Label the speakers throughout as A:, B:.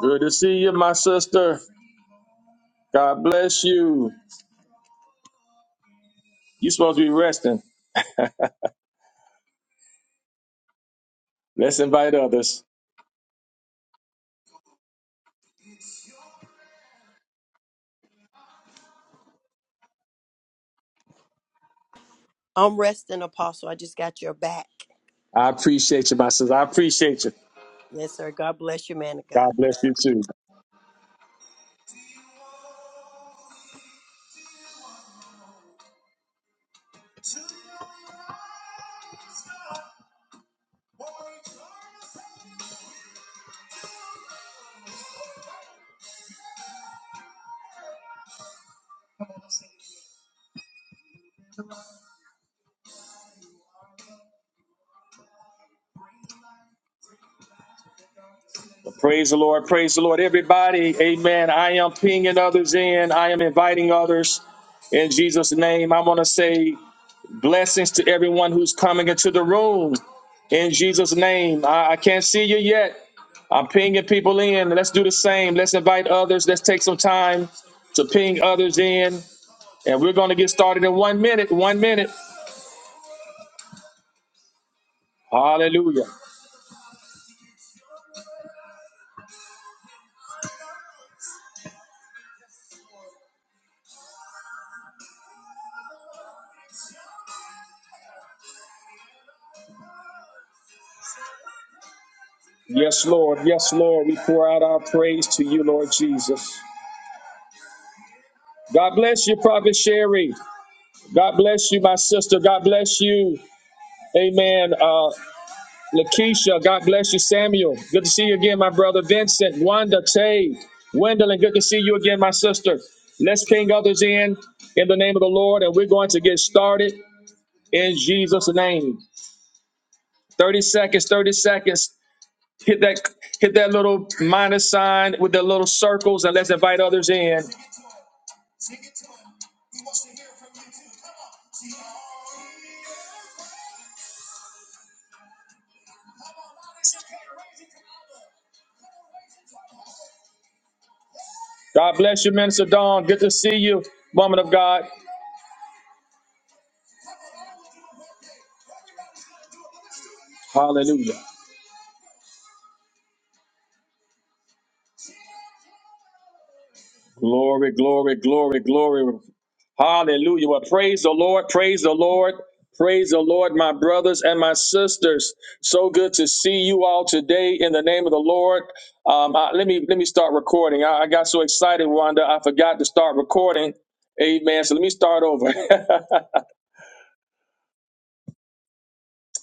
A: Good to see you, my sister. God bless you. you supposed to be resting. Let's invite others.
B: I'm resting, Apostle. I just got your back.
A: I appreciate you, my sister. I appreciate you.
B: Yes, sir. God bless you, man of
A: God
B: God.
A: bless you too. Praise the Lord. Praise the Lord, everybody. Amen. I am pinging others in. I am inviting others in Jesus' name. I want to say blessings to everyone who's coming into the room in Jesus' name. I, I can't see you yet. I'm pinging people in. Let's do the same. Let's invite others. Let's take some time to ping others in. And we're going to get started in one minute. One minute. Hallelujah. Yes, Lord. Yes, Lord. We pour out our praise to you, Lord Jesus. God bless you, Prophet Sherry. God bless you, my sister. God bless you. Amen. Uh, Lakeisha, God bless you, Samuel. Good to see you again, my brother Vincent, Wanda, Tay, Gwendolyn. Good to see you again, my sister. Let's ping others in in the name of the Lord, and we're going to get started in Jesus' name. 30 seconds, 30 seconds. Hit that hit that little minus sign with the little circles and let's invite others in. God bless you, Minister Dawn. Good to see you, woman of God. Hallelujah. Glory, glory, glory, glory. Hallelujah. Well, praise the Lord. Praise the Lord. Praise the Lord, my brothers and my sisters. So good to see you all today in the name of the Lord. Um, I- let me let me start recording. I, I got so excited, Wanda, I forgot to start recording. Amen. So let me start over.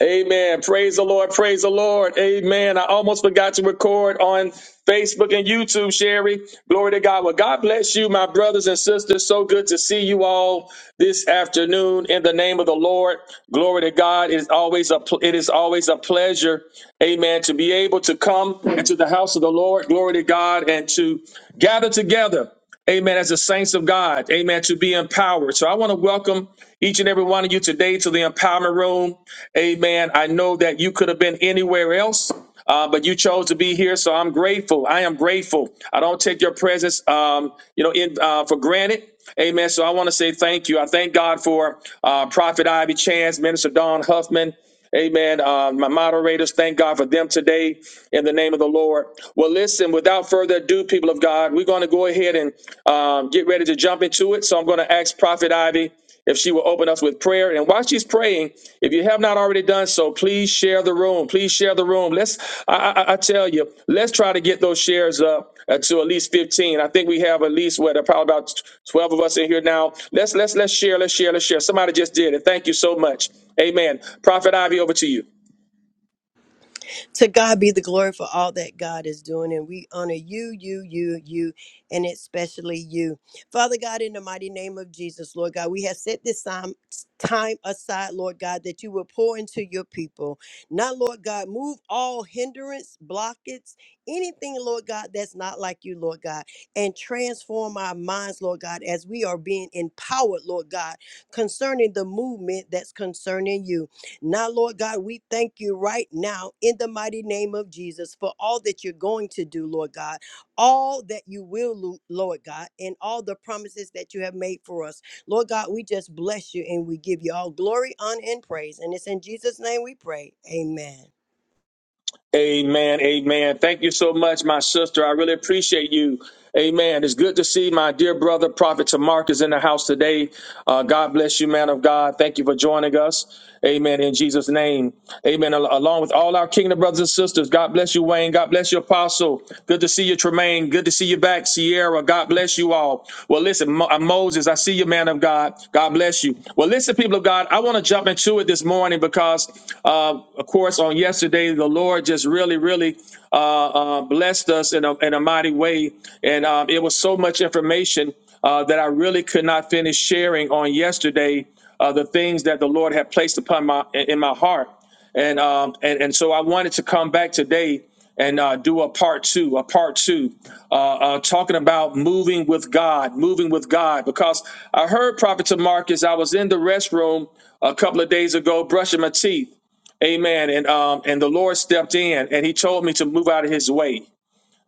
A: Amen. Praise the Lord. Praise the Lord. Amen. I almost forgot to record on Facebook and YouTube, Sherry. Glory to God. Well, God bless you, my brothers and sisters. So good to see you all this afternoon in the name of the Lord. Glory to God. It is always a pl- it is always a pleasure, amen, to be able to come into the house of the Lord. Glory to God and to gather together. Amen. As the saints of God, amen, to be empowered. So I want to welcome each and every one of you today to the empowerment room. Amen. I know that you could have been anywhere else. Uh, but you chose to be here, so I'm grateful. I am grateful. I don't take your presence, um, you know, in, uh, for granted. Amen. So I want to say thank you. I thank God for uh, Prophet Ivy Chance, Minister Don Huffman. Amen. Uh, my moderators, thank God for them today in the name of the Lord. Well, listen, without further ado, people of God, we're going to go ahead and um, get ready to jump into it. So I'm going to ask Prophet Ivy if she will open us with prayer. And while she's praying, if you have not already done so, please share the room. Please share the room. Let's, I, I, I tell you, let's try to get those shares up uh, to at least 15. I think we have at least what, uh, probably about 12 of us in here now. Let's, let's, let's share, let's share, let's share. Somebody just did it. Thank you so much. Amen. Prophet Ivy, over to you.
B: To God be the glory for all that God is doing. And we honor you, you, you, you, and especially you. Father God, in the mighty name of Jesus, Lord God, we have set this time, time aside, Lord God, that you will pour into your people. Now, Lord God, move all hindrance, blockage, anything, Lord God, that's not like you, Lord God, and transform our minds, Lord God, as we are being empowered, Lord God, concerning the movement that's concerning you. Now, Lord God, we thank you right now in the mighty name of Jesus for all that you're going to do, Lord God, all that you will, lo- Lord God, and all the promises that you have made for us. Lord God, we just bless you and we give you all glory, honor, and praise. And it's in Jesus' name we pray. Amen.
A: Amen. Amen. Thank you so much, my sister. I really appreciate you. Amen. It's good to see my dear brother, Prophet Tamark, is in the house today. Uh, God bless you, man of God. Thank you for joining us. Amen. In Jesus' name. Amen. Al- along with all our kingdom brothers and sisters, God bless you, Wayne. God bless you, Apostle. Good to see you, Tremaine. Good to see you back, Sierra. God bless you all. Well, listen listen, Mo- uh, Moses, I see you, man of God. God bless you. Well, listen, people of God, I want to jump into it this morning because, uh, of course, on yesterday, the Lord just really, really uh, uh, blessed us in a, in a mighty way. And um, it was so much information uh, that I really could not finish sharing on yesterday, uh, the things that the Lord had placed upon my in in my heart. And, um, and, and so I wanted to come back today and uh, do a part two, a part two uh, uh, talking about moving with God, moving with God. Because I heard Prophet to Marcus, I was in the restroom a couple of days ago brushing my teeth. Amen. And um, and the Lord stepped in and he told me to move out of his way.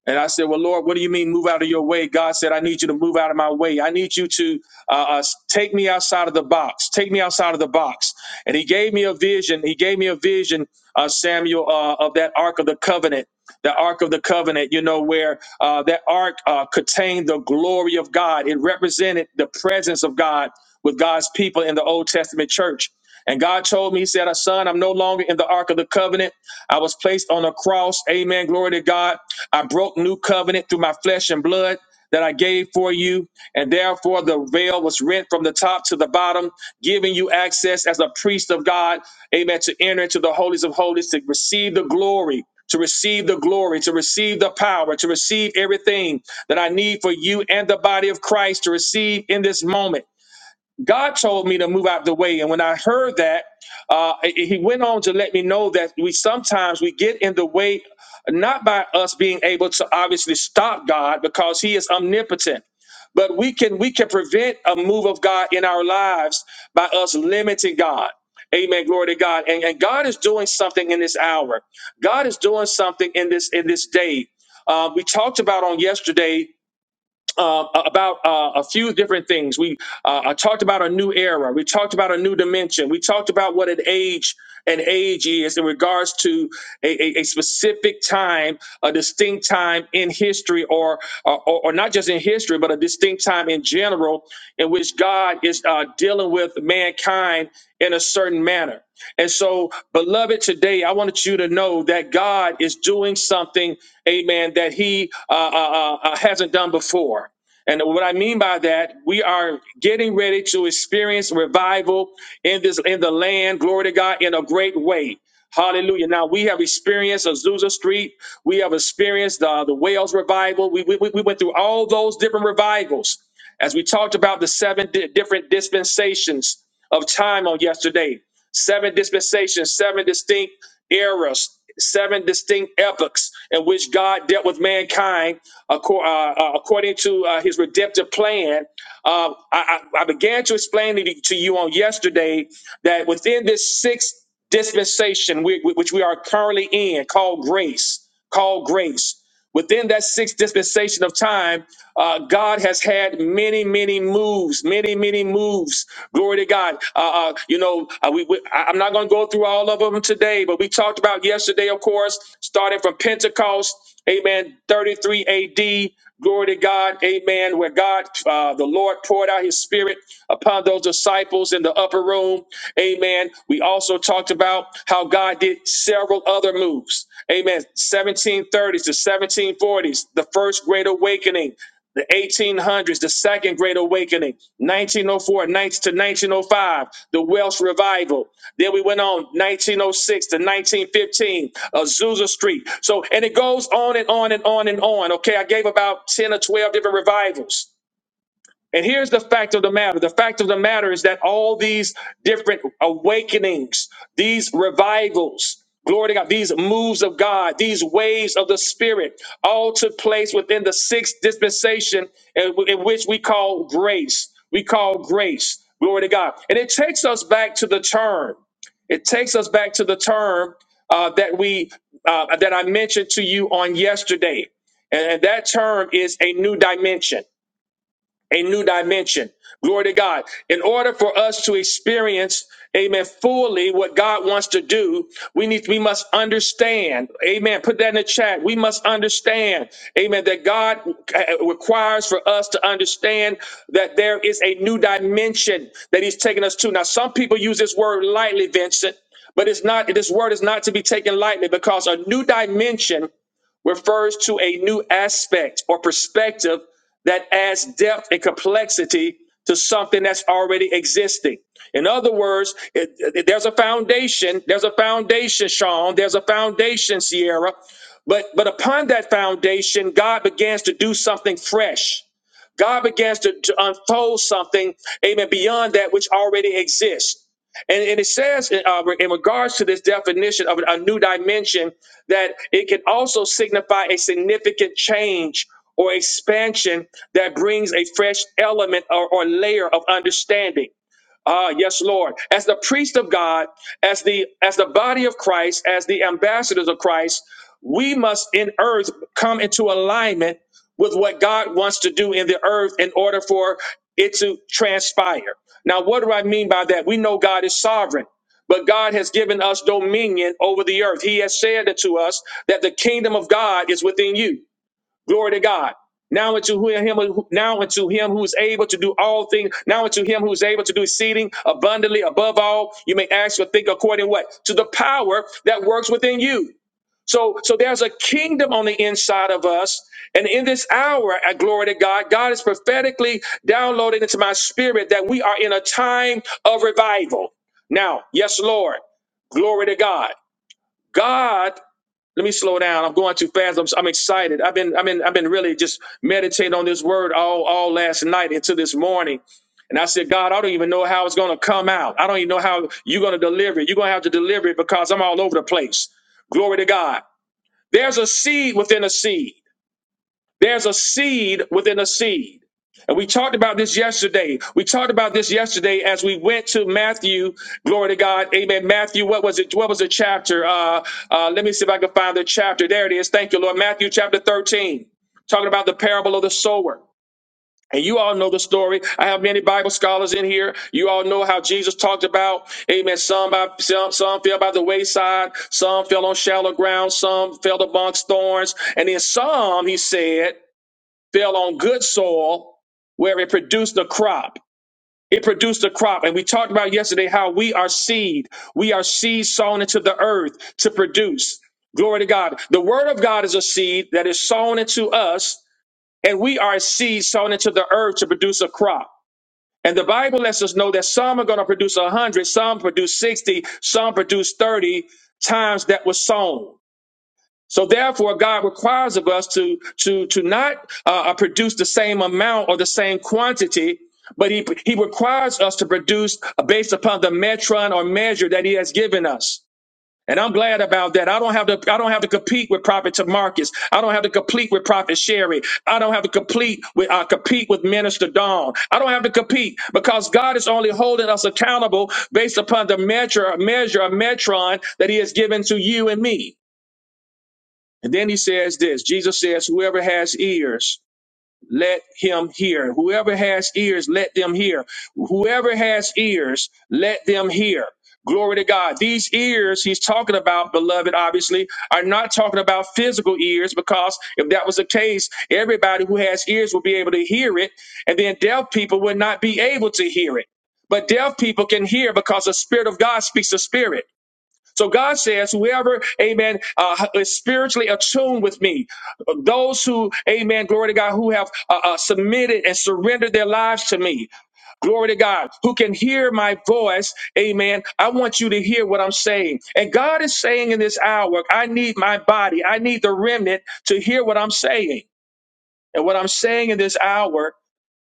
A: And I said, Well, Lord, what do you mean move out of your way? God said, I need you to move out of my way. I need you to uh, uh, take me outside of the box. Take me outside of the box. And he gave me a vision. He gave me a vision, uh, Samuel, uh, of that Ark of the Covenant. The Ark of the Covenant, you know, where uh, that Ark uh, contained the glory of God. It represented the presence of God with God's people in the Old Testament church. And God told me, He said, Son, I'm no longer in the Ark of the Covenant. I was placed on a cross. Amen. Glory to God. I broke new covenant through my flesh and blood that I gave for you. And therefore, the veil was rent from the top to the bottom, giving you access as a priest of God. Amen. To enter into the holies of holies, to receive the glory. To receive the glory, to receive the power, to receive everything that I need for you and the body of Christ to receive in this moment. God told me to move out the way. And when I heard that, uh, he went on to let me know that we sometimes we get in the way, not by us being able to obviously stop God because he is omnipotent. But we can we can prevent a move of God in our lives by us limiting God. Amen. Glory to God. And, and God is doing something in this hour. God is doing something in this in this day. Uh, we talked about on yesterday uh, about uh, a few different things. We uh, I talked about a new era. We talked about a new dimension. We talked about what an age an age is in regards to a, a, a specific time, a distinct time in history, or, or or not just in history, but a distinct time in general in which God is uh, dealing with mankind in a certain manner. And so, beloved, today I wanted you to know that God is doing something, amen, that He uh, uh, uh, uh, hasn't done before. And what I mean by that, we are getting ready to experience revival in this in the land, glory to God, in a great way. Hallelujah. Now we have experienced Azusa Street. We have experienced uh, the Wales revival. We, we, we went through all those different revivals as we talked about the seven di- different dispensations of time on yesterday seven dispensations, seven distinct eras, seven distinct epochs in which God dealt with mankind acco- uh, uh, according to uh, his redemptive plan. Uh, I, I I began to explain it to you on yesterday that within this sixth dispensation, we, we- which we are currently in, called grace, called grace. Within that sixth dispensation of time, uh, God has had many, many moves, many, many moves. Glory to God. Uh, uh, you know, uh, we, we, I- I'm not going to go through all of them today, but we talked about yesterday, of course, starting from Pentecost, amen, 33 AD. Glory to God, amen, where God, uh, the Lord poured out his spirit upon those disciples in the upper room, amen. We we also talked about how God did several other moves. Amen. 1730s to 1740s, the first great awakening. The 1800s, the second great awakening, 1904 19 oh four to 1905, the Welsh revival. Then we went on 1906 to 1915, Azusa Street. So, and it goes on and on and on and on. Okay, I gave about 10 or 12 different revivals. And here's the fact of the matter. The fact of the matter is that all these different awakenings, these revivals, glory to God, these moves of God, these waves of the Spirit, all took place within the sixth dispensation in, in which we call grace. We call grace, glory to God. And it takes us back to the term. It takes us back to the term uh, that we uh, that I mentioned to you on yesterday, and and that term is a new dimension a new dimension. Glory to God. In order for us to experience, amen, fully what God wants to do, we need, we must understand, amen. Put that in the chat. We must understand, amen, that God uh, uh, requires for us to understand that there is a new dimension that He's taking us to. Now, some people use this word lightly, Vincent, but it's not, this word is not to be taken lightly because a new dimension refers to a new aspect or perspective that adds depth and complexity to something that's already existing. In other words, it- it- there's a foundation. There's a foundation, Sean. There's a foundation, Sierra. But but upon that foundation, God begins to do something fresh. God begins to, to unfold something, amen, beyond that which already exists. And, and it says uh, in regards to this definition of a new dimension that it can also signify a significant change or expansion that brings a fresh element or, or layer of understanding. Ah, yes, Lord. As the priest of God, as the as the body of Christ, as the ambassadors of Christ, we must in earth come into alignment with what God wants to do in the earth in order for it to transpire. Now, what do I mean by that? We know God is sovereign. But God has given us dominion over the earth. He has said it to us that the kingdom of God is within you. Glory to God. Now unto him, now unto him who is able to do all things. Now unto him who is able to do exceeding abundantly above all, you may ask or think according what to the power that works within you. So, so there's a kingdom on the inside of us, and in this hour, at glory to God, God is prophetically downloading into my spirit that we are in a time of revival. Now, yes, Lord, glory to God. God let me slow down. I'm going too fast. I'm, I'm excited. I've been I've been I've been really just meditating on this word all all last night into this morning. And I said, God, I don't even know how it's going to come out. I don't even know how you're going to deliver it. You're going to have to deliver it because I'm all over the place. Glory to God. There's a seed within a seed. There's a seed within a seed. And we talked about this yesterday. We talked about this yesterday as we went to Matthew. Glory to God. Amen. Matthew, what was it? What was the chapter? Uh, uh, let me see if I can find the chapter. There it is. Thank you, Lord. Matthew chapter 13, talking about the parable of the sower. And you all know the story. I have many Bible scholars in here. You all know how Jesus talked about, amen, some by some, some fell by the wayside, some fell on shallow ground, some fell amongst thorns, and then some, he said, fell on good soil where it produced a crop. It produced a crop. And we talked about yesterday how we are seed. We are seed sown into the earth to produce. Glory to God. The word of God is a seed that is sown into us, and we are a seed sown into the earth to produce a crop. And the Bible lets us know that some are going to produce 100, some produce 60, some produce 30 times that was sown. So therefore, God requires of us to to to not uh, uh, produce the same amount or the same quantity, but he he requires us to produce based upon the metron or measure that he has given us. And I'm glad about that. I don't have to I don't have to compete with Prophet Marcus. I don't have to compete with Prophet Sherry. I don't have to complete with uh, compete with Minister Dawn. I don't have to compete because God is only holding us accountable based upon the measure measure of metron that he has given to you and me. And then he says this Jesus says, Whoever has ears, let him hear. Whoever has ears, let them hear. Whoever has ears, let them hear. Glory to God. These ears he's talking about, beloved, obviously, are not talking about physical ears because if that was the case, everybody who has ears will be able to hear it, and then deaf people would not be able to hear it. But deaf people can hear because the Spirit of God speaks to spirit. So God says, whoever, amen, uh, is spiritually attuned with me, those who, amen, glory to God, who have uh, uh, submitted and surrendered their lives to me, glory to God, who can hear my voice, amen. I want you to hear what I'm saying. And God is saying in this hour, I need my body, I need the remnant to hear what I'm saying. And what I'm saying in this hour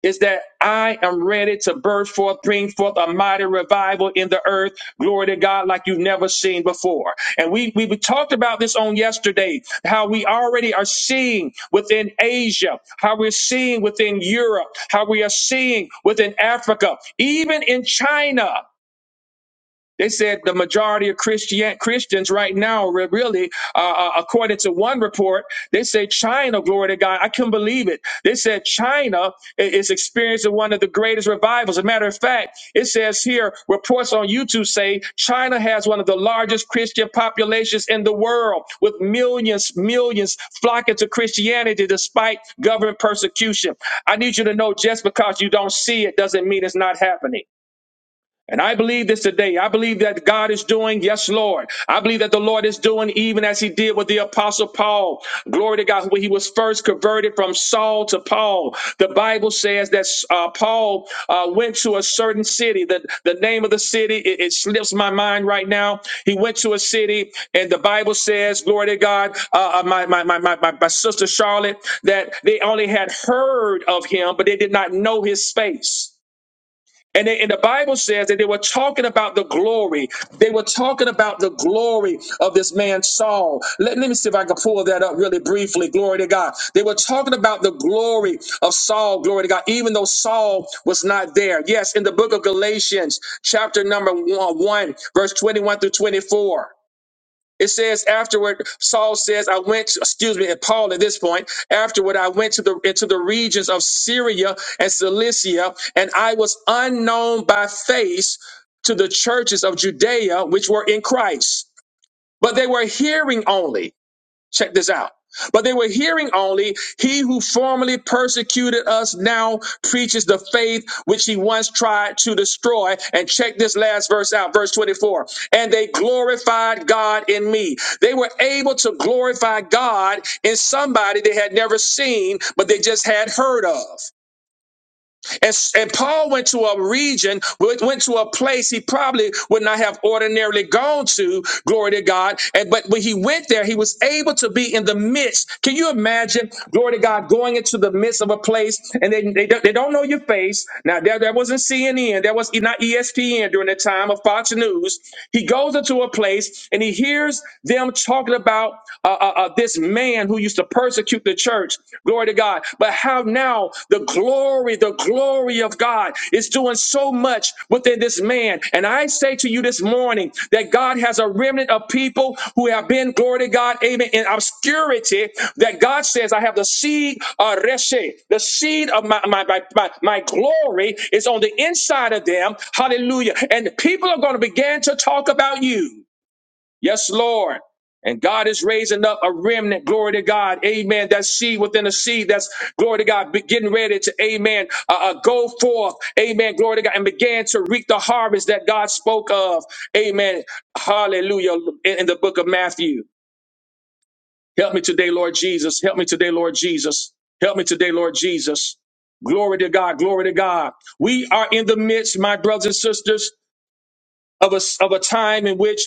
A: is that I am ready to burst forth, bring forth a mighty revival in the earth. Glory to God, like you've never seen before. And we, we talked about this on yesterday, how we already are seeing within Asia, how we're seeing within Europe, how we are seeing within Africa, even in China. They said the majority of Christian Christians right now, re- really, uh, uh, according to one report, they say China, glory to God, I can not believe it. They said China i- is experiencing one of the greatest revivals. As a matter of fact, it says here reports on YouTube say China has one of the largest Christian populations in the world, with millions, millions flocking to Christianity despite government persecution. I need you to know just because you don't see it doesn't mean it's not happening. And I believe this today. I believe that God is doing, yes, Lord. I believe that the Lord is doing even as he did with the apostle Paul. Glory to God. When he was first converted from Saul to Paul, the Bible says that uh, Paul uh, went to a certain city. The, the name of the city, it, it slips my mind right now. He went to a city and the Bible says, glory to God, uh, uh, my, my, my, my, my my sister Charlotte, that they only had heard of him, but they did not know his face. And, they, and the Bible says that they were talking about the glory. They were talking about the glory of this man Saul. Let, let me see if I can pull that up really briefly. Glory to God. They were talking about the glory of Saul. Glory to God. Even though Saul was not there. Yes, in the book of Galatians, chapter number one, one verse 21 through 24. It says afterward, Saul says, I went, to, excuse me, and Paul at this point, afterward, I went to the into the regions of Syria and Cilicia, and I was unknown by face to the churches of Judea which were in Christ. But they were hearing only. Check this out. But they were hearing only, He who formerly persecuted us now preaches the faith which he once tried to destroy. And check this last verse out, verse 24. And they glorified God in me. They were able to glorify God in somebody they had never seen, but they just had heard of. And, and Paul went to a region, went went to a place he probably would not have ordinarily gone to, glory to God. And but when he went there, he was able to be in the midst. Can you imagine, glory to God, going into the midst of a place and they, they, don't- they don't know your face? Now, there, there wasn't CNN, there was not ESPN during the time of Fox News. He goes into a place and he hears them talking about uh, uh, uh, this man who used to to persecute the church. Glory to God. But how now the glory, the glory of God is doing so much within this man. And I say to you this morning that God has a remnant of people who have been, glory to God, amen, in obscurity. That God says, I have the seed of Reshe, the seed of my, my, my, my, my glory is on the inside of them. Hallelujah. And people are going to begin to talk about you. Yes, Lord. And God is raising up a remnant, glory to God, amen. That seed within a seed that's, glory to God, be- getting ready to, amen, uh, uh, go forth, amen, glory to God, and began to reap the harvest that God spoke of, amen, hallelujah, in, in the book of Matthew. Help me today, Lord Jesus. Help me today, Lord Jesus. Help me today, Lord Jesus. Glory to God, glory to God. We are in the midst, my brothers and sisters of a, of a time in which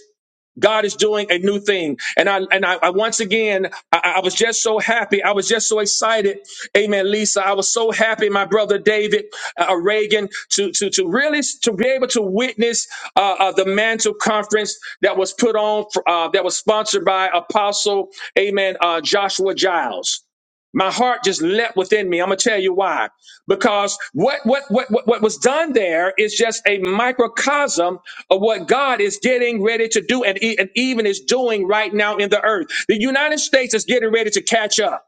A: God is doing a new thing. And I and I, I once again I, I was just so happy. I was just so excited. Amen, Lisa. I was so happy, my brother David uh, uh, Reagan, to to to really s- to be able to witness uh, uh, the mantle conference that was put on for, uh, that was sponsored by Apostle Amen uh, Joshua Giles. My heart just leapt within me. I'm gonna tell you why. Because what what what what what was done there is just a microcosm of what God is getting ready to do and, e- and even is doing right now in the earth. The United States is getting ready to catch up.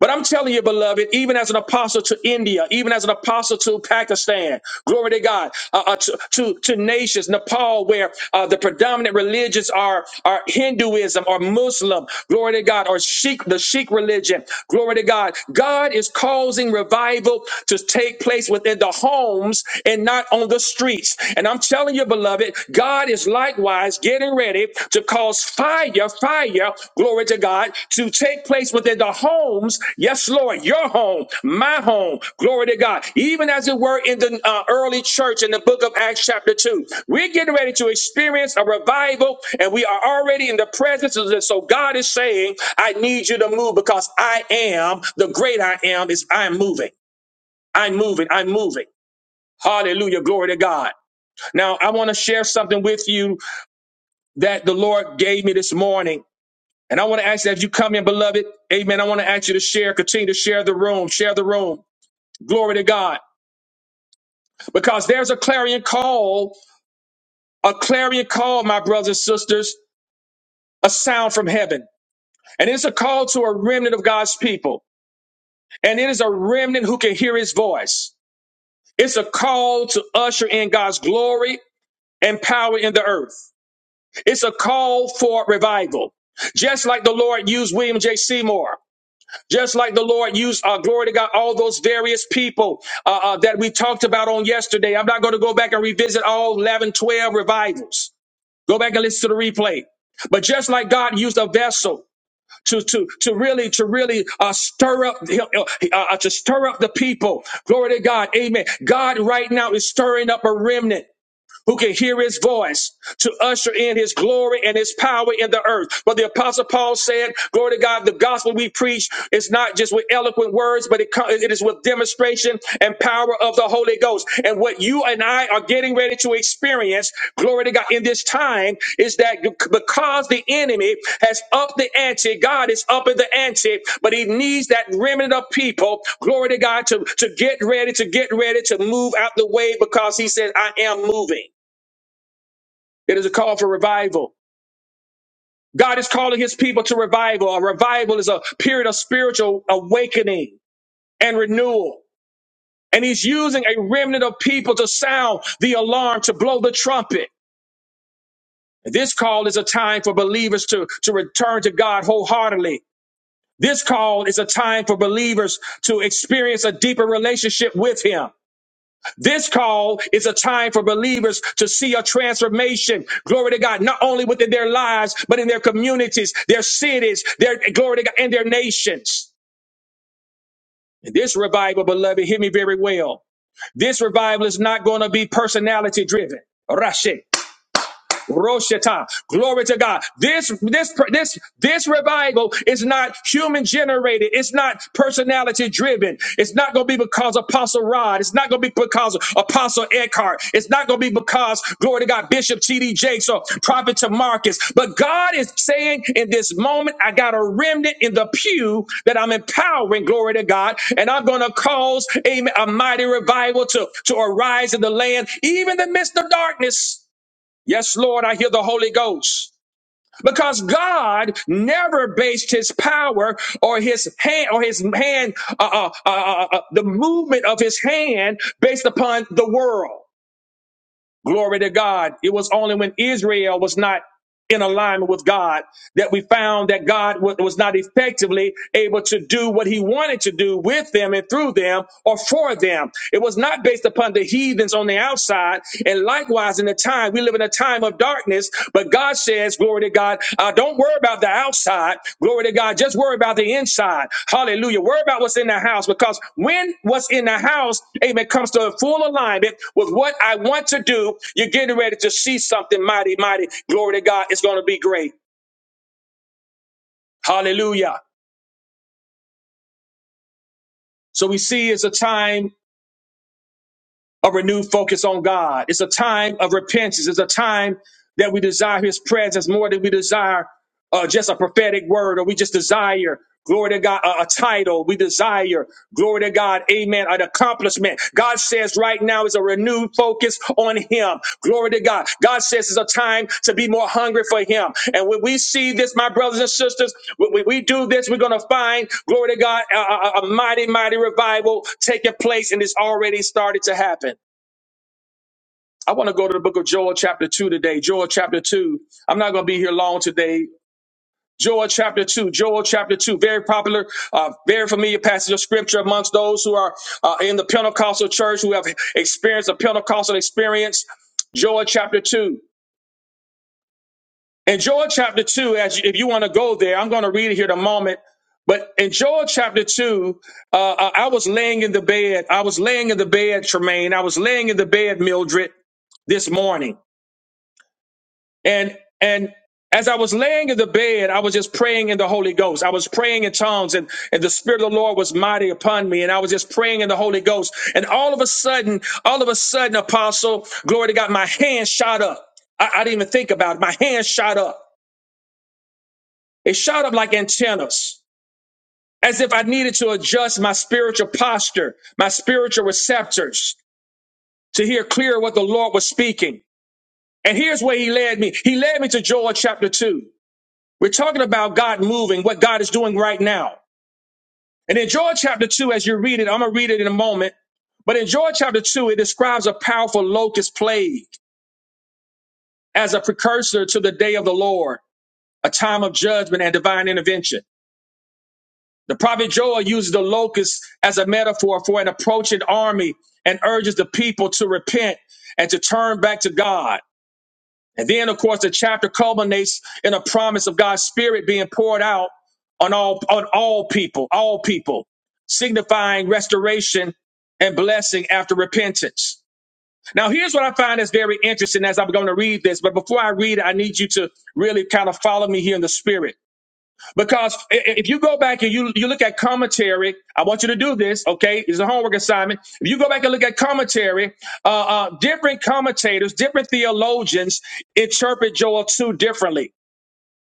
A: But I'm telling you, beloved, even as an apostle to India, even as an apostle to Pakistan, glory to God, uh, uh, to, to, to nations, Nepal, where uh, the predominant religions are, are Hinduism or Muslim, glory to God, or Sikh, the Sikh religion, glory to God. God is causing revival to take place within the homes and not on the streets. And I'm telling you, beloved, God is likewise getting ready to cause fire, fire, glory to God, to take place within the homes. Yes, Lord, your home, my home, glory to God. Even as it were in the uh, early church in the book of Acts, chapter 2, we're getting ready to experience a revival and we are already in the presence of this. So God is saying, I need you to move because I am the great I am, is I'm moving. I'm moving. I'm moving. Hallelujah. Glory to God. Now, I want to share something with you that the Lord gave me this morning. And I want to ask that as you come in, beloved, amen. I want to ask you to share, continue to share the room, share the room. Glory to God. Because there's a clarion call, a clarion call, my brothers and sisters, a sound from heaven. And it's a call to a remnant of God's people. And it is a remnant who can hear his voice. It's a call to usher in God's glory and power in the earth. It's a call for revival. Just like the Lord used William J. Seymour. Just like the Lord used, uh, glory to God, all those various people uh, uh, that we talked about on yesterday. I'm not going to go back and revisit all 11, 12 revivals. Go back and listen to the replay. But just like God used a vessel to to to really to really uh, stir up uh, uh, to stir up the people. Glory to God, Amen. God right now is stirring up a remnant who can hear his voice to usher in his glory and his power in the earth. But the apostle Paul said, glory to God, the gospel we preach is not just with eloquent words, but it, co- it is with demonstration and power of the Holy Ghost. And what you and I are getting ready to experience, glory to God, in this time is that because the enemy has upped the ante, God is upping the ante, but he needs that remnant of people, glory to God, to, to get ready, to get ready to move out the way because he said, I am moving. It is a call for revival. God is calling his people to revival. A revival is a period of spiritual awakening and renewal. And he's using a remnant of people to sound the alarm, to blow the trumpet. This call is a time for believers to, to return to God wholeheartedly. This call is a time for believers to experience a deeper relationship with him. This call is a time for believers to see a transformation. Glory to God, not only within their lives, but in their communities, their cities, their glory to God, and their nations. And this revival, beloved, hear me very well. This revival is not going to be personality driven. Roshata. Glory to God. This this this this revival is not human generated. It's not personality driven. It's not going to be because Apostle Rod. It's not going to be because Apostle Eckhart. It's not going to be because glory to God Bishop T.D. Jakes or Prophet Tamarcus. But God is saying in this moment, I got a remnant in the pew that I'm empowering. Glory to God, and I'm going to cause amen, a mighty revival to to arise in the land, even in the midst of darkness. Yes, Lord, I hear the Holy Ghost. Because God never based his power or his hand or his hand, uh, uh, uh, uh, uh, the movement of his hand based upon the world. Glory to God. It was only when Israel was not in alignment with God that we found that God wa- was not effectively able to do what he wanted to do with them and through them or for them. It was not based upon the heathens on the outside. And likewise, in the time, we live in a time of darkness, but God says, glory to to God. Uh, don't worry about the outside. Glory to God. Just worry about the inside. Hallelujah. Worry about what's in the house because when what's in the house, amen, comes to a full alignment with what I want to do, you're getting ready to see something mighty, mighty. Glory to God. It's going to be great. Hallelujah. So we see it's a time of renewed focus on God. It's a time of repentance. It's a time that we desire his presence more than we desire. uh, just a prophetic word, or we just desire, glory to God, a, a title. We desire, glory to God, amen, an accomplishment. God says right now is a renewed focus on Him. Glory to God. God says it's a time to be more hungry for Him. And when we see this, my brothers and sisters, when when we do this, we're going to find, glory to God, a, a a mighty, mighty revival taking place, and it's already started to happen. I want to go to the book of Joel, chapter 2 today. Joel, chapter 2. I'm not going to be here long today. Joel chapter 2, Joel chapter 2, very popular, uh, very familiar passage of scripture amongst those who are uh, in the Pentecostal church, who have experienced a Pentecostal experience. Joel chapter 2. In Joel chapter 2, as you, if you want to go there, I'm going to read it here in a moment. But in Joel chapter 2, uh, I I was laying in the bed. I was laying in the bed, Tremaine. I was laying in the bed, Mildred, this morning. and and as I was laying in the bed, I was just praying in the Holy Ghost. I was praying in tongues, and, and the Spirit of the Lord was mighty upon me, and I was just praying in the Holy Ghost. And all of a sudden, all of a sudden, Apostle, glory to God, my hand shot up. I, I didn't even think about it. My hand shot up. It shot up like antennas, as if I needed to adjust my spiritual posture, my spiritual receptors to hear clear what the Lord was speaking. And here's where he led me. He led me to Joel chapter 2. We're talking about God moving, what God is doing right now. And in Joel chapter 2, as you read it, I'm going to read it in a moment. But in Joel chapter 2, it describes a powerful locust plague as a precursor to the day of the Lord, a time of judgment and divine intervention. The prophet Joel uses the locust as a metaphor for an approaching army and urges the people to repent and to turn back to God. And then, of course, the chapter culminates in a promise of God's Spirit being poured out on all on all people, all people, signifying restoration and blessing after repentance. Now, here's what I find is very interesting as I'm going to read this. But before I read it, I need you to really kind of follow me here in the Spirit. Because i- i- if you go back and you, you look at commentary, I want you to do this, okay? It's a homework assignment. If you go back and look at commentary, uh, uh, different commentators, different theologians interpret Joel 2 differently.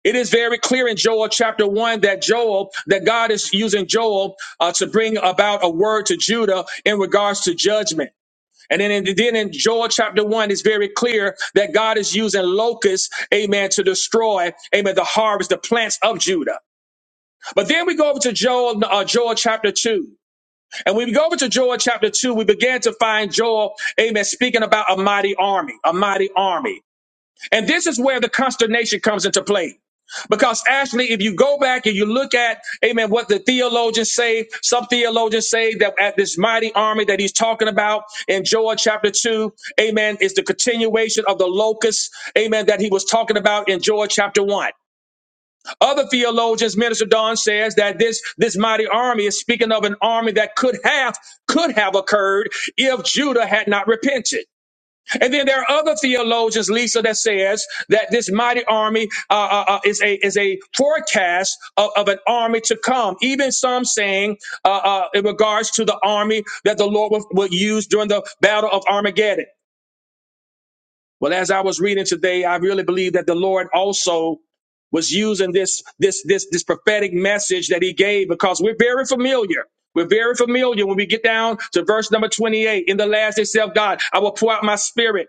A: It is very clear in Joel chapter 1 that Joel, that God is using Joel uh, to bring about a word to Judah in regards to judgment. And then in, then in Joel chapter 1, it's very clear that God is using locusts, amen, to destroy, amen, the harvest, the plants of Judah. But then we go over to Joel, uh, Joel chapter 2. And when we go over to Joel chapter 2, we began to find Joel, amen, speaking about a mighty army, a mighty army. And this is where the consternation comes into play. Because actually, if you go back and you look at, amen, what the theologians say, some theologians say that at this mighty army that he's talking about in Joel chapter 2, amen, is the continuation of the locusts, amen, that he was talking about in Joel chapter 1. Other theologians, Minister Don says that this, this mighty army is speaking of an army that could have, could have occurred if Judah had not repented. And then there are other theologians, Lisa, that says that this mighty army uh, uh, uh, is a is a forecast of, of an army to come. Even some saying, uh, uh, in regards to the army that the Lord will, will use during the battle of Armageddon. Well, as I was reading today, I really believe that the Lord also was using this this this this prophetic message that he gave because we're very familiar. We're very familiar when we get down to verse number 28. In the last day, self God, I will pour out my spirit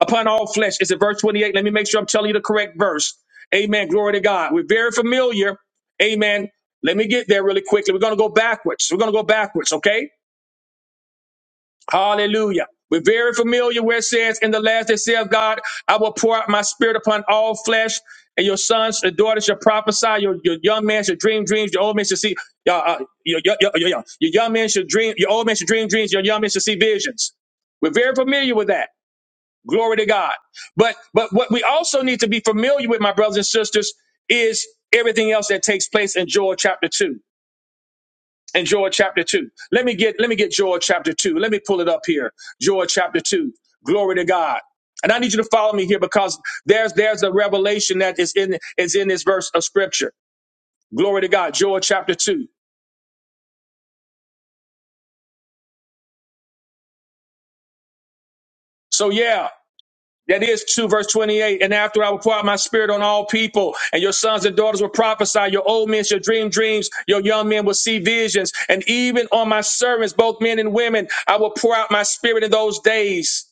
A: upon all flesh. Is it verse 28? Let me make sure I'm telling you the correct verse. Amen. Glory to God. We're very familiar. Amen. Let me get there really quickly. We're going to go backwards. We're going to go backwards, okay? Hallelujah. We're very familiar where it says, In the last day saith God, I will pour out my spirit upon all flesh, and your sons and daughters shall prophesy, your, your young man shall dream dreams, your old man shall see, uh, uh, your, your, your, your, your young man shall dream, your old man shall dream dreams, your young man shall see visions. We're very familiar with that. Glory to God. But but what we also need to be familiar with, my brothers and sisters, is everything else that takes place in Joel chapter 2 in Joel chapter 2. Let me get let me get Joel chapter 2. Let me pull it up here. Joel chapter 2. Glory to God. And I need you to follow me here because there's there's a revelation that is in is in this verse of scripture. Glory to God. Joel chapter 2. So yeah, that is 2 verse 28. And after I will pour out my spirit on all people, and your sons and daughters will prophesy, your old men shall dream dreams, your young men will see visions, and even on my servants, both men and women, I will pour out my spirit in those days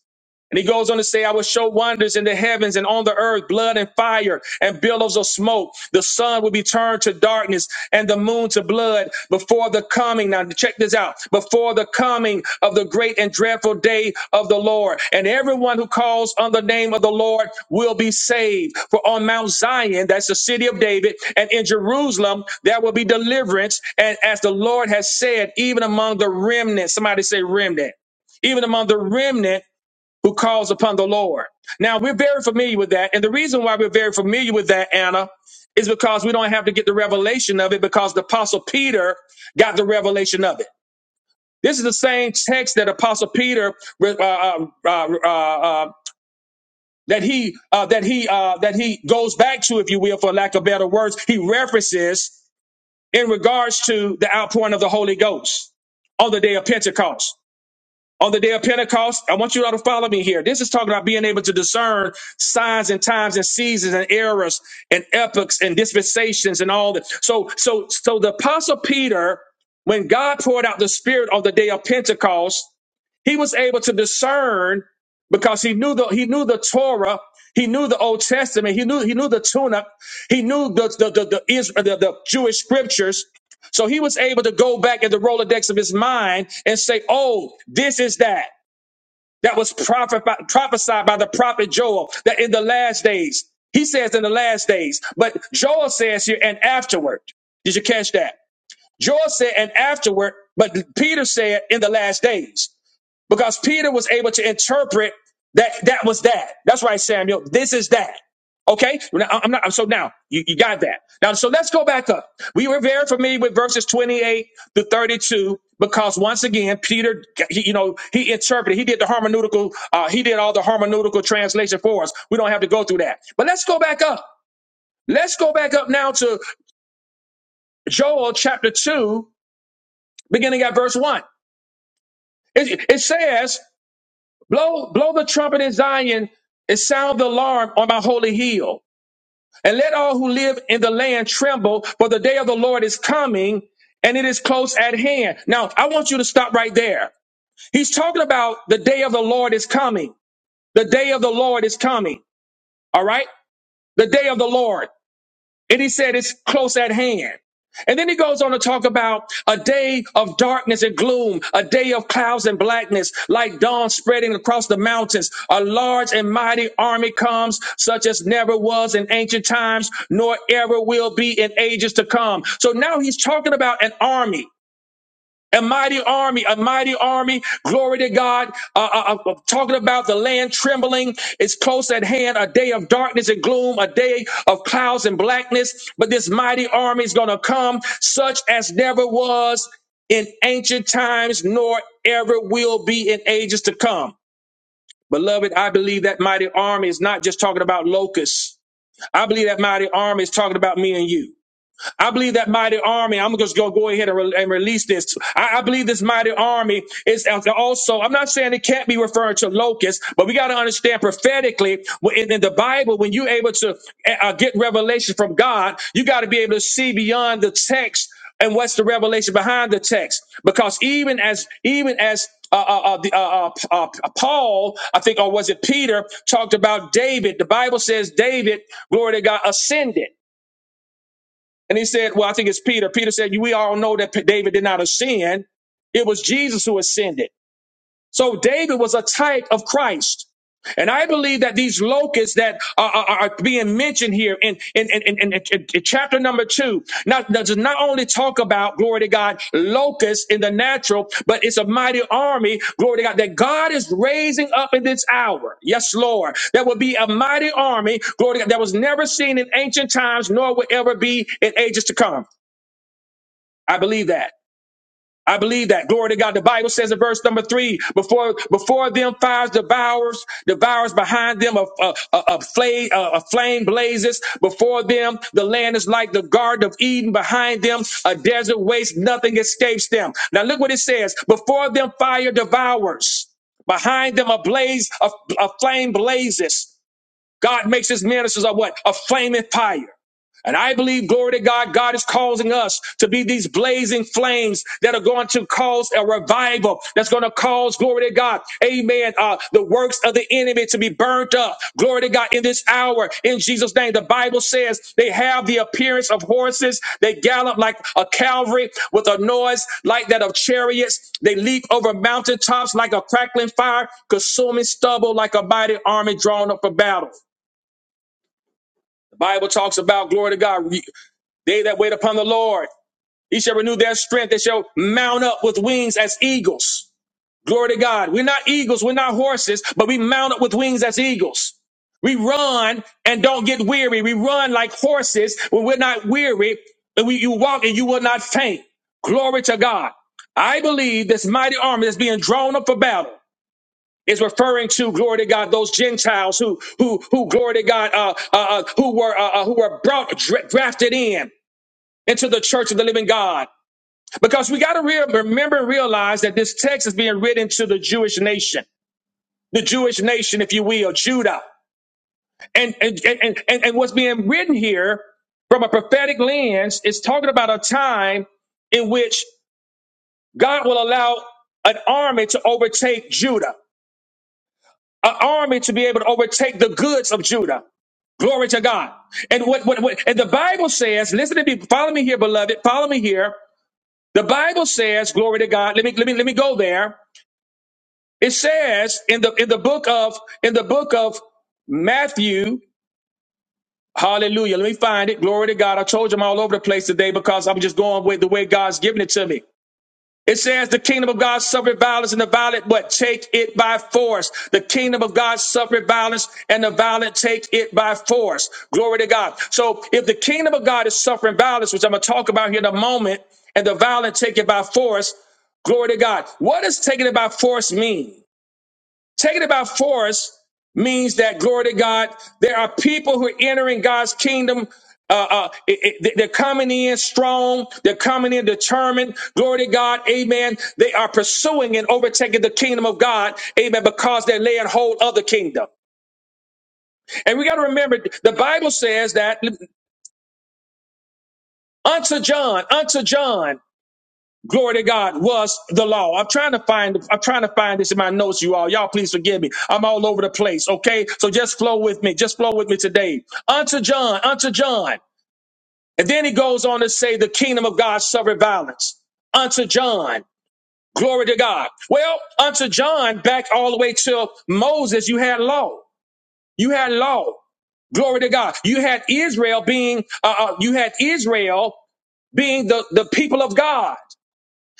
A: And he goes on to say, I will show wonders in the heavens and on the earth, blood and fire and billows of smoke. The sun will be turned to darkness and the moon to blood before the coming. Now, check this out before the coming of the great and dreadful day of the Lord. And everyone who calls on the name of the Lord will be saved. For on Mount Zion, that's the city of David, and in Jerusalem, there will be deliverance. And as the Lord has said, even among the remnant, somebody say remnant, even among the remnant who calls upon the Lord. Now, we're very familiar with that. And the reason why we're very familiar with that, Anna, is because we don't have to get the revelation of it because the Apostle Peter got the revelation of it. This is the same text that Apostle Peter uh, uh, uh, uh, uh, that he uh, that he uh, that he goes back to, if you will, for lack of better words, he references in regards to the outpouring of the Holy Ghost on the day of Pentecost on the day of Pentecost. I want you all to follow me here. This is talking about being able to discern signs and times and seasons and eras and epochs and dispensations and all that. So, so, so the apostle Peter, when God poured out the spirit on the day of Pentecost, he was able to discern because he knew the he knew the Torah, he knew the Old Testament, he knew he knew the tunic, he knew the the the, the, Israel, the the Jewish scriptures. So he was able to go back in the Rolodex of his mind and say, "Oh, this is that that was prophet, prophesied by the prophet Joel that in the last days." He says in the last days, but Joel says here and afterward. Did you catch that? Joel said and afterward, but Peter said in the last days because Peter was able to interpret that that was that. That's right, Samuel. This is that. Okay, Now, I- am not. So now you, you got that. Now, so let's go back up. We were very familiar with verses 28 to 32 because once again, Peter, he, you know, he interpreted. He did the hermeneutical. Uh, he did all the hermeneutical translation for us. We don't have to go through that. But let's go back up. Let's go back up now to Joel chapter two, beginning at verse one. It, it says. Blow, blow the trumpet in Zion and sound the alarm on my holy hill. And let all who live in the land tremble, for the day of the Lord is coming and it is close at hand. Now, I want you to stop right there. He's talking about the day of the Lord is coming. The day of the Lord is coming. All right? The day of the Lord. And he said it's close at hand. And then he goes on to talk about a day of darkness and gloom, a day of clouds and blackness, like dawn spreading across the mountains. A large and mighty army comes, such as never was in ancient times, nor ever will be in ages to come. So now he's talking about an army. A mighty army, a mighty army. Glory to God. Uh, uh, uh, uh, talking about the land trembling. It's close at hand. A day of darkness and gloom, a day of clouds and blackness. But this mighty army is going to come, such as never was in ancient times, nor ever will be in ages to come. Beloved, I believe that mighty army is not just talking about locusts. I believe that mighty army is talking about me and you. I believe that mighty army. I'm just gonna go ahead and, re- and release this. I, I believe this mighty army is also. I'm not saying it can't be referring to locusts, but we got to understand prophetically in, in the Bible when you're able to eh, uh, get revelation from God, you got to be able to see beyond the text and what's the revelation behind the text because even as even as uh, uh, uh, the, uh, uh, uh, Paul, I think, or was it Peter, talked about David. The Bible says David, glory to God, ascended. And he said, Well, I think it's Peter. Peter said, We all know that P- David did not ascend. It was Jesus who ascended. So David was a type of Christ. And I believe that these locusts that are, are- are being mentioned here in, in, in, in, in- in- chapter number two, not, does not only talk about, glory to God, locusts in the natural, but it's a mighty army, glory to God, that God is raising up in this hour. Yes, Lord. There will be a mighty army, glory to God, that was never seen in ancient times, nor will ever be in ages to come. I believe that. I believe that. Glory to God. The Bible says in verse number three, before before them fires devours, devours behind them a, a, a, a, flame, a, a flame blazes. Before them, the land is like the Garden of Eden. Behind them, a desert waste. Nothing escapes them. Now look what it says. Before them, fire devours. Behind them, a blaze, a, a flame blazes. God makes his ministers a what? A flaming fire. And I believe, glory to God, God is causing us to be these blazing flames that are going to cause a revival. That's going to cause, glory to God, amen, uh, the works of the enemy to be burnt up. Glory to God, in this hour, in Jesus' name. The Bible says they have the appearance of horses. They gallop like a cavalry with a noise like that of chariots. They leap over mountaintops like a crackling fire, consuming stubble like a mighty army drawn up for battle. Bible talks about glory to God. They that wait upon the Lord, he shall renew their strength. They shall mount up with wings as eagles. Glory to God. We're not eagles. We're not horses, but we mount up with wings as eagles. We run and don't get weary. We run like horses when we're not weary. And we, you walk and you will not faint. Glory to God. I believe this mighty army is being drawn up for battle is referring to glory to God those Gentiles who who who glory to God uh, uh, uh, who were uh, uh, who were brought dra- drafted in into the church of the living God because we got to re- remember and realize that this text is being written to the Jewish nation the Jewish nation if you will Judah and and and and, and what's being written here from a prophetic lens is talking about a time in which God will allow an army to overtake Judah an army to be able to overtake the goods of Judah. Glory to God. And what, what, what and the Bible says, listen to me, follow me here, beloved, follow me here. The Bible says, glory to God. Let me let me let me go there. It says in the in the book of in the book of Matthew, hallelujah. Let me find it. Glory to God. I told you I'm all over the place today because I'm just going with the way God's giving it to me. It says the kingdom of God suffered violence and the violent but take it by force. The kingdom of God suffered violence and the violent take it by force. Glory to God. So if the kingdom of God is suffering violence, which I'm going to talk about here in a moment, and the violent take it by force, glory to God. What does taking it by force mean? Taking about force means that, glory to God, there are people who are entering God's kingdom. Uh, uh, it- it- they're coming in strong. They're coming in determined. Glory to God. Amen. They are pursuing and overtaking the kingdom of God. Amen. Because they're laying hold of the kingdom. And we got to remember the Bible says that unto John, unto John. glory to God, was the law. I'm trying to find, I'm trying to find this in my notes, you all. Y'all, please forgive me. I'm all over the place. Okay. So just flow with me. Just flow with me today. Unto John, unto John. And then he goes on to say, the kingdom of God suffered violence. Unto John. Glory to God. Well, unto John, back all the way till Moses, you had law. You had law. Glory to God. You had Israel being, uh, uh, you had Israel being the, the people of God.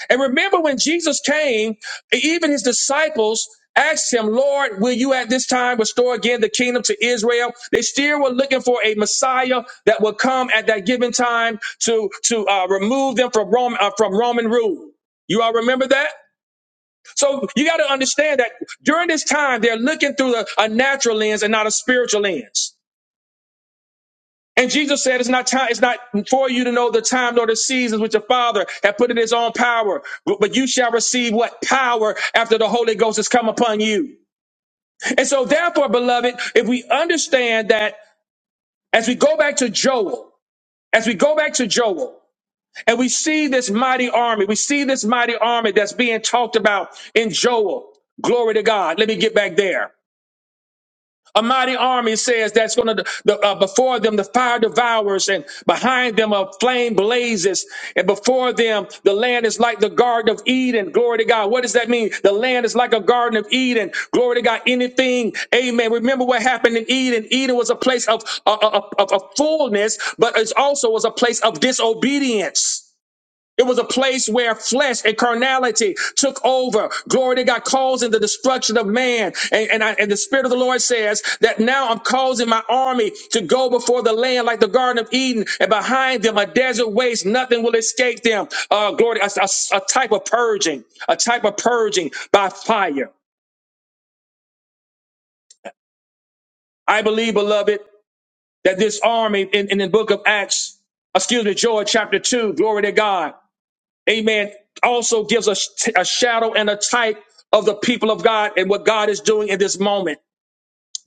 A: And remember when Jesus came, even his disciples asked him, Lord, will you at this time restore again the kingdom to Israel? They still were looking for a Messiah that would come at that given time to, to uh, remove them from, Rome, uh, from Roman rule. You all remember that? So you got to understand that during this time, they're looking through a, a natural lens and not a spiritual lens. And Jesus said, "It's not time. It's not for you to know the time nor the seasons which your Father hath put in His own power. But but you shall receive what power after the Holy Ghost has come upon you." And so, therefore, beloved, if we understand that, as we go back to Joel, as we go back to Joel, and we see this mighty army, we see this mighty army that's being talked about in Joel. Glory to God. Let me get back there. A mighty army says that's going to, the, uh, before them, the fire devours, and behind them, a flame blazes. And before them, the land is like the Garden of Eden. Glory to God. What does that mean? The land is like a Garden of Eden. Glory to God. Anything. Amen. Remember what happened in Eden. Eden was a place of, uh, uh, of, of, of fullness, but it also was a place of disobedience. It was a place where flesh and carnality took over. Glory to God, causing the destruction of man. And, and, I, and the Spirit of the Lord says that now I'm causing my army to go before the land like the Garden of Eden, and behind them a desert waste. Nothing will escape them. Uh, glory, a, a a type of purging, a type of purging by fire. I believe, beloved, that this army in, in the book of Acts, excuse me, Joel chapter 2, glory to God. amen, also gives us a shadow and a type of the people of God and what God is doing in this moment.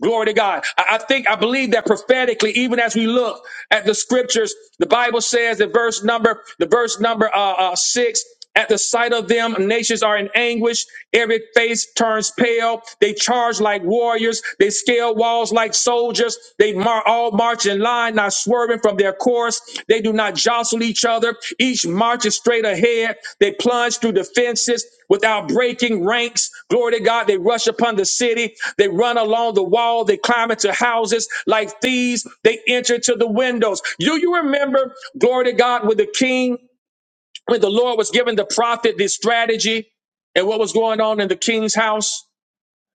A: Glory to God. I I think, I believe that prophetically, even as we look at the scriptures, the Bible says in verse number, the verse number uh, uh, six, at the sight of them, nations are in anguish. Every face turns pale. They charge like warriors. They scale walls like soldiers. They mar- all march in line. not swerving from their course. They do not jostle each other. Each marches straight ahead. They plunge through the fences without breaking ranks. Glory to God. They rush upon the city. They run along the wall. They climb into houses like thieves. They enter to the windows. Do you remember, glory to God, when the king, when the Lord was giving the prophet this strategy and what was going on in the king's house?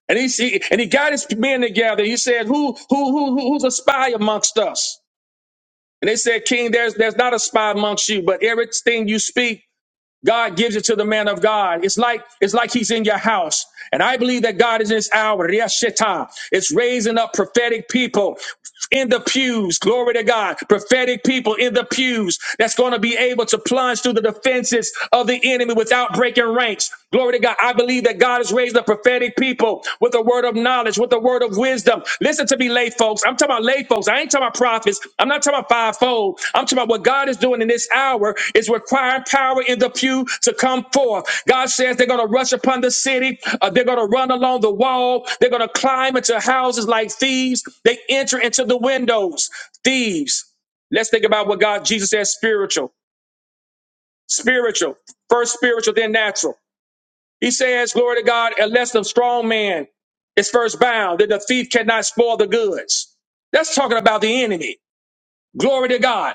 A: And he, he and he got his men together. He said, "Who, who, who, who- who's a spy amongst us?" And they said, King, there's there's not a spy amongst you, but everything you speak, God gives it to the man of God. It's like it's like he's in your house. And I believe that God is in this hour. Riashita. It's raising up prophetic people in the pews. Glory to God. Prophetic people in the pews that's going to be able to plunge through the defenses of the enemy without breaking ranks. Glory to God. I believe that God has raised up prophetic people with the word word of knowledge, with the word of wisdom. Listen to me, lay folks. I'm talking about lay folks. I ain't talking about prophets. I'm not talking about fivefold. I'm talking about what God is doing in this hour is requiring power in the pew to come forth. God says they're going to rush upon the city. Uh, they're going to run along the wall. They're going to climb into houses like thieves. They enter into the windows. Thieves. Let's think about what God, Jesus says spiritual. Spiritual. First spiritual, then natural. He says, glory to God, unless the strong man is first bound, then the thief cannot spoil the goods. That's talking about the enemy. Glory to God.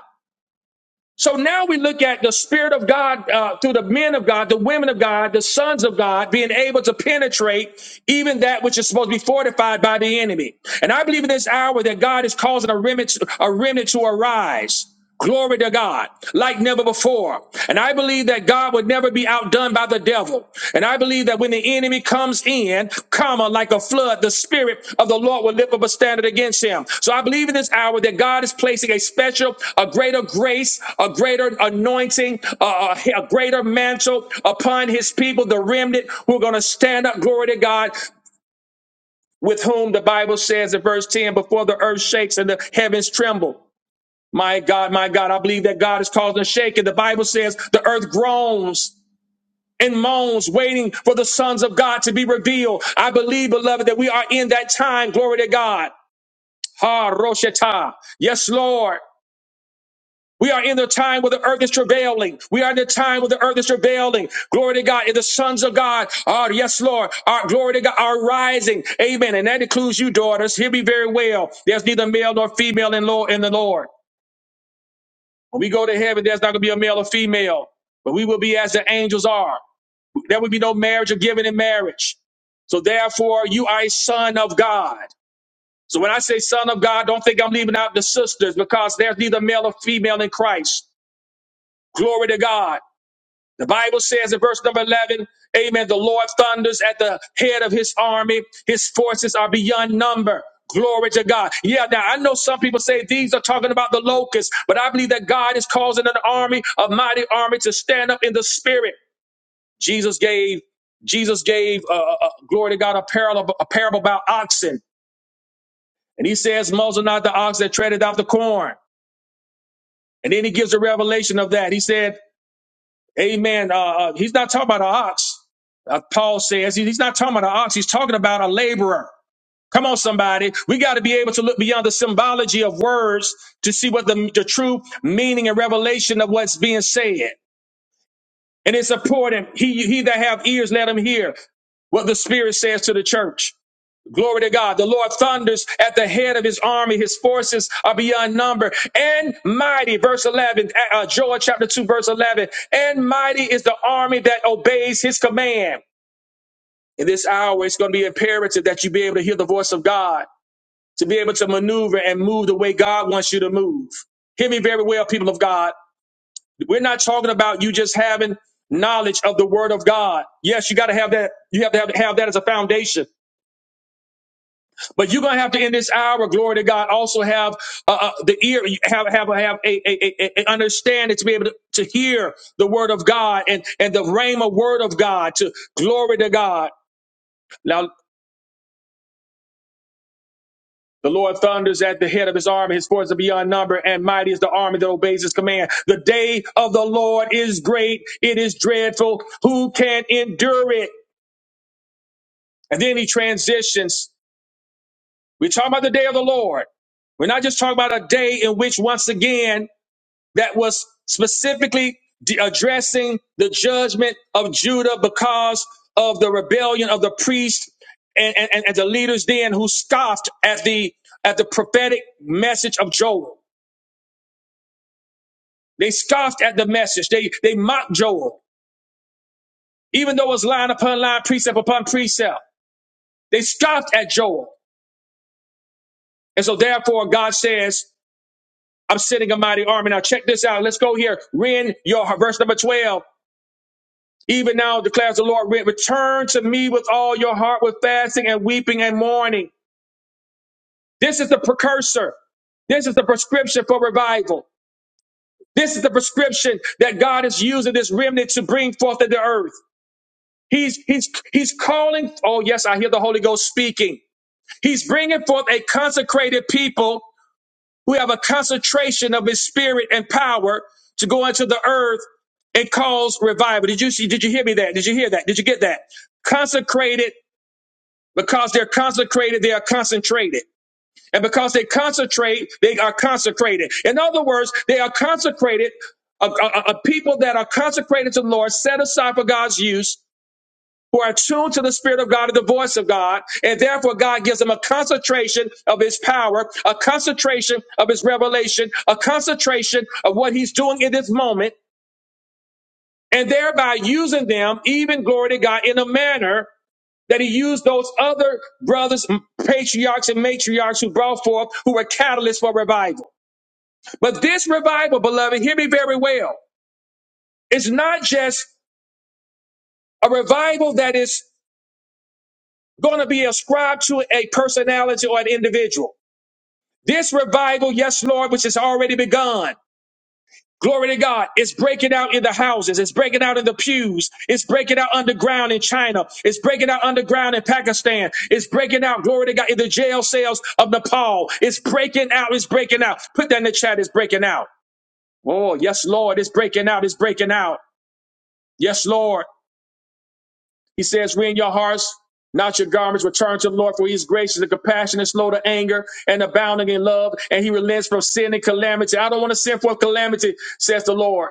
A: So now we look at the Spirit of God uh, through the men of God, the women of God, the sons of God being able to penetrate even that which is supposed to be fortified by the enemy. And I believe in this hour that God is causing a remnant, a remnant to arise. Glory to God, like never before. And I believe that God would never be outdone by the devil. And I believe that when the enemy comes in, comma, like a flood, the spirit of the Lord will lift up a standard against him. So I believe in this hour that God is placing a special, a greater grace, a greater anointing, a, a a greater mantle upon his people, the remnant who are going to stand up, glory to God, with whom the Bible says in verse 10, before the earth shakes and the heavens tremble. My God, my God, I believe that God is causing a shaking. The Bible says the earth groans and moans, waiting for the sons of God to be revealed. I believe, beloved, that we are in that time. Glory to God. Ha Roshata. Yes, Lord. We are in the time where the earth is travailing. We are in the time where the earth is travailing. Glory to God. And the sons of God are, yes, Lord, are, glory to God, are rising. Amen. And that includes you, daughters. Hear me very well. There's neither male nor female in, Lord, in the Lord. When we go to heaven, there's not going to be a male or female, but we will be as the angels are. There would be no marriage or giving in marriage. So therefore, you are a son of God. So when I say son of God, don't think I'm leaving out the sisters because there's neither male or female in Christ. Glory to God. The Bible says in verse number 11, amen, the Lord thunders at the head of his army. His forces are beyond number. Glory to God. Yeah, now I know some people say these are talking about the locusts, but I believe that God is causing an army, a mighty army to stand up in the spirit. Jesus gave Jesus gave uh, uh, uh, glory to God a parable a parable about oxen, and he says, "Muzzle not the ox that treadeth out the corn." And then he gives a revelation of that. He said, "Amen." Uh, uh, he's not talking about an ox. Uh, Paul says he- he's not talking about an ox. He's talking about a laborer. Come on, somebody. We got to be able to look beyond the symbology of words to see what the, the true meaning and revelation of what's being said. And it's important. He, he that have ears, let him hear what the Spirit says to the church. Glory to God. The Lord thunders at the head of his army. His forces are beyond number and mighty. Verse 11, uh, uh, Joel chapter 2, verse 11. And mighty is the army that obeys his command. In this hour, it's going to be imperative that you be able to hear the voice of God, to be able to maneuver and move the way God wants you to move. Hear me very well, people of God. We're not talking about you just having knowledge of the word of God. Yes, you got to have that. You have to have, have that as a foundation. But you're gonna have to in this hour, glory to God, also have uh, uh, the ear, have have have a, a, a, a a understanding to be able to, to hear the word of God and and the rhema word of God. To glory to God. Now the Lord thunders at the head of his army, his forces are beyond number, and mighty is the army that obeys his command. The day of the Lord is great; it is dreadful. Who can endure it? And then he transitions. We're talking about the day of the Lord. We're not just talking about a day in which, once again, that was specifically de- addressing the judgment of Judah because of the rebellion of the priests and, and, and the leaders then who scoffed at the at the prophetic message of Joel. They scoffed at the message. They they mocked Joel, even though it was line upon line, precept upon precept. They scoffed at Joel. And so therefore God says, I'm sending a mighty army. Now check this out. Let's go here. Read your verse number 12. Even now declares the Lord, return to me with all your heart, with fasting and weeping and mourning. This is the precursor. This is the prescription for revival. This is the prescription that God is using this remnant to bring forth in the earth. He's, he's, he's calling. Oh, yes, I hear the Holy Ghost speaking. He's bringing forth a consecrated people who have a concentration of his spirit and power to go into the earth and cause revival. Did you see? Did you hear me that? Did you hear that? Did you get that? Consecrated Because they're consecrated, they are concentrated. And because they concentrate, they are consecrated. In other words, they are consecrated, a, a- a people that are consecrated to the Lord, set aside for God's use, who are tuned to the Spirit of God and the voice of God. And therefore, God gives them a concentration of His power, a concentration of His revelation, a concentration of what He's doing in this moment, and thereby using them, even glory to God, in a manner that he used those other brothers, patriarchs and matriarchs who brought forth, who were catalysts for revival. But this revival, beloved, hear me very well, it's not just a revival that is going to be ascribed to a personality or an individual. This revival, yes, Lord, which has already begun. Glory to God. It's breaking out in the houses. It's breaking out in the pews. It's breaking out underground in China. It's breaking out underground in Pakistan. It's breaking out, glory to God, in the jail cells of Nepal. It's breaking out. It's breaking out. Put that in the chat. It's breaking out. Oh, yes, Lord. It's breaking out. It's breaking out. Yes, Lord. He says, we your hearts, not your garments. Return to the Lord, for he is gracious and compassionate, slow to anger, and abounding in love, and he relents from sin and calamity. I don't want to send forth calamity, says the Lord.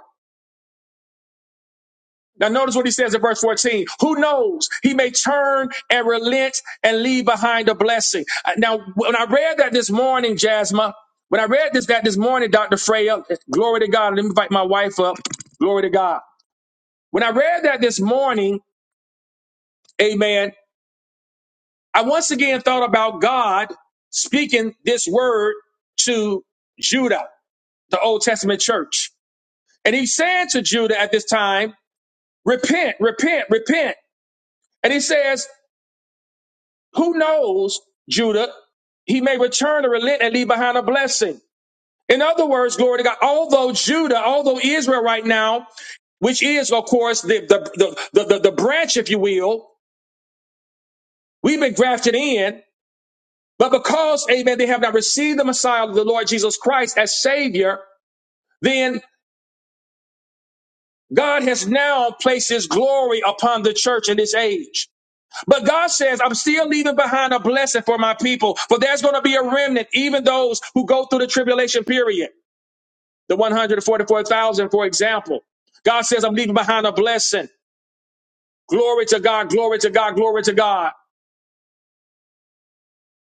A: Now, notice what he says in verse 14. Who knows? He may turn and relent and leave behind a blessing. Uh, Now, when I read that this morning, Jasma, when I read this that this morning, Dr. Freya, glory to God. Let me invite my wife up. Glory to God. When I read that this morning, amen, I once again thought about God speaking this word to Judah, the Old Testament church. And he's saying to Judah at this time, repent, repent, repent. And he says, Who knows, Judah? He may return to relent and leave behind a blessing. In other words, glory to God, although Judah, although Israel right now, which is, of course, the, the, the, the, the, branch, if you will, we've been grafted in, but because, amen, they have not received the Messiah, the Lord Jesus Christ, as Savior, then God has now placed His glory upon the church in this age. But God says, I'm still leaving behind a blessing for my people, for there's going to be a remnant, even those who go through the tribulation period. The 144,000, for example. God says, I'm leaving behind a blessing. Glory to God, glory to God, glory to God.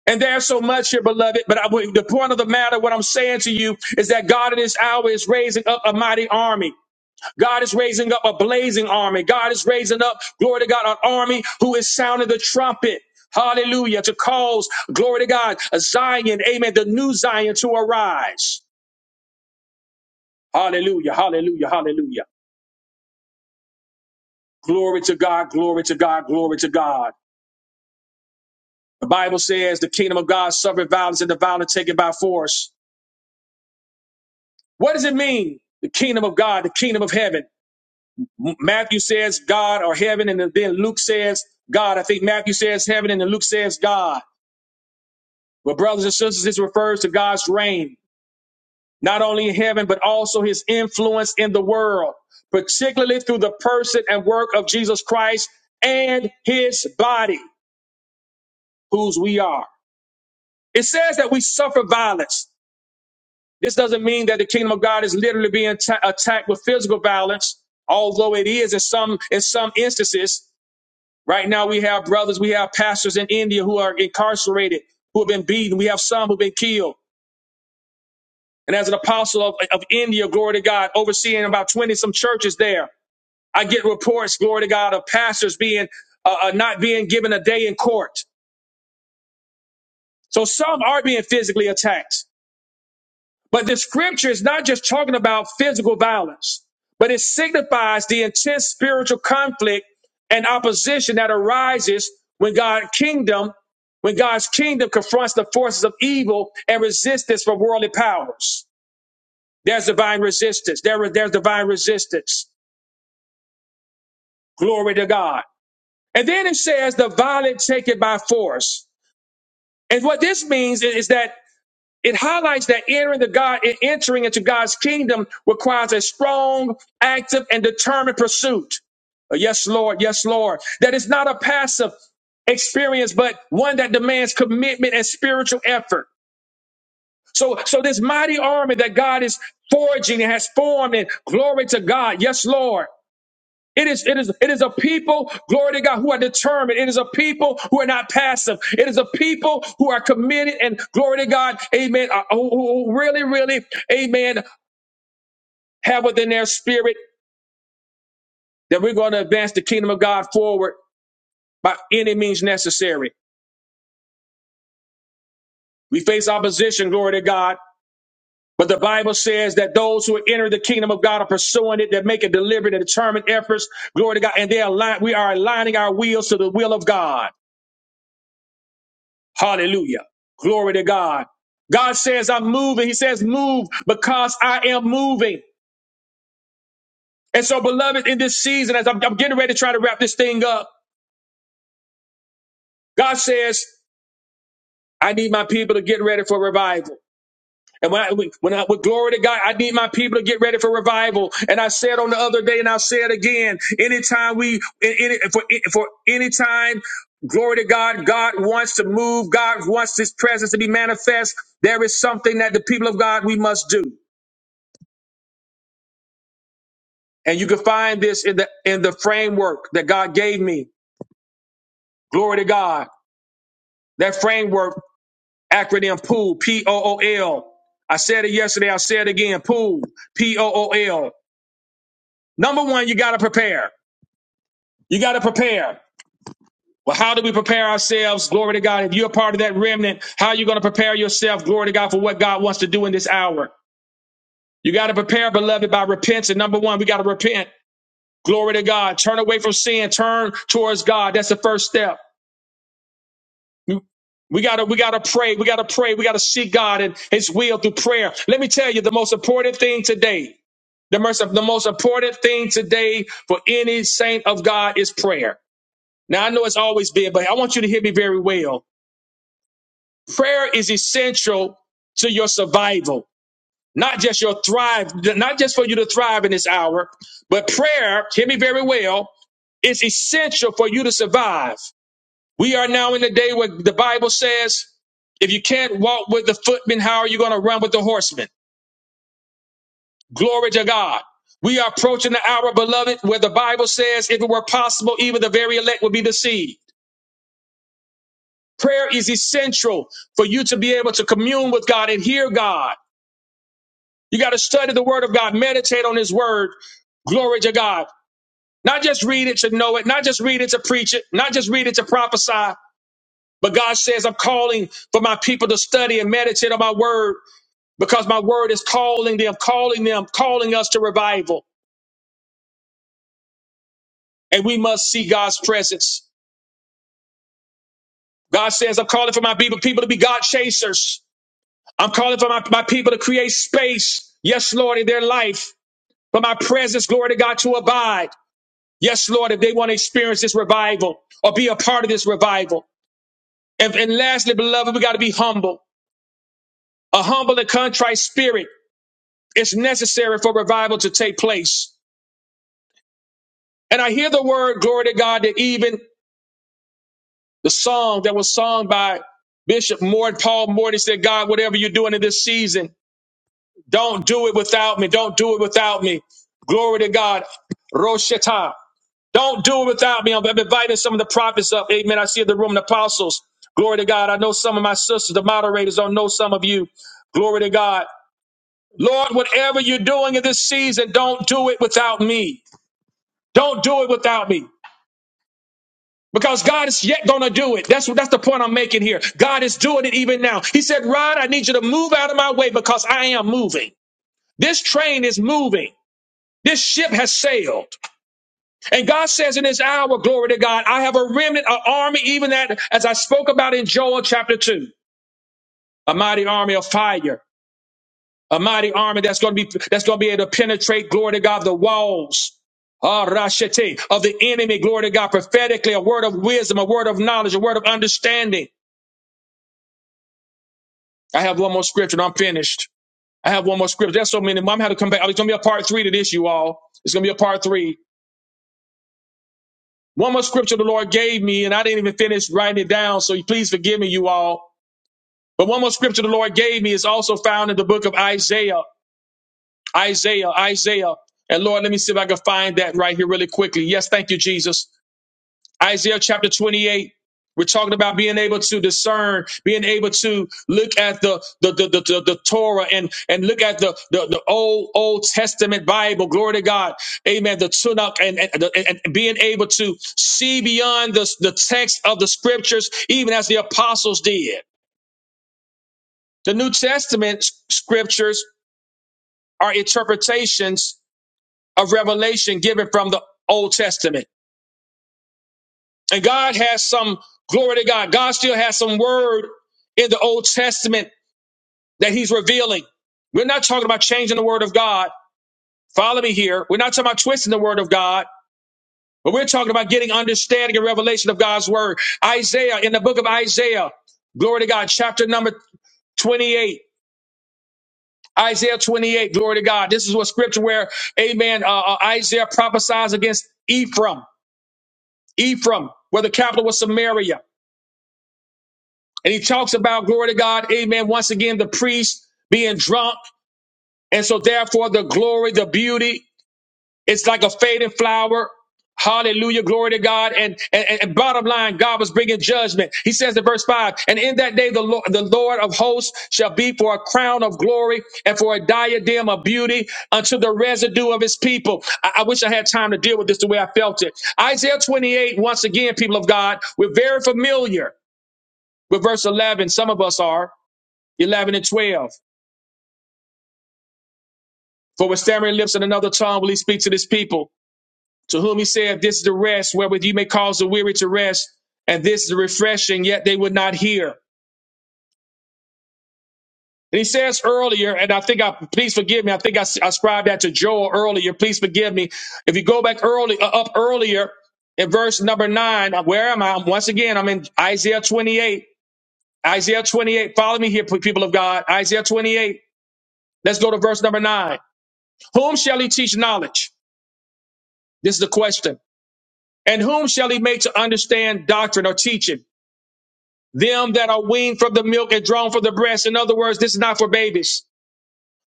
A: And there's so much here, beloved. But I, the point of the matter, what I'm saying to you, is that God in this hour is raising up a mighty army. God is raising up a blazing army. God is raising up, glory to God, an army who is sounding the trumpet. Hallelujah. To cause, glory to God, a Zion, amen, the new Zion to arise. Hallelujah. Hallelujah. Hallelujah. Glory to God. Glory to God. Glory to God. The Bible says the kingdom of God suffered violence and the violent take it by force. What does it mean? The kingdom of God, the kingdom of heaven. Matthew says God or heaven, and then Luke says God. I think Matthew says heaven, and then Luke says God. But, brothers and sisters, this refers to God's reign, not only in heaven, but also his influence in the world, particularly through the person and work of Jesus Christ and his body, whose we are. It says that we suffer violence. This doesn't mean that the kingdom of God is literally being ta- attacked with physical violence, although it is in some in some instances. Right now, we have brothers, we have pastors in India who are incarcerated, who have been beaten. We have some who've been killed. And as an apostle of, of India, glory to God, overseeing about 20 some churches there, I get reports, glory to God, of pastors being uh, uh, not being given a day in court. So some are being physically attacked. But the scripture is not just talking about physical violence, but it signifies the intense spiritual conflict and opposition that arises when God's kingdom, when God's kingdom confronts the forces of evil and resistance from worldly powers. There's divine resistance. There, there's divine resistance. Glory to God. And then it says the violent take it by force. And what this means is that it highlights that entering the God, entering into God's kingdom requires a strong, active, and determined pursuit. Uh, Yes, Lord. Yes, Lord. That is not a passive experience, but one that demands commitment and spiritual effort. So, so this mighty army that God is forging and has formed, and glory to God. Yes, Lord. It is, it is, it is a people, glory to God, who are determined. It is a people who are not passive. It is a people who are committed and glory to God, amen, uh, who who- really, really, amen, have within their spirit that we're going to advance the kingdom of God forward by any means necessary. We face opposition, glory to God. But the Bible says that those who enter the kingdom of God are pursuing it, that make a deliberate and determined efforts, glory to God, and they align, we are aligning our wheels to the will of God. Hallelujah. Glory to God. God says, I'm moving. He says, move because I am moving. And so, beloved, in this season, as I'm, I'm getting ready to try to wrap this thing up, God says, I need my people to get ready for revival. And when I, when I, with glory to God, I need my people to get ready for revival. And I said on the other day, and I'll say it again, anytime we, in, in, for, for any time Glory to God. God wants to move. God wants his presence to be manifest. There is something that the people of God we must do. And you can find this in the in the framework that God gave me. Glory to God. That framework acronym POOL, P O O L. I said it yesterday, I said it again, POOL, P O O L. Number 1, you got to prepare. You got to prepare. Well, how do we prepare ourselves? Glory to God. If you're a part of that remnant, how are you going to prepare yourself? Glory to God for what God wants to do in this hour. You got to prepare, beloved, by repentance. Number one, we got to repent. Glory to God. Turn away from sin. Turn towards God. That's the first step. We gotta, we gotta pray. We gotta pray. We gotta seek God and His will through prayer. Let me tell you, the most important thing today, the most, the most important thing today for any saint of God is prayer. Now I know it's always been, but I want you to hear me very well. Prayer is essential to your survival, not just your thrive, not just for you to thrive in this hour, but prayer. Hear me very well. Is essential for you to survive. We are now in the day where the Bible says, if you can't walk with the footmen, how are you going to run with the horsemen?" Glory to God. We are approaching the hour, beloved, where the Bible says, if it were possible, even the very elect would be deceived. Prayer is essential for you to be able to commune with God and hear God. You got to study the word of God, meditate on his word. Glory to God. Not just read it to know it, not just read it to preach it, not just read it to prophesy, but God says, I'm calling for my people to study and meditate on my word because my word is calling them, calling them, calling us to revival. And we must see God's presence. God says, I'm calling for my people, people to be God chasers. I'm calling for my, my people to create space. Yes, Lord, in their life, for my presence, glory to God, to abide. Yes, Lord, if they want to experience this revival or be a part of this revival. And, and lastly, beloved, we got to be humble. A humble and contrite spirit is necessary for revival to take place. And I hear the word, glory to God, that even The song that was sung by Bishop Mort, Paul Morton said, God, whatever you're doing in this season, don't do it without me. Don't do it without me. Glory to God. Roshata. Don't do it without me. I'm inviting some of the prophets up. Amen. I see the room, the apostles. Glory to God. I know some of my sisters, the moderators, don't know some of you. Glory to God. Lord, whatever you're doing in this season, don't do it without me. Don't do it without me. Because God is yet going to do it. That's what that's the point I'm making here. God is doing it even now. He said, "Rod, I need you to move out of my way because I am moving. This train is moving. This ship has sailed." And God says in this hour, glory to God, I have a remnant, an army even that as I spoke about in Joel chapter 2, a mighty army of fire, a mighty army that's going to be that's going to be able to penetrate glory to God the walls Ah, Rashete, of the enemy, glory to God, prophetically, a word of wisdom, a word of knowledge, a word of understanding. I have one more scripture and I'm finished. I have one more scripture. There's so many. Mom had to come back. It's going to be a part three to this, you all. It's going to be a part three. One more scripture the Lord gave me, and I didn't even finish writing it down, so please forgive me, you all. But one more scripture the Lord gave me is also found in the book of Isaiah. Isaiah, Isaiah. And Lord, let me see if I can find that right here really quickly. Yes, thank you, Jesus. Isaiah chapter 28. We're talking about being able to discern, being able to look at the the the, the, the, the Torah and and look at the, the the old Old Testament Bible. Glory to God, Amen. The Tanakh and and, and being able to see beyond the the text of the Scriptures, even as the apostles did. The New Testament s- Scriptures are interpretations of revelation given from the Old Testament. And God has some glory to God. God still has some word in the Old Testament that He's revealing. We're not talking about changing the word of God. Follow me here. We're not talking about twisting the word of God, but we're talking about getting understanding and revelation of God's word. Isaiah, in the book of Isaiah, glory to God, chapter number 28. Isaiah 28, glory to God. This is what scripture where, amen, uh, uh, Isaiah prophesies against Ephraim. Ephraim, where the capital was Samaria. And he talks about, glory to God, amen, once again, the priest being drunk. And so, therefore, the glory, the beauty, it's like a fading flower. Hallelujah, glory to God. And, and, and bottom line, God was bringing judgment. He says in verse 5 And in that day, the Lord, the Lord of hosts shall be for a crown of glory and for a diadem of beauty unto the residue of his people. I, I wish I had time to deal with this the way I felt it. Isaiah 28, once again, people of God, we're very familiar with verse 11. Some of us are. 11 and 12. For with stammering lips and another tongue will he speak to this people, to whom he said, This is the rest wherewith you may cause the weary to rest, and this is the refreshing, yet they would not hear. And he says earlier, and I think I, please forgive me, I think I ascribed that to Joel earlier, please forgive me. If you go back early, uh, up earlier in verse number nine, uh, where am I? Once again, I'm in Isaiah 28. Isaiah 28, follow me here, people of God. Isaiah 28, let's go to verse number nine. Whom shall he teach knowledge? This is the question. And whom shall he make to understand doctrine or teaching? Them that are weaned from the milk and drawn from the breast. In other words, this is not for babies.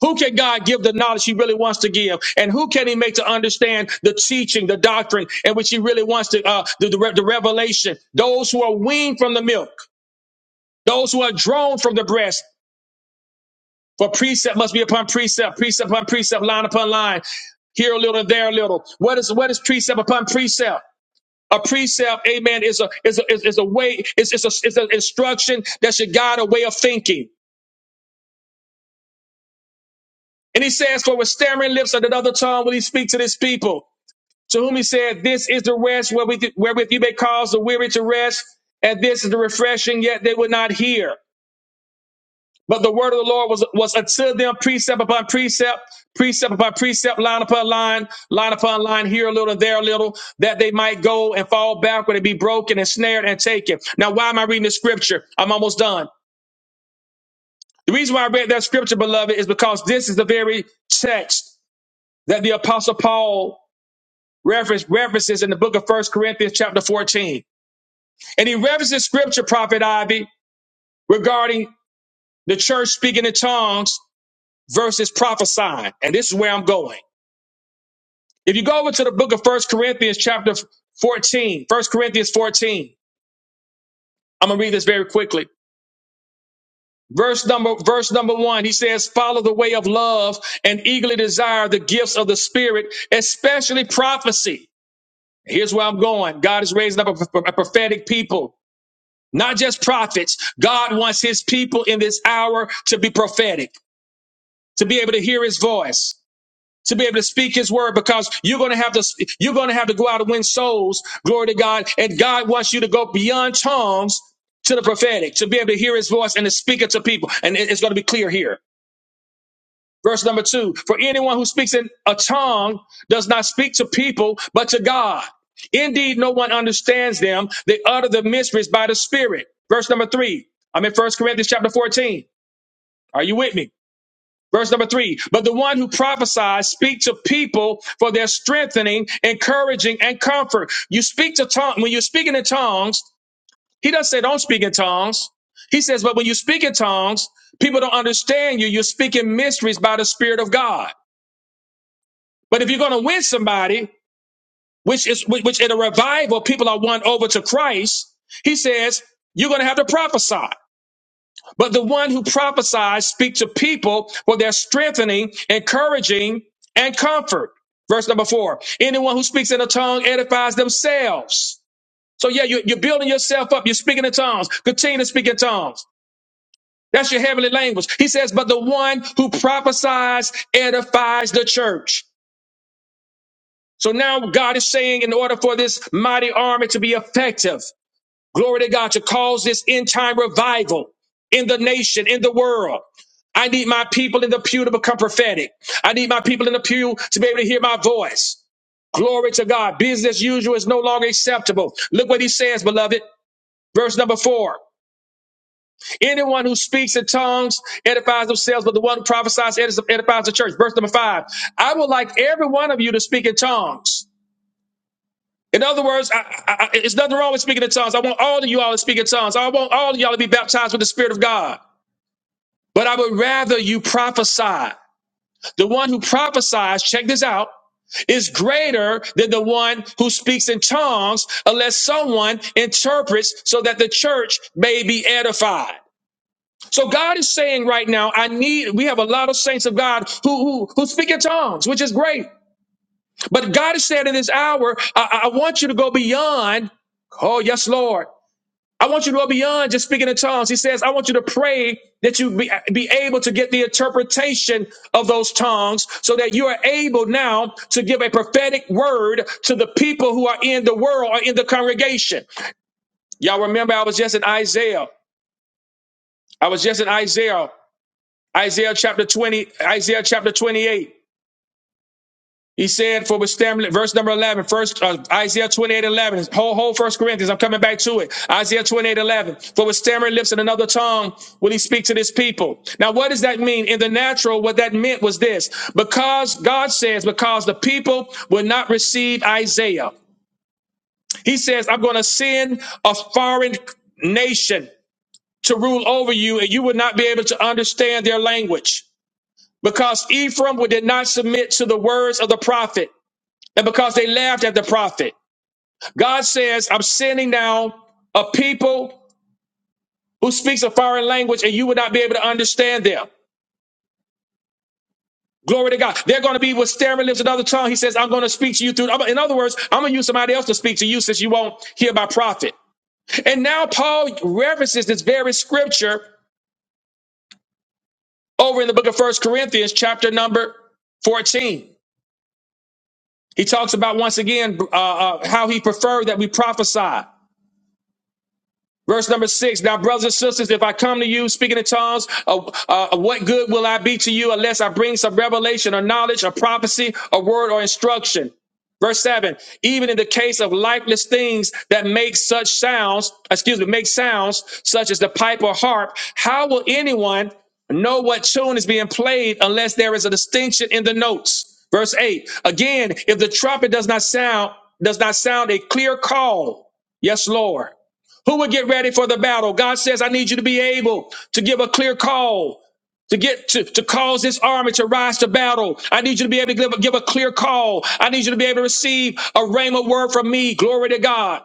A: Who can God give the knowledge he really wants to give? And who can he make to understand the teaching, the doctrine in which he really wants to, uh, the, the, re- the revelation? Those who are weaned from the milk, those who are drawn from the breast. For precept must be upon precept, precept upon precept, line upon line, here a little, there a little. What is, what is precept upon precept? A precept, amen, is a is a is, is a way, is is a is an instruction that should guide a way of thinking. And he says, For with stammering lips and another tongue will he speak to this people, to whom he said, This is the rest wherewith, wherewith you may cause the weary to rest, and this is the refreshing, yet they would not hear. But the word of the Lord was, was unto them precept upon precept, precept upon precept, line upon line, line upon line, here a little and there a little, that they might go and fall backward and be broken and snared and taken. Now, why am I reading the scripture? I'm almost done. The reason why I read that scripture, beloved, is because this is the very text that the apostle Paul reference, references in the book of First Corinthians chapter 14. And he references scripture, prophet Ivy, regarding the church speaking in tongues versus prophesying. And this is where I'm going. If you go over to the book of First Corinthians, chapter 14, First Corinthians 14, I'm gonna read this very quickly. Verse number, verse number one, he says, follow the way of love and eagerly desire the gifts of the spirit, especially prophecy. Here's where I'm going. God is raising up a, a prophetic people, not just prophets. God wants his people in this hour to be prophetic, to be able to hear his voice. to be able to speak his word because you're going to have to you're going to have to go out and win souls glory to god and god wants you to go beyond tongues to the prophetic to be able to hear his voice and to speak it to people and it- it's going to be clear here verse number two for anyone who speaks in a tongue does not speak to people but to god indeed no one understands them they utter the mysteries by the spirit verse number three i'm in first corinthians chapter 14 are you with me Verse number three, but the one who prophesies speaks to people for their strengthening, encouraging, and comfort. You speak to tongues, when you're speaking in tongues, he doesn't say don't speak in tongues. He says, but when you speak in tongues, people don't understand you. You're speaking mysteries by the Spirit of God. But if you're going to win somebody, which is, which which in a revival, people are won over to Christ, he says, you're going to have to prophesy. But the one who prophesies speaks to people for their strengthening, encouraging, and comfort. Verse number four. Anyone who speaks in a tongue edifies themselves. So yeah, you- you're building yourself up. You're speaking in tongues. Continue to speak in tongues. That's your heavenly language. He says, but the one who prophesies edifies the church. So now God is saying in order for this mighty army to be effective, glory to God, to cause this end time revival in the nation, in the world. I need my people in the pew to become prophetic. I need my people in the pew to be able to hear my voice. Glory to God. Business as usual is no longer acceptable. Look what he says, beloved. Verse number four. Anyone who speaks in tongues edifies themselves, but the one who prophesies edifies the church. Verse number five. I would like every one of you to speak in tongues. In other words, I, I, I, it's nothing wrong with speaking in tongues. I want all of you all to speak in tongues. I want all of y'all to be baptized with the Spirit of God. But I would rather you prophesy. The one who prophesies, check this out, is greater than the one who speaks in tongues unless someone interprets so that the church may be edified. So God is saying right now, I need, we have a lot of saints of God who, who, who speak in tongues, which is great. But God is saying in this hour, I, I want you to go beyond. Oh, yes, Lord. I want you to go beyond just speaking in tongues. He says, I want you to pray that you be, be able to get the interpretation of those tongues so that you are able now to give a prophetic word to the people who are in the world or in the congregation. Y'all remember I was just in Isaiah. I was just in Isaiah, Isaiah chapter 20, Isaiah chapter 28. He said, for withstand, verse number 11, first uh, Isaiah 28 11. whole, whole first Corinthians, I'm coming back to it. Isaiah 28 11. for with stammering lips and another tongue will he speak to this people. Now, what does that mean? In the natural, what that meant was this, because God says, because the people will not receive Isaiah. He says, I'm going to send a foreign nation to rule over you and you will not be able to understand their language because Ephraim did not submit to the words of the prophet and because they laughed at the prophet. God says, I'm sending down a people who speaks a foreign language and you will not be able to understand them. Glory to God. They're going to be with stammering lips and other tongue. He says, I'm going to speak to you through. In other words, I'm going to use somebody else to speak to you since you won't hear my prophet. And now Paul references this very scripture over in the book of First Corinthians, chapter number 14. He talks about once again uh, uh, how he preferred that we prophesy. Verse number six. Now, brothers and sisters, if I come to you speaking in tongues, uh, uh, what good will I be to you unless I bring some revelation or knowledge or prophecy or word or instruction? Verse seven. Even in the case of lifeless things that make such sounds, excuse me, make sounds such as the pipe or harp, how will anyone know what tune is being played unless there is a distinction in the notes? Verse eight. Again, if the trumpet does not sound, does not sound a clear call, yes, Lord. Who would get ready for the battle? God says, I need you to be able to give a clear call. To get to, to cause this army to rise to battle, I need you to be able to give, a- give a clear call. I need you to be able to receive a rhema word from me. Glory to God.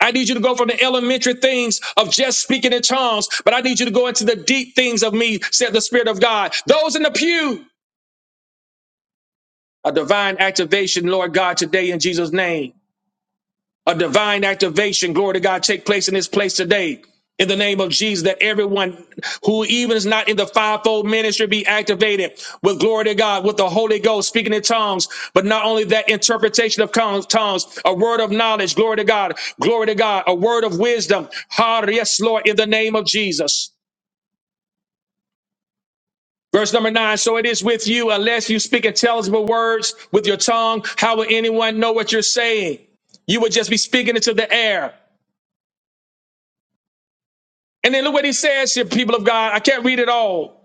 A: I need you to go from the elementary things of just speaking in tongues, but I need you to go into the deep things of me, said the Spirit of God. Those in the pew, a divine activation, Lord God, today in Jesus' name. a divine activation, glory to God, take place in this place today. In the name of Jesus, that everyone who even is not in the fivefold ministry be activated with glory to God, with the Holy Ghost speaking in tongues. But not only that, interpretation of tongues, a word of knowledge, glory to God, glory to God, a word of wisdom. Har, yes, Lord, in the name of Jesus. Verse number nine. So it is with you, unless you speak intelligible words with your tongue. How will anyone know what you're saying? You would just be speaking into the air. And then look what he says here, people of God. I can't read it all.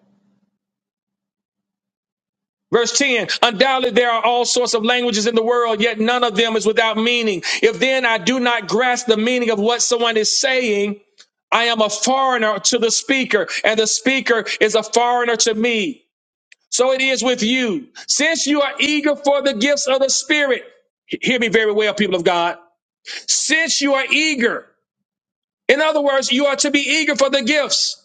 A: Verse 10 Undoubtedly, there are all sorts of languages in the world, yet none of them is without meaning. If then I do not grasp the meaning of what someone is saying, I am a foreigner to the speaker, and the speaker is a foreigner to me. So it is with you. Since you are eager for the gifts of the Spirit, hear me very well, people of God. Since you are eager, in other words, you are to be eager for the gifts.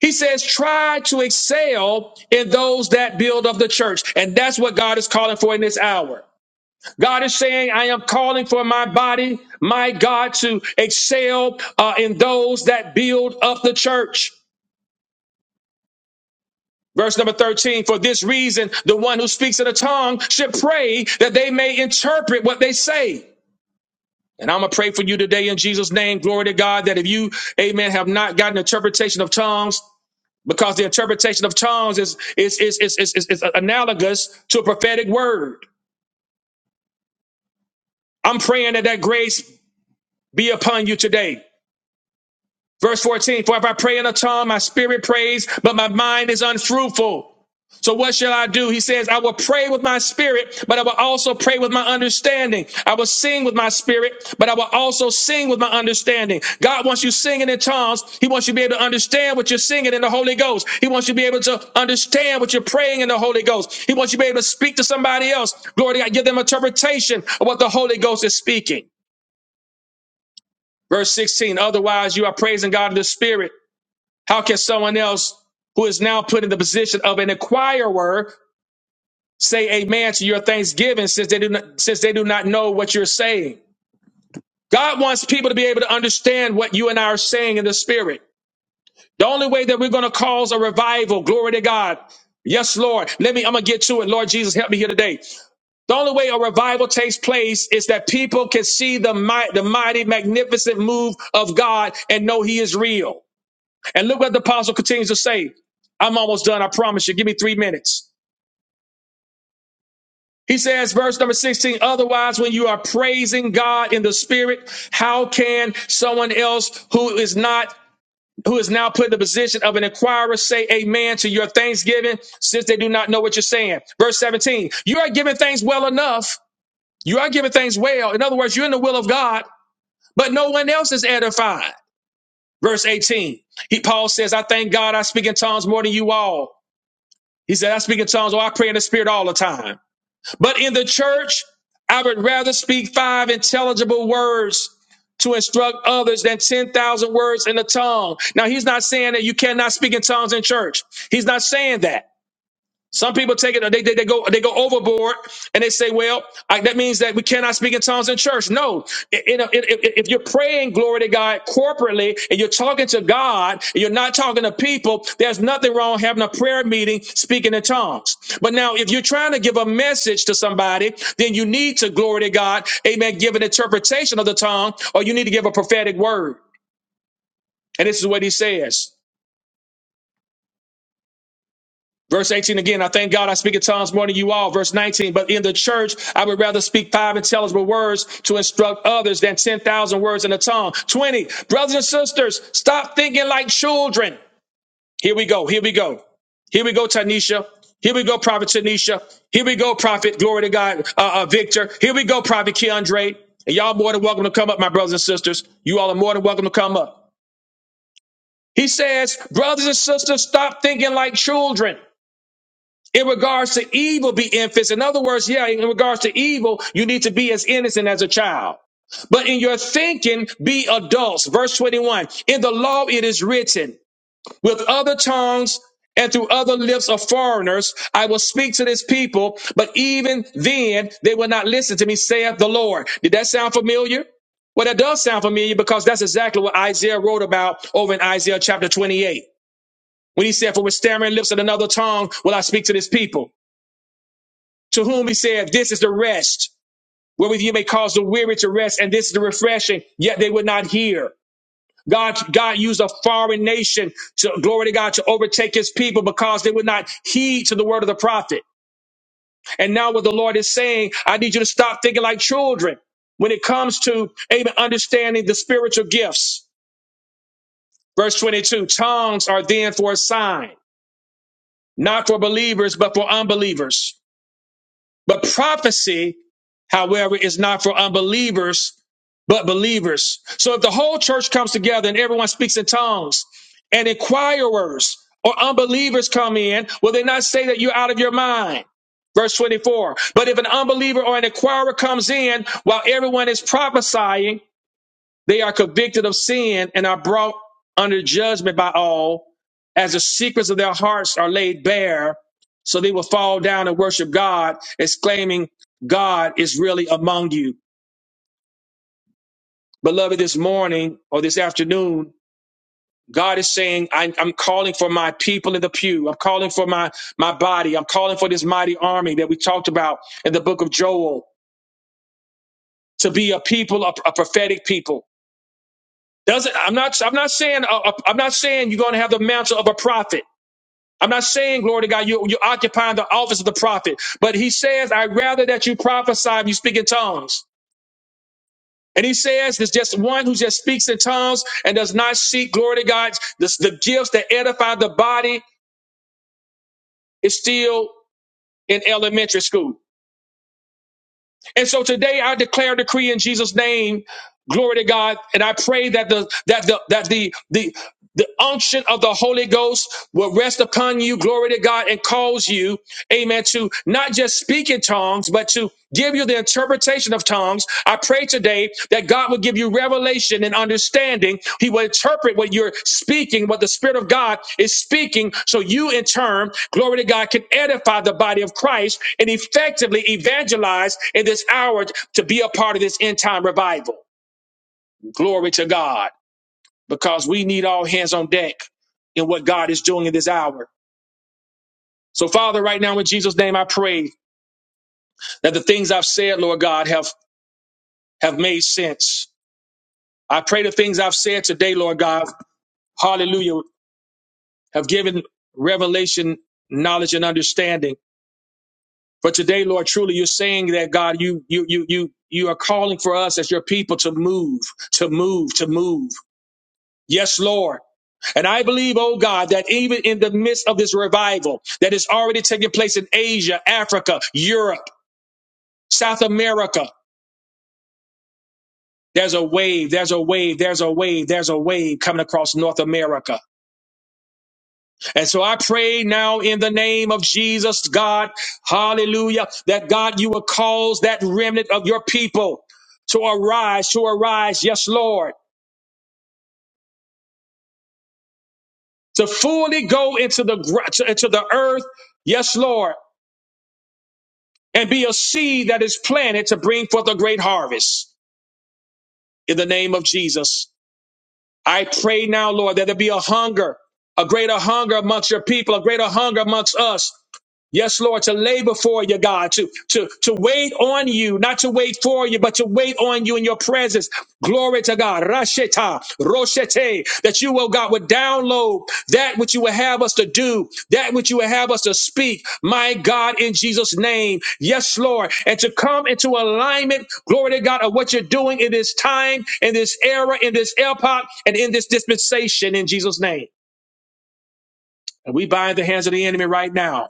A: He says, try to excel in those that build of the church. And that's what God is calling for in this hour. God is saying, I am calling for my body, my God, to excel uh, in those that build up the church. Verse number 13, for this reason, the one who speaks in a tongue should pray that they may interpret what they say. And I'm going to pray for you today in Jesus' name. Glory to God that if you, amen, have not gotten interpretation of tongues, because the interpretation of tongues is is is is is, is, is analogous to a prophetic word. I'm praying that that grace be upon you today. Verse 14, for if I pray in a tongue, my spirit prays, but my mind is unfruitful. So what shall I do? He says, I will pray with my spirit, but I will also pray with my understanding. I will sing with my spirit, but I will also sing with my understanding. God wants you singing in tongues. He wants you to be able to understand what you're singing in the Holy Ghost. He wants you to be able to understand what you're praying in the Holy Ghost. He wants you to be able to speak to somebody else. Glory to God. Give them interpretation of what the Holy Ghost is speaking. Verse 16, otherwise you are praising God in the spirit how can someone else who is now put in the position of an inquirer say amen to your thanksgiving since they do not, since they do not know what you're saying? God wants people to be able to understand what you and I are saying in the spirit. The only way that we're going to cause a revival, glory to God. Yes, Lord. Let me, I'm going to get to it. Lord Jesus, help me here today. The only way a revival takes place is that people can see the might, the mighty, magnificent move of God and know he is real. And look what the apostle continues to say. I'm almost done, I promise you. Give me three minutes. He says, verse number 16, otherwise, when you are praising God in the spirit, how can someone else who is not who is now put in the position of an inquirer say amen to your thanksgiving since they do not know what you're saying? Verse 17, you are giving things well enough. You are giving things well. In other words, you're in the will of God, but no one else is edified. Verse 18, he, Paul says, I thank God I speak in tongues more than you all. He said, I speak in tongues, or I pray in the spirit all the time. But in the church, I would rather speak five intelligible words to instruct others than 10,000 words in the tongue. Now, he's not saying that you cannot speak in tongues in church. He's not saying that. Some people take it, they, they, they go they go overboard and they say, well, I, that means that we cannot speak in tongues in church. No, in a- in- if if you're praying, glory to God, corporately, and you're talking to God, and you're not talking to people, there's nothing wrong having a prayer meeting speaking in tongues. But now, if you're trying to give a message to somebody, then you need to, glory to God, amen, give an interpretation of the tongue, or you need to give a prophetic word. And this is what he says. Verse 18 again, I thank God I speak in tongues more than you all. Verse 19, but in the church, I would rather speak five intelligible words to instruct others than 10,000 words in a tongue. 20, brothers and sisters, stop thinking like children. Here we go. Here we go. Here we go, Tanisha. Here we go, Prophet Tanisha. Here we go, Prophet, glory to God, uh, uh, Victor. Here we go, Prophet Keandre. And y'all more than welcome to come up, my brothers and sisters. You all are more than welcome to come up. He says, brothers and sisters, stop thinking like children in regards to evil be infants in other words yeah in regards to evil you need to be as innocent as a child but in your thinking be adults verse 21 in the law it is written with other tongues and through other lips of foreigners i will speak to this people but even then they will not listen to me saith the lord did that sound familiar well, that does sound familiar because that's exactly what Isaiah wrote about over in Isaiah chapter 28 when he said, For with stammering lips and another tongue will I speak to this people to whom he said, This is the rest, wherewith you may cause the weary to rest, and this is the refreshing, yet they would not hear. God, God used a foreign nation to glory to God to overtake his people because they would not heed to the word of the prophet. And now what the Lord is saying, I need you to stop thinking like children when it comes to amen, understanding the spiritual gifts. Verse 22, tongues are then for a sign, not for believers, but for unbelievers. But prophecy, however, is not for unbelievers, but believers. So if the whole church comes together and everyone speaks in tongues and inquirers or unbelievers come in, will they not say that you're out of your mind? Verse 24. But if an unbeliever or an inquirer comes in while everyone is prophesying, they are convicted of sin and are brought under judgment by all, as the secrets of their hearts are laid bare. So they will fall down and worship God, exclaiming, God is really among you. Beloved, this morning or this afternoon, God is saying, I, I'm calling for my people in the pew. I'm calling for my, my body. I'm calling for this mighty army that we talked about in the book of Joel to be a people, a a prophetic people Doesn't I'm not I'm not saying uh, uh, I'm not saying you're going to have the mantle of a prophet. I'm not saying glory to God you you're occupying the office of the prophet, but he says I'd rather that you prophesy and you speak in tongues. And he says there's just one who just speaks in tongues and does not seek glory to God. The the gifts that edify the body is still in elementary school. And so today I declare a decree in Jesus' name, glory to God, and I pray that the that the that the the the unction of the Holy Ghost will rest upon you, glory to God, and cause you, amen, to not just speak in tongues, but to give you the interpretation of tongues I pray today that God will give you revelation and understanding. He will interpret what you're speaking, what the Spirit of God is speaking, so you in turn, glory to God, can edify the body of Christ and effectively evangelize in this hour to be a part of this end time revival. Glory to God, because we need all hands on deck in what God is doing in this hour. So, Father, right now in Jesus' name, I pray that the things I've said, Lord God, have have made sense. I pray the things I've said today, Lord God, hallelujah, have given revelation, knowledge, and understanding. But today, Lord, truly you're saying that God, you you you you you are calling for us as your people to move, to move, to move. Yes, Lord. And I believe, oh God, that even in the midst of this revival that is already taking place in Asia, Africa, Europe, South America, there's a wave, there's a wave, there's a wave, there's a wave coming across North America. And so I pray now in the name of Jesus, God, hallelujah, that God, you will cause that remnant of your people to arise, to arise, yes, Lord, to fully go into the, gr- to- into the earth, yes, Lord, and be a seed that is planted to bring forth a great harvest in the name of Jesus. I pray now, Lord, that there be a hunger, a greater hunger amongst your people, a greater hunger amongst us Yes, Lord, to labor for you, God, to, to, to wait on you, not to wait for you, but to wait on you in your presence. Glory to God. Rasheta, Roshete, that you, oh God, would download that which you would have us to do, that which you would have us to speak. My God, in Jesus' name. Yes, Lord. And to come into alignment, glory to God, of what you're doing in this time, in this era, in this epoch, and in this dispensation in Jesus' name. And we bind the hands of the enemy right now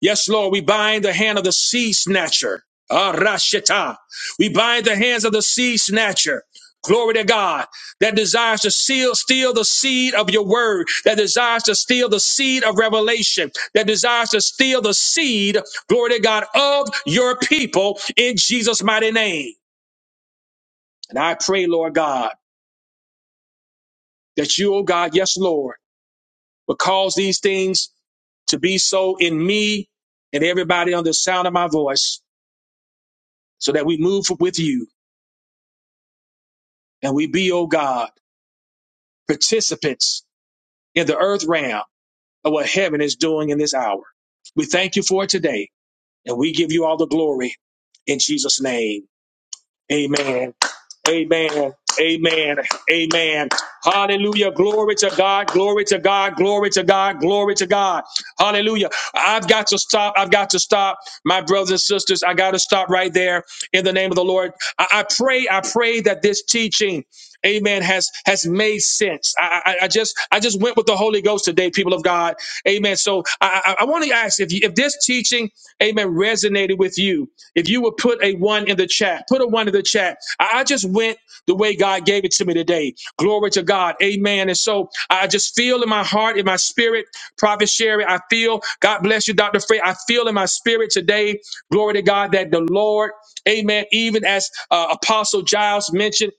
A: Yes, Lord, we bind the hand of the sea snatcher. Ah, Rasheta. We bind the hands of the sea snatcher. Glory to God that desires to seal, steal the seed of your word, that desires to steal the seed of revelation, that desires to steal the seed, glory to God, of your people in Jesus' mighty name. And I pray, Lord God, that you, oh God, yes, Lord, will cause these things to be so in me and everybody on the sound of my voice so that we move with you and we be, oh God, participants in the earth realm of what heaven is doing in this hour. We thank you for it today and we give you all the glory in Jesus' name. Amen. Amen. Amen. Amen. Hallelujah. Glory to God. Glory to God. Glory to God. Glory to God. Hallelujah. I've got to stop. I've got to stop. My brothers and sisters, I got to stop right there in the name of the Lord. I, I pray, I pray that this teaching, amen, has has made sense. I, I, I just I just went with the Holy Ghost today, people of God. Amen. So I, I, I want to ask if you, if this teaching, Amen, resonated with you. If you would put a one in the chat, put a one in the chat. I, I just went the way God gave it to me today. Glory to God. Amen. And so I just feel in my heart, in my spirit, Prophet Sherry, I feel, God bless you, Dr. Frey. I feel in my spirit today, glory to God, that the Lord, amen, even as uh, Apostle Giles mentioned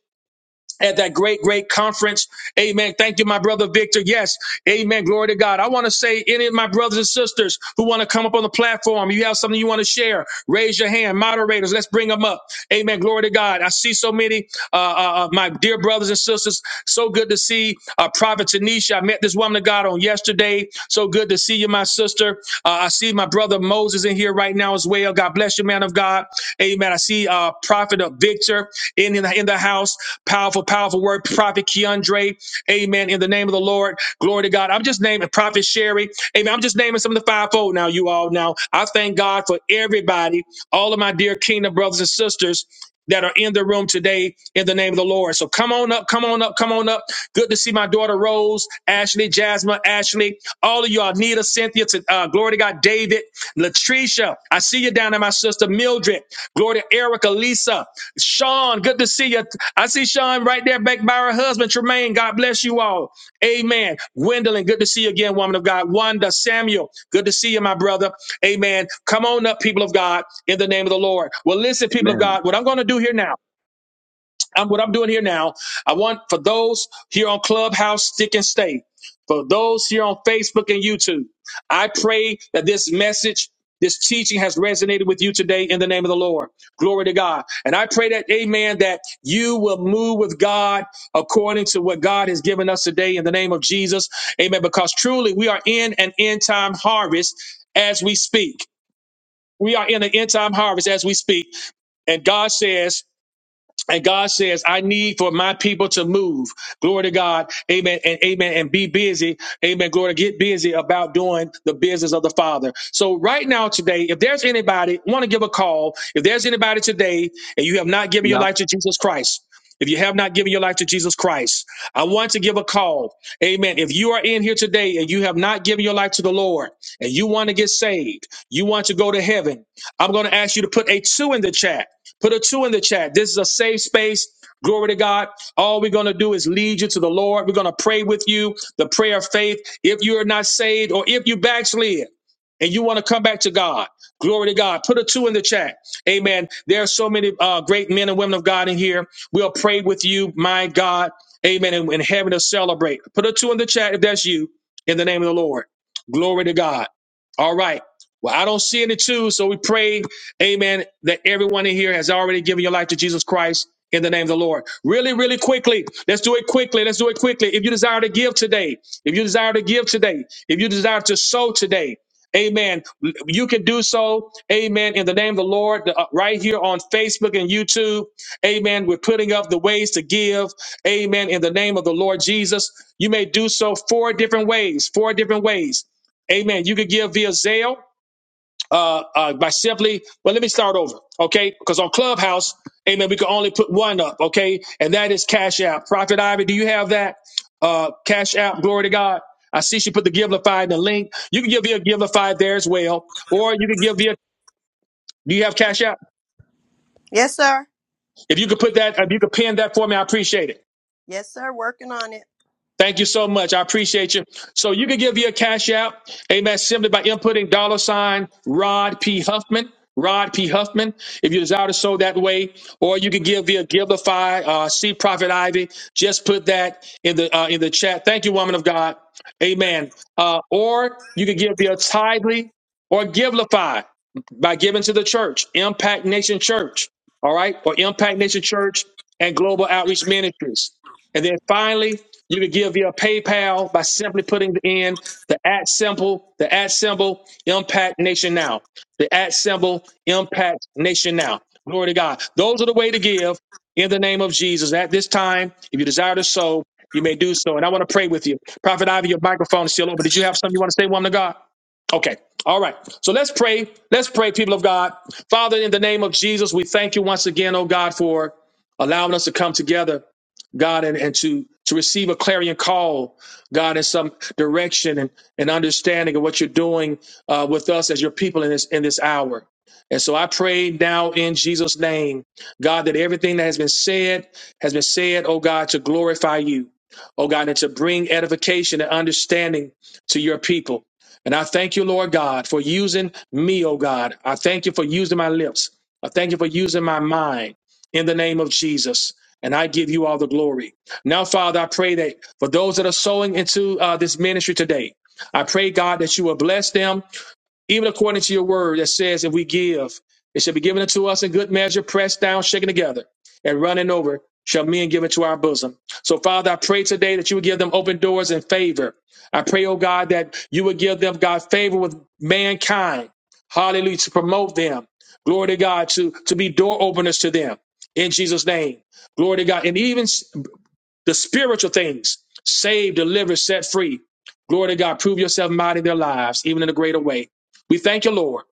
A: at that great, great conference. Amen. Thank you, my brother Victor. Yes. Amen. Glory to God. I want to say any of my brothers and sisters who want to come up on the platform, you have something you want to share, raise your hand. Moderators, let's bring them up. Amen. Glory to God. I see so many, uh, uh, uh, my dear brothers and sisters. So good to see uh, Prophet Tanisha. I met this woman of God on yesterday. So good to see you, my sister. Uh, I see my brother Moses in here right now as well. God bless you, man of God. Amen. I see uh, Prophet uh, Victor in, in, the, in the house. Powerful, powerful word. Prophet Keandre. Amen. In the name of the Lord. Glory to God. I'm just naming Prophet Sherry. Amen. I'm just naming some of the fivefold now, you all. Now, I thank God for everybody, all of my dear kingdom brothers and sisters that are in the room today in the name of the Lord. So come on up, come on up, come on up. Good to see my daughter Rose, Ashley, Jasmine, Ashley, all of y'all, Nita, Cynthia, to, uh, glory to God, David. Latricia, I see you down there, my sister Mildred. Gloria, Erica, Lisa, Sean, good to see you. I see Sean right there back by her husband, Tremaine. God bless you all. Amen. Gwendolyn, good to see you again, woman of God. Wanda, Samuel, good to see you, my brother. Amen. Come on up, people of God, in the name of the Lord. Well, listen, people of
C: Amen.
A: God, what I'm going to do here now. I'm what I'm doing here now. I want for those here on Clubhouse, stick and stay. For those here on Facebook and YouTube, I pray that this message, this teaching has resonated with you today in the name of the Lord. Glory to God. And I pray that, amen, that you will move with God according to what God has given us today in the name of Jesus. Amen. Because truly we are in an end time harvest as we speak. We are in an end time harvest as we speak. And God says, and God says, I need for my people to move. Glory to God. Amen. And amen. And be busy. Amen. Glory to get busy about doing the business of the Father. So right now today, if there's anybody want to give a call, if there's anybody today and you have not given your
C: Yeah,
A: life to Jesus Christ, if you have not given your life to Jesus Christ, I want to give a call. Amen. If you are in here today and you have not given your life to the Lord and you want to get saved, you want to go to heaven, I'm going to ask you to put a two in the chat. Put a two in the chat. This is a safe space. Glory to God. All we're going to do is lead you to the Lord. We're going to pray with you the prayer of faith. If you are not saved or if you backslid and you want to come back to God, glory to God. Put a two in the chat. Amen. There are so many uh, great men and women of God in here. We'll pray with you, my God. Amen. And, and heaven to celebrate. Put a two in the chat if that's you in the name of the Lord. Glory to God. All right. Well, I don't see any twos, so we pray Amen. That everyone in here has already given your life to Jesus Christ in the name of the Lord. Really, really quickly. Let's do it quickly. Let's do it quickly. If you desire to give today, if you desire to give today, if you desire to sow today, Amen. You can do so. Amen. In the name of the Lord, uh, right here on Facebook and YouTube. Amen. We're putting up the ways to give. Amen. In the name of the Lord Jesus, you may do so four different ways. Four different ways. Amen. You could give via Zelle uh, uh, by simply, well, let me start over, okay? Because on Clubhouse, amen, we can only put one up, okay? And that is Cash App. Prophet Ivy, do you have that? Uh, Cash App, glory to God. I see she put the Givelify in the link. You can give via Givelify there as well, or you can give via, do you have Cash App?
B: Yes, sir.
A: If you could put that, if you could pin that for me, I appreciate it.
B: Yes, sir. Working on it.
A: Thank you so much. I appreciate you. So you can give your cash out, amen, simply by inputting dollar sign Rod P. Huffman. Rod P. Huffman, if you desire to sow that way, or you can give via Giveify, uh, see Prophet Ivy. Just put that in the uh, in the chat. Thank you, woman of God. Amen. Uh, or you can give via Tidely or Giveify by giving to the church, Impact Nation Church, all right, or Impact Nation Church and Global Outreach Ministries. And then finally, you can give via PayPal by simply putting in the at symbol, the at symbol, Impact Nation Now. The at symbol, Impact Nation Now. Glory to God. Those are the way to give in the name of Jesus. At this time, if you desire to sow, you may do so. And I want to pray with you. Prophet Ivy, your microphone is still open. Did you have something you want to say, woman of God? Okay. All right. So let's pray. Let's pray, people of God. Father, in the name of Jesus, we thank you once again, oh God, for allowing us to come together God, and, and to to receive a clarion call, God, in some direction and, and understanding of what you're doing uh, with us as your people in this in this hour. And so I pray now in Jesus' name, God, that everything that has been said has been said, oh God, to glorify you, oh God, and to bring edification and understanding to your people. And I thank you, Lord God, for using me, oh God. I thank you for using my lips. I thank you for using my mind in the name of Jesus and I give you all the glory. Now, Father, I pray that for those that are sowing into uh, this ministry today, I pray, God, that you will bless them even according to your word that says if we give, it shall be given unto us in good measure, pressed down, shaken together, and running over, shall men give into our bosom. So, Father, I pray today that you would give them open doors and favor. I pray, oh God, that you would give them, God, favor with mankind. Hallelujah, to promote them. Glory to God, to, to be door openers to them. In Jesus' name. Glory to God. And even the spiritual things saved, delivered, set free. Glory to God. Prove yourself mighty in their lives, even in a greater way. We thank you, Lord.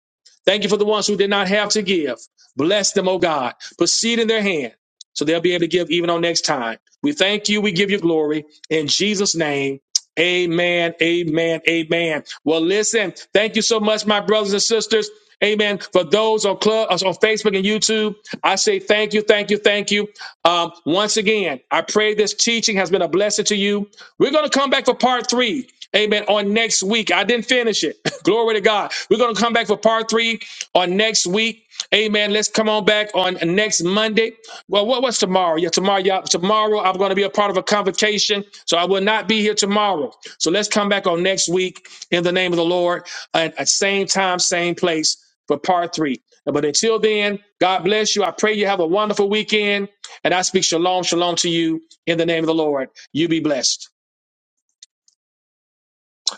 A: Thank you for the ones who did not have to give. Bless them, oh God. Put seed in their hand so they'll be able to give even on next time. We thank you. We give you glory. In Jesus' name. Amen. Amen. Amen. Well, listen, thank you so much, my brothers and sisters. Amen. For those on club us on Facebook and YouTube, I say thank you, thank you, thank you. Um, once again, I pray this teaching has been a blessing to you. We're going to come back for part three. Amen. On next week, I didn't finish it. Glory to God. We're going to come back for part three on next week. Amen. Let's come on back on next Monday. Well, what was tomorrow? Yeah, tomorrow. Yeah, tomorrow I'm going to be a part of a convocation, so I will not be here tomorrow. So let's come back on next week in the name of the Lord at, at same time, same place for part three. But until then, God bless you. I pray you have a wonderful weekend, and I speak shalom, shalom to you in the name of the Lord. You be blessed.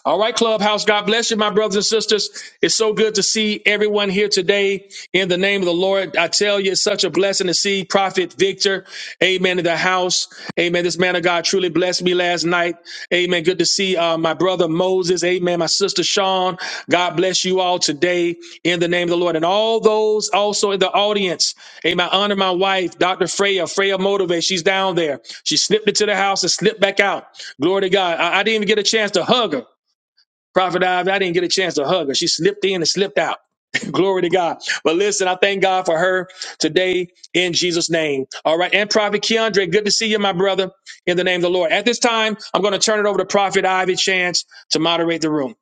A: All right, Clubhouse. God bless you, my brothers and sisters. It's so good to see everyone here today in the name of the Lord. I tell you, it's such a blessing to see Prophet Victor. Amen. In the house. Amen. This man of God truly blessed me last night. Amen. Good to see uh, my brother Moses. Amen. My sister Sean. God bless you all today in the name of the Lord. And all those also in the audience. Amen. I honor my wife, Dr. Freya. Freya Motivate. She's down there. She slipped into the house and slipped back out. Glory to God. I, I didn't even get a chance to hug her. Prophet Ives, I didn't get a chance to hug her. She slipped in and slipped out. Glory to God. But listen, I thank God for her today in Jesus' name. All right. And Prophet Keandre, good to see you, my brother, in the name of the Lord. At this time, I'm going to turn it over to Prophet Ivy Chance to moderate the room.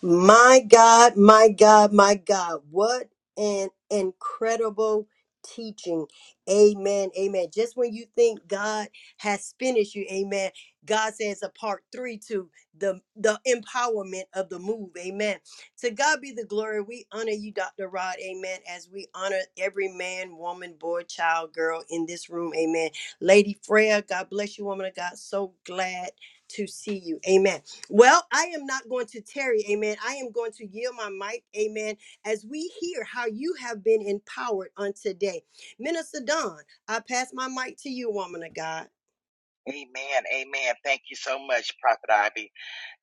B: My God, my God, my God. What an incredible teaching. Amen. Amen. Just when you think God has finished you, amen. God says a part three to the, the empowerment of the move. Amen. To God be the glory. We honor you, Dr. Rod. Amen. As we honor every man, woman, boy, child, girl in this room. Amen. Lady Freya, God bless you, woman of God. So glad to see you. Amen. Well, I am not going to tarry, amen. I am going to yield my mic, amen, as we hear how you have been empowered on today. Minister Don, I pass my mic to you, woman of God.
D: Amen. Amen. Thank you so much, Prophet Ivy.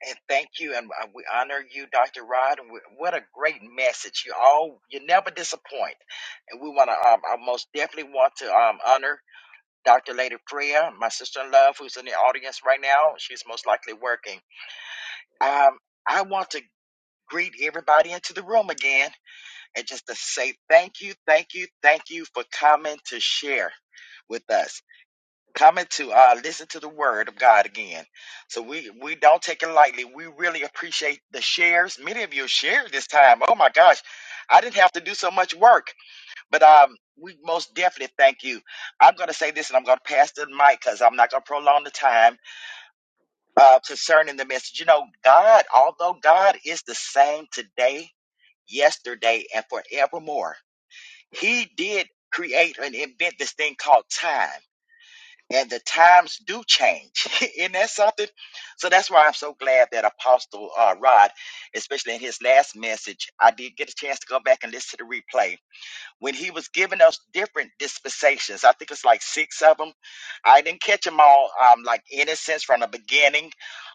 D: And thank you. And uh, we honor you, Dr. Rod. And we- What a great message. You all, you never disappoint. And we want to, um, I most definitely want to um, honor Dr. Lady Freya, my sister in love, who's in the audience right now. She's most likely working. Um, I want to greet everybody into the room again and just to say thank you, thank you, thank you for coming to share with us coming to uh, listen to the word of God again. So we we don't take it lightly. We really appreciate the shares. Many of you shared this time. Oh my gosh, I didn't have to do so much work, but um, we most definitely thank you. I'm going to say this, and I'm going to pass the mic because I'm not going to prolong the time uh, concerning the message. You know, God, although God is the same today, yesterday, and forevermore, He did create and invent this thing called time and the times do change. Isn't that something? So that's why I'm so glad that Apostle uh, Rod, especially in his last message, I did get a chance to go back and listen to the replay. When he was giving us different dispensations, I think it's like six of them. I didn't catch them all, um, like innocence from the beginning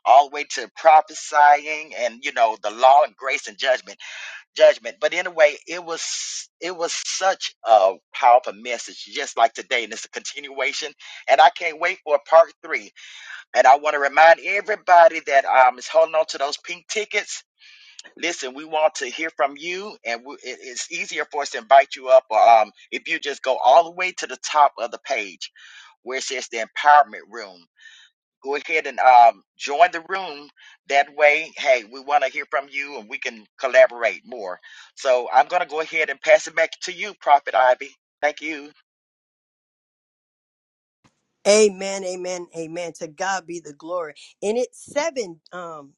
D: all the way to prophesying and, you know, the law and grace and judgment judgment. But anyway, it was it was such a powerful message, just like today, and it's a continuation. And I can't wait for part three. And I want to remind everybody that um is holding on to those pink tickets. Listen, we want to hear from you, and we, it- it's easier for us to invite you up. Or, um, if you just go all the way to the top of the page where it says the empowerment room go ahead and um, join the room. That way, hey, we want to hear from you and we can collaborate more. So I'm going to go ahead and pass it back to you, Prophet Ivy. Thank you.
B: Amen, amen, amen. To God be the glory. And it's seven um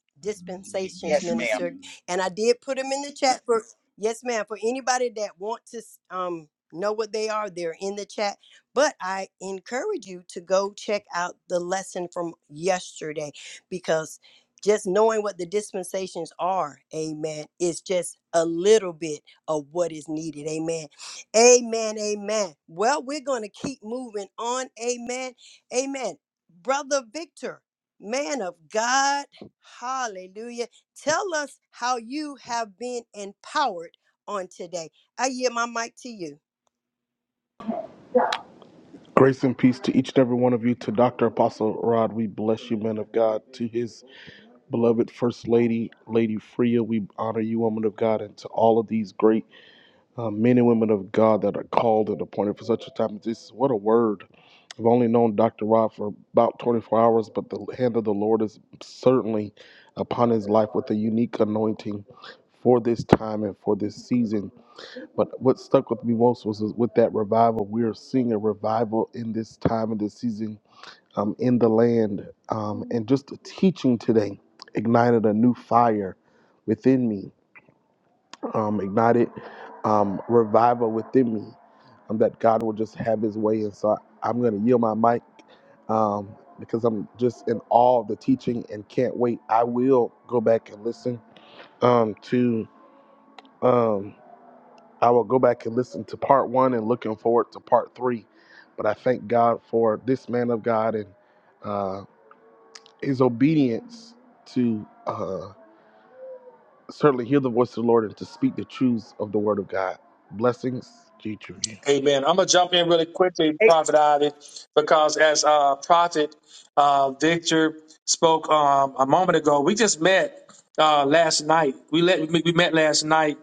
D: Y-
B: dispensations,
D: Yes,
B: minister.
D: ma'am.
B: And I did put them in the chat for yes, ma'am. For anybody that want to um know what they are, they're in the chat. But I encourage you to go check out the lesson from yesterday because just knowing what the dispensations are, amen, is just a little bit of what is needed. Amen. Amen. Amen. Well, we're going to keep moving on. Amen Amen. Brother Victor, man of God, hallelujah. Tell us how you have been empowered on today. I yield my mic to you.
E: Grace and peace to each and every one of you. To Dr. Apostle Rod, we bless you, man of God. To his beloved First Lady, Lady Freya, we honor you, woman of God. And to all of these great uh, men and women of God that are called and appointed for such a time as this. What a word. I've only known Dr. Rod for about 24 hours, but the hand of the Lord is certainly upon his life with a unique anointing for this time and for this season. But what stuck with me most was was with that revival. We are seeing a revival in this time and this season um, in the land. Um, and just the teaching today ignited a new fire within me, um, ignited um, revival within me, um, that God will just have his way. And so I, am going to yield my mic um, because I'm just in awe of the teaching and can't wait. I will go back and listen um, to. Um, I will go back and listen to part one and looking forward to part three. But I thank God for this man of God and uh, his obedience to uh, certainly hear the voice of the Lord and to speak the truths of the Word of God. Blessings, G. three.
A: Amen. I'm going to jump in really quickly, Prophet Ivy, because as uh, Prophet uh, Victor spoke um, a moment ago, we just met uh, last night. We, let, we met last night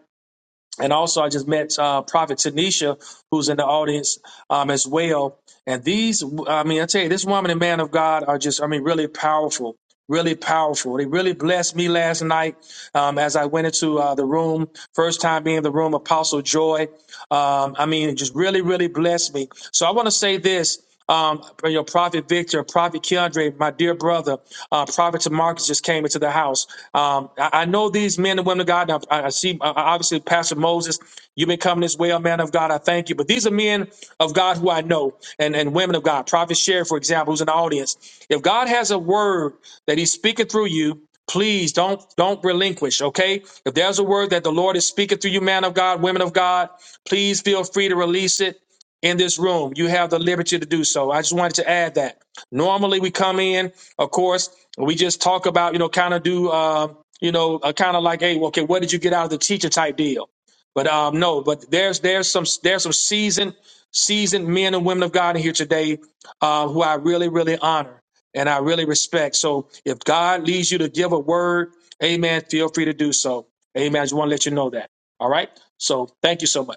A: And also, I just met uh, Prophet Tanisha, who's in the audience um, as well. And these, I mean, I tell you, this woman and man of God are just, I mean, really powerful, really powerful. They really blessed me last night um, as I went into uh, the room, first time being in the room, Apostle Joy. Um, I mean, it just really, really blessed me. So I want to say this. Um, you know, Prophet Victor, Prophet Keandre, my dear brother, uh, Prophet Tamarcus just came into the house. Um, I, I know these men and women of God. and I, I see, uh, obviously, Pastor Moses, you've been coming this way, a man of God. I thank you. But these are men of God who I know and, and women of God. Prophet Sherry, for example, who's in the audience. If God has a word that he's speaking through you, please don't don't relinquish okay if there's a word that the lord is speaking through you man of god women of god please feel free to release it in this room. You have the liberty to do so. I just wanted to add that. Normally, we come in, of course, we just talk about, you know, kind of do, uh, you know, uh, kind of like, hey, well, okay, what did you get out of the teacher type deal? But um, no, but there's there's some there's some seasoned seasoned men and women of God in here today uh, who I really really honor and I really respect. So if God leads you to give a word, Amen. Feel free to do so. Amen. I just want to let you know that. All right. So thank you so much.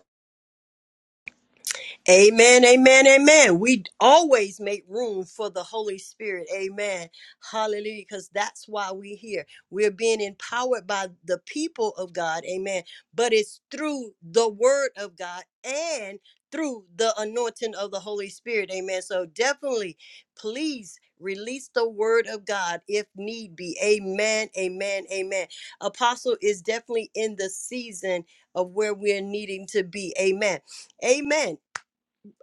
B: Amen, amen, amen. We always make room for the Holy Spirit. Amen. Hallelujah. Because that's why we're here. We're being empowered by the people of God. Amen. But it's through the word of God and through the anointing of the Holy Spirit. Amen. So definitely, please release the word of God if need be. Amen, amen, amen. Apostle is definitely in the season of where we're needing to be. Amen. Amen.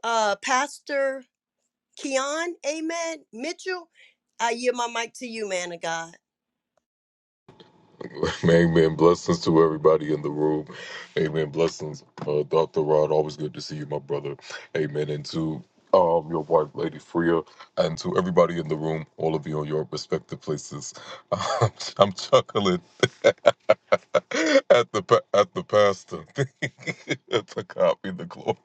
B: Uh, Pastor Keon, amen. Mitchell, I yield my mic to you, man of God.
F: Amen. Blessings to everybody in the room. Amen. Blessings, uh, Dr. Rod. Always good to see you, my brother. Amen. And to um, your wife, Lady Freya, and to everybody in the room, all of you on your respective places. I'm chuckling at the pa- at the pastor to God be the glory.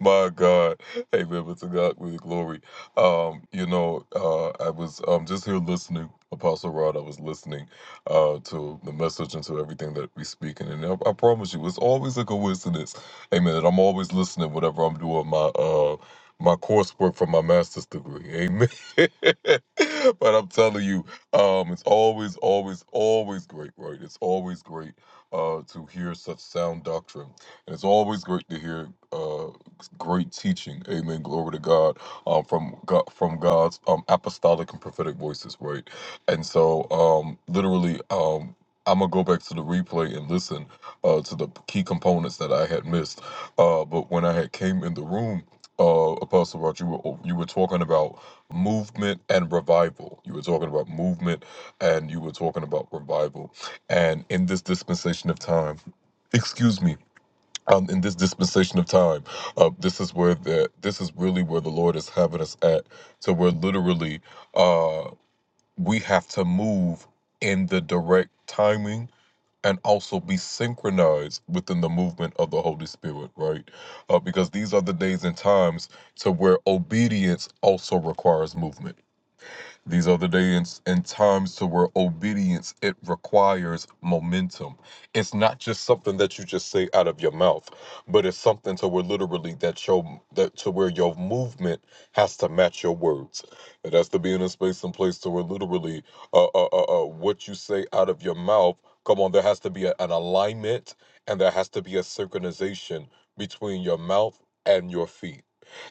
F: My God, Amen. But to God be the glory. Um, you know, uh, I was um just here listening, Apostle Rod. I was listening uh to the message and to everything that we speaking, and I, I promise you, it's always a coincidence, Amen. That I'm always listening whatever I'm doing my uh my coursework for my master's degree, Amen. but I'm telling you um, it's always, always, always great, right? It's always great uh, to hear such sound doctrine. And it's always great to hear uh, great teaching. Amen. Glory to God. Um, from God, from God's um, apostolic and prophetic voices, right? And so, um, literally, um, I'm gonna go back to the replay and listen uh, to the key components that I had missed. Uh, but when I had came in the room, uh, Apostle Rod, you were you were talking about movement and revival. You were talking about movement and you were talking about revival. And in this dispensation of time, excuse me, um, in this dispensation of time, uh, this is where the this is really where the Lord is having us at. So we're literally uh we have to move in the direct timing and also be synchronized within the movement of the Holy Spirit, right? Uh, because these are the days and times to where obedience also requires movement these are the days and times to where obedience it requires momentum. It's not just something that you just say out of your mouth, but it's something to where literally that your that to where your movement has to match your words. It has to be in a space and place to where literally uh, uh, uh, uh, what you say out of your mouth. Come on, there has to be a, an alignment and there has to be a synchronization between your mouth and your feet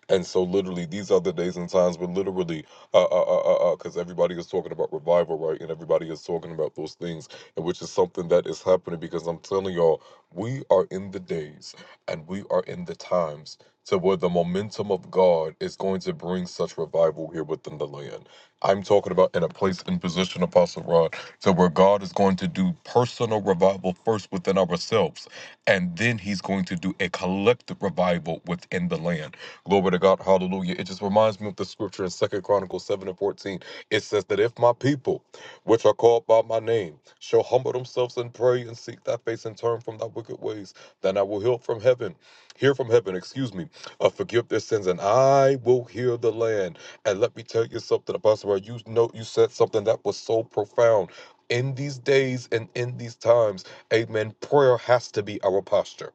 F: and so, literally, these are the days and times where literally, uh, uh, uh, uh, because everybody is talking about revival, right? And everybody is talking about those things, and which is something that is happening because I'm telling y'all, we are in the days and we are in the times to where the momentum of God is going to bring such revival here within the land. I'm talking about in a place and position, Apostle Rod, to where God is going to do personal revival first within ourselves, and then He's going to do a collective revival within the land. Glory to God. Hallelujah. It just reminds me of the scripture in Second Chronicles 7 and 14. It says that if my people, which are called by my name, shall humble themselves and pray and seek thy face and turn from thy wicked ways, then I will heal from heaven, hear from heaven, excuse me, uh, forgive their sins, and I will heal the land. And let me tell you something, Apostle, you know you said something that was so profound. In these days and in these times, amen, prayer has to be our posture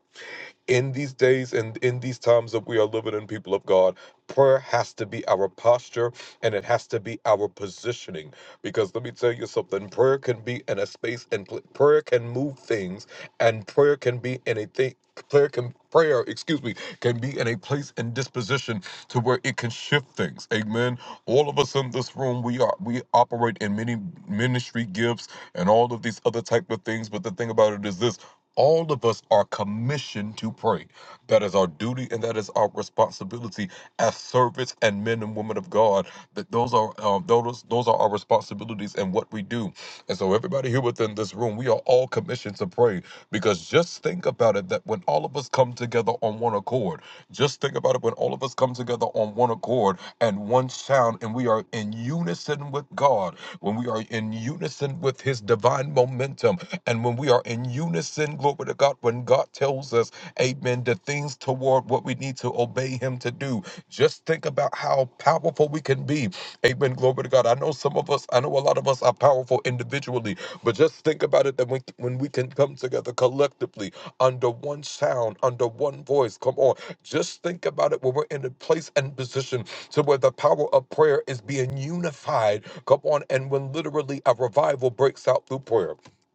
F: in these days and in these times that we are living in, people of God, prayer has to be our posture and it has to be our positioning. Because let me tell you something prayer can be in a space and pl- prayer can move things, and prayer can be in a thing. Prayer can prayer, excuse me, can be in a place and disposition to where it can shift things. Amen. All of us in this room, we are we operate in many ministry gifts and all of these other type of things. But the thing about it is this all of us are commissioned to pray. That is our duty and that is our responsibility as servants and men and women of God. That those are um, those those are our responsibilities and what we do. And so everybody here within this room, we are all commissioned to pray because just think about it that when all of us come together on one accord, just think about it when all of us come together on one accord and one sound and we are in unison with God, when we are in unison with his divine momentum, and when we are in unison, glory to God, when God tells us, amen, the things toward what we need to obey Him to do, just think about how powerful we can be. Amen. Glory to God. I know some of us, I know a lot of us are powerful individually, but just think about it that when, when we can come together collectively under one sound, under one voice, come on. Just think about it when we're in a place and position to where the power of prayer is being unified. Come on. And when literally a revival breaks out through prayer.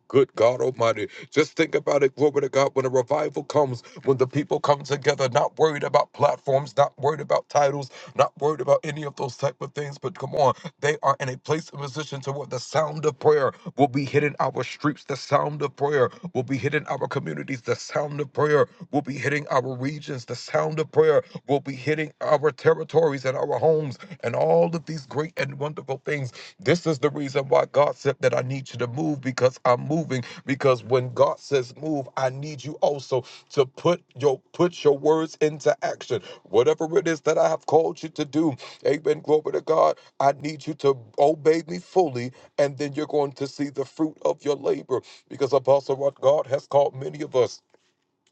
F: Good God Almighty. Just think about it, glory to God, when a revival comes, when the people come together, not worried about platforms, not worried about titles, not worried about any of those type of things, but come on, they are in a place and position to where the sound of prayer will be hitting our streets, the sound of prayer will be hitting our communities, the sound of prayer will be hitting our regions, the sound of prayer will be hitting our territories and our homes, and all of these great and wonderful things this is the reason why God said that I need you to move because I'm moving. Because when God says move, I need you also to put your put your words into action. Whatever it is that I have called you to do, amen. Glory to God. I need you to obey me fully, and then you're going to see the fruit of your labor. Because Apostle, what God has called many of us.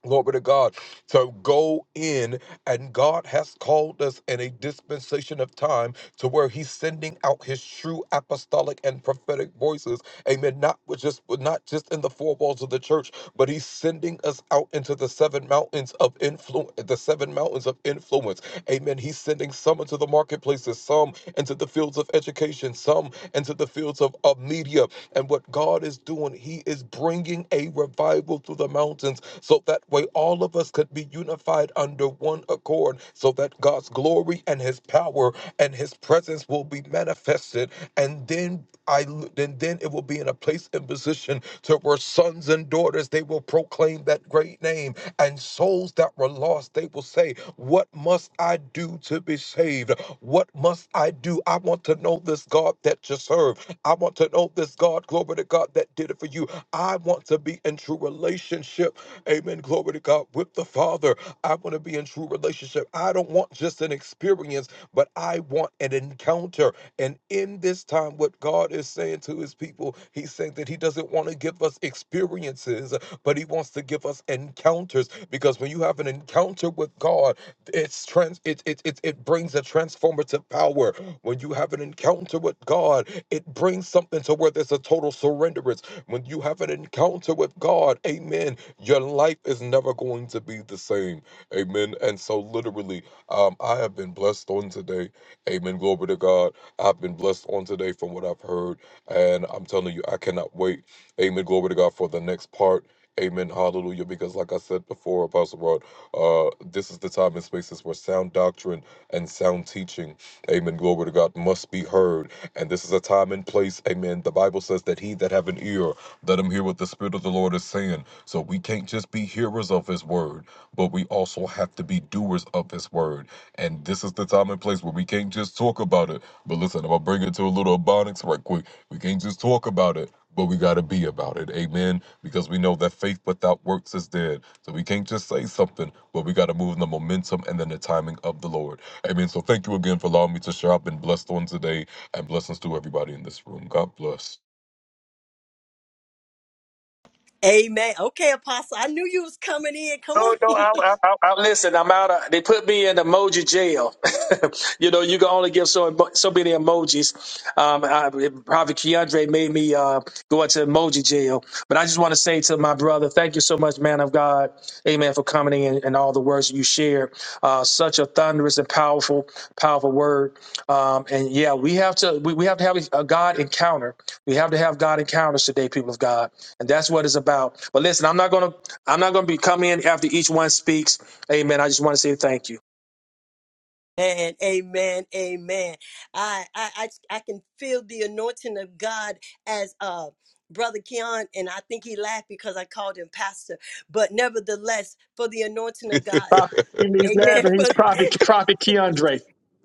F: Glory to God. So go in, and God has called us in a dispensation of time to where He's sending out His true apostolic and prophetic voices. Amen. Not with just not just in the four walls of the church, but He's sending us out into the seven mountains of influence, the seven mountains of influence. Amen. He's sending some into the marketplaces, some into the fields of education, some into the fields of, of media. And what God is doing, He is bringing bringing a revival to the mountains so that way all of us could be unified under one accord so that God's glory and his power and his presence will be manifested and then I, then then it will be in a place and position to where sons and daughters they will proclaim that great name and souls that were lost they will say what must I do to be saved what must I do I want to know this God that you serve I want to know this God, glory to God, that did it for you. I want to be in true relationship, amen, glory to God, with the Father. I want to be in true relationship. I don't want just an experience, but I want an encounter. And in this time, what God is saying to his people, he's saying that he doesn't want to give us experience experiences, but He wants to give us encounters because when you have an encounter with God, it's trans it it it, it brings a transformative power. When you have an encounter with God, it brings something to where there's a total surrenderance. When you have an encounter with God, amen, your life is never going to be the same. Amen. And so literally, um, I have been blessed on today. Amen. Glory to God. I've been blessed on today from what I've heard. And I'm telling you, I cannot wait. Amen. Glory to God for the next part. Amen. Hallelujah. Because, like I said before, Apostle Rod, uh, this is the time and spaces where sound doctrine and sound teaching, amen, glory to God, must be heard. And this is a time and place, amen. The Bible says that he that have an ear, let them hear what the Spirit of the Lord is saying. So we can't just be hearers of His word, but we also have to be doers of His word. And this is the time and place where we can't just talk about it. But listen, I'm going to bring it to a little abonics right quick. We can't just talk about it. But we got to be about it. Amen. Because we know that faith without works is dead. So we can't just say something, but we got to move in the momentum and then the timing of the Lord. Amen. So thank you again for allowing me to share. I've been blessed on today and blessings to everybody in this room. God bless.
B: Amen. Okay, Apostle, I knew you was coming in. Come
A: No,
B: on.
A: no, I, I, I, I listen. I'm out. Of, they put me in emoji jail. you know, you can only give so so many emojis. Um, I, Prophet Keandre made me uh, go into emoji jail. But I just want to say to my brother, thank you so much, man of God, Amen, for coming in and all the words you shared. Uh, such a thunderous and powerful, powerful word. Um, and yeah, we have to we, we have to have a God encounter. We have to have God encounters today, people of God, and that's what it's about. But listen, I'm not going to I'm not going to be coming in after each one speaks. Amen. I just want to say thank you.
B: And amen, amen. I, I I I can feel the anointing of God as uh brother Keon, and I think he laughed because I called him pastor. But nevertheless, for the anointing of God,
A: He's
B: amen.
A: laughing. He's
B: For
A: Prophet, Prophet Keandre.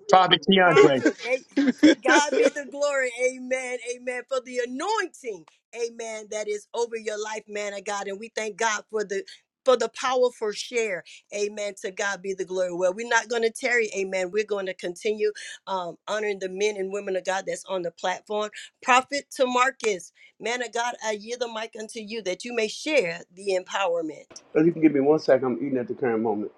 A: Prophet Keandre.
B: prophet. A- To God be the glory. Amen. Amen. For the anointing. Amen. That is over your life, man of God. And we thank God for the for the powerful share. Amen. To God be the glory. Well, we're not going to tarry. Amen. We're going to continue um, honoring the men and women of God that's on the platform. Prophet to Marcus, man of God, I yield the mic unto you that you may share the empowerment.
G: If you can give me one second, I'm eating at the current moment.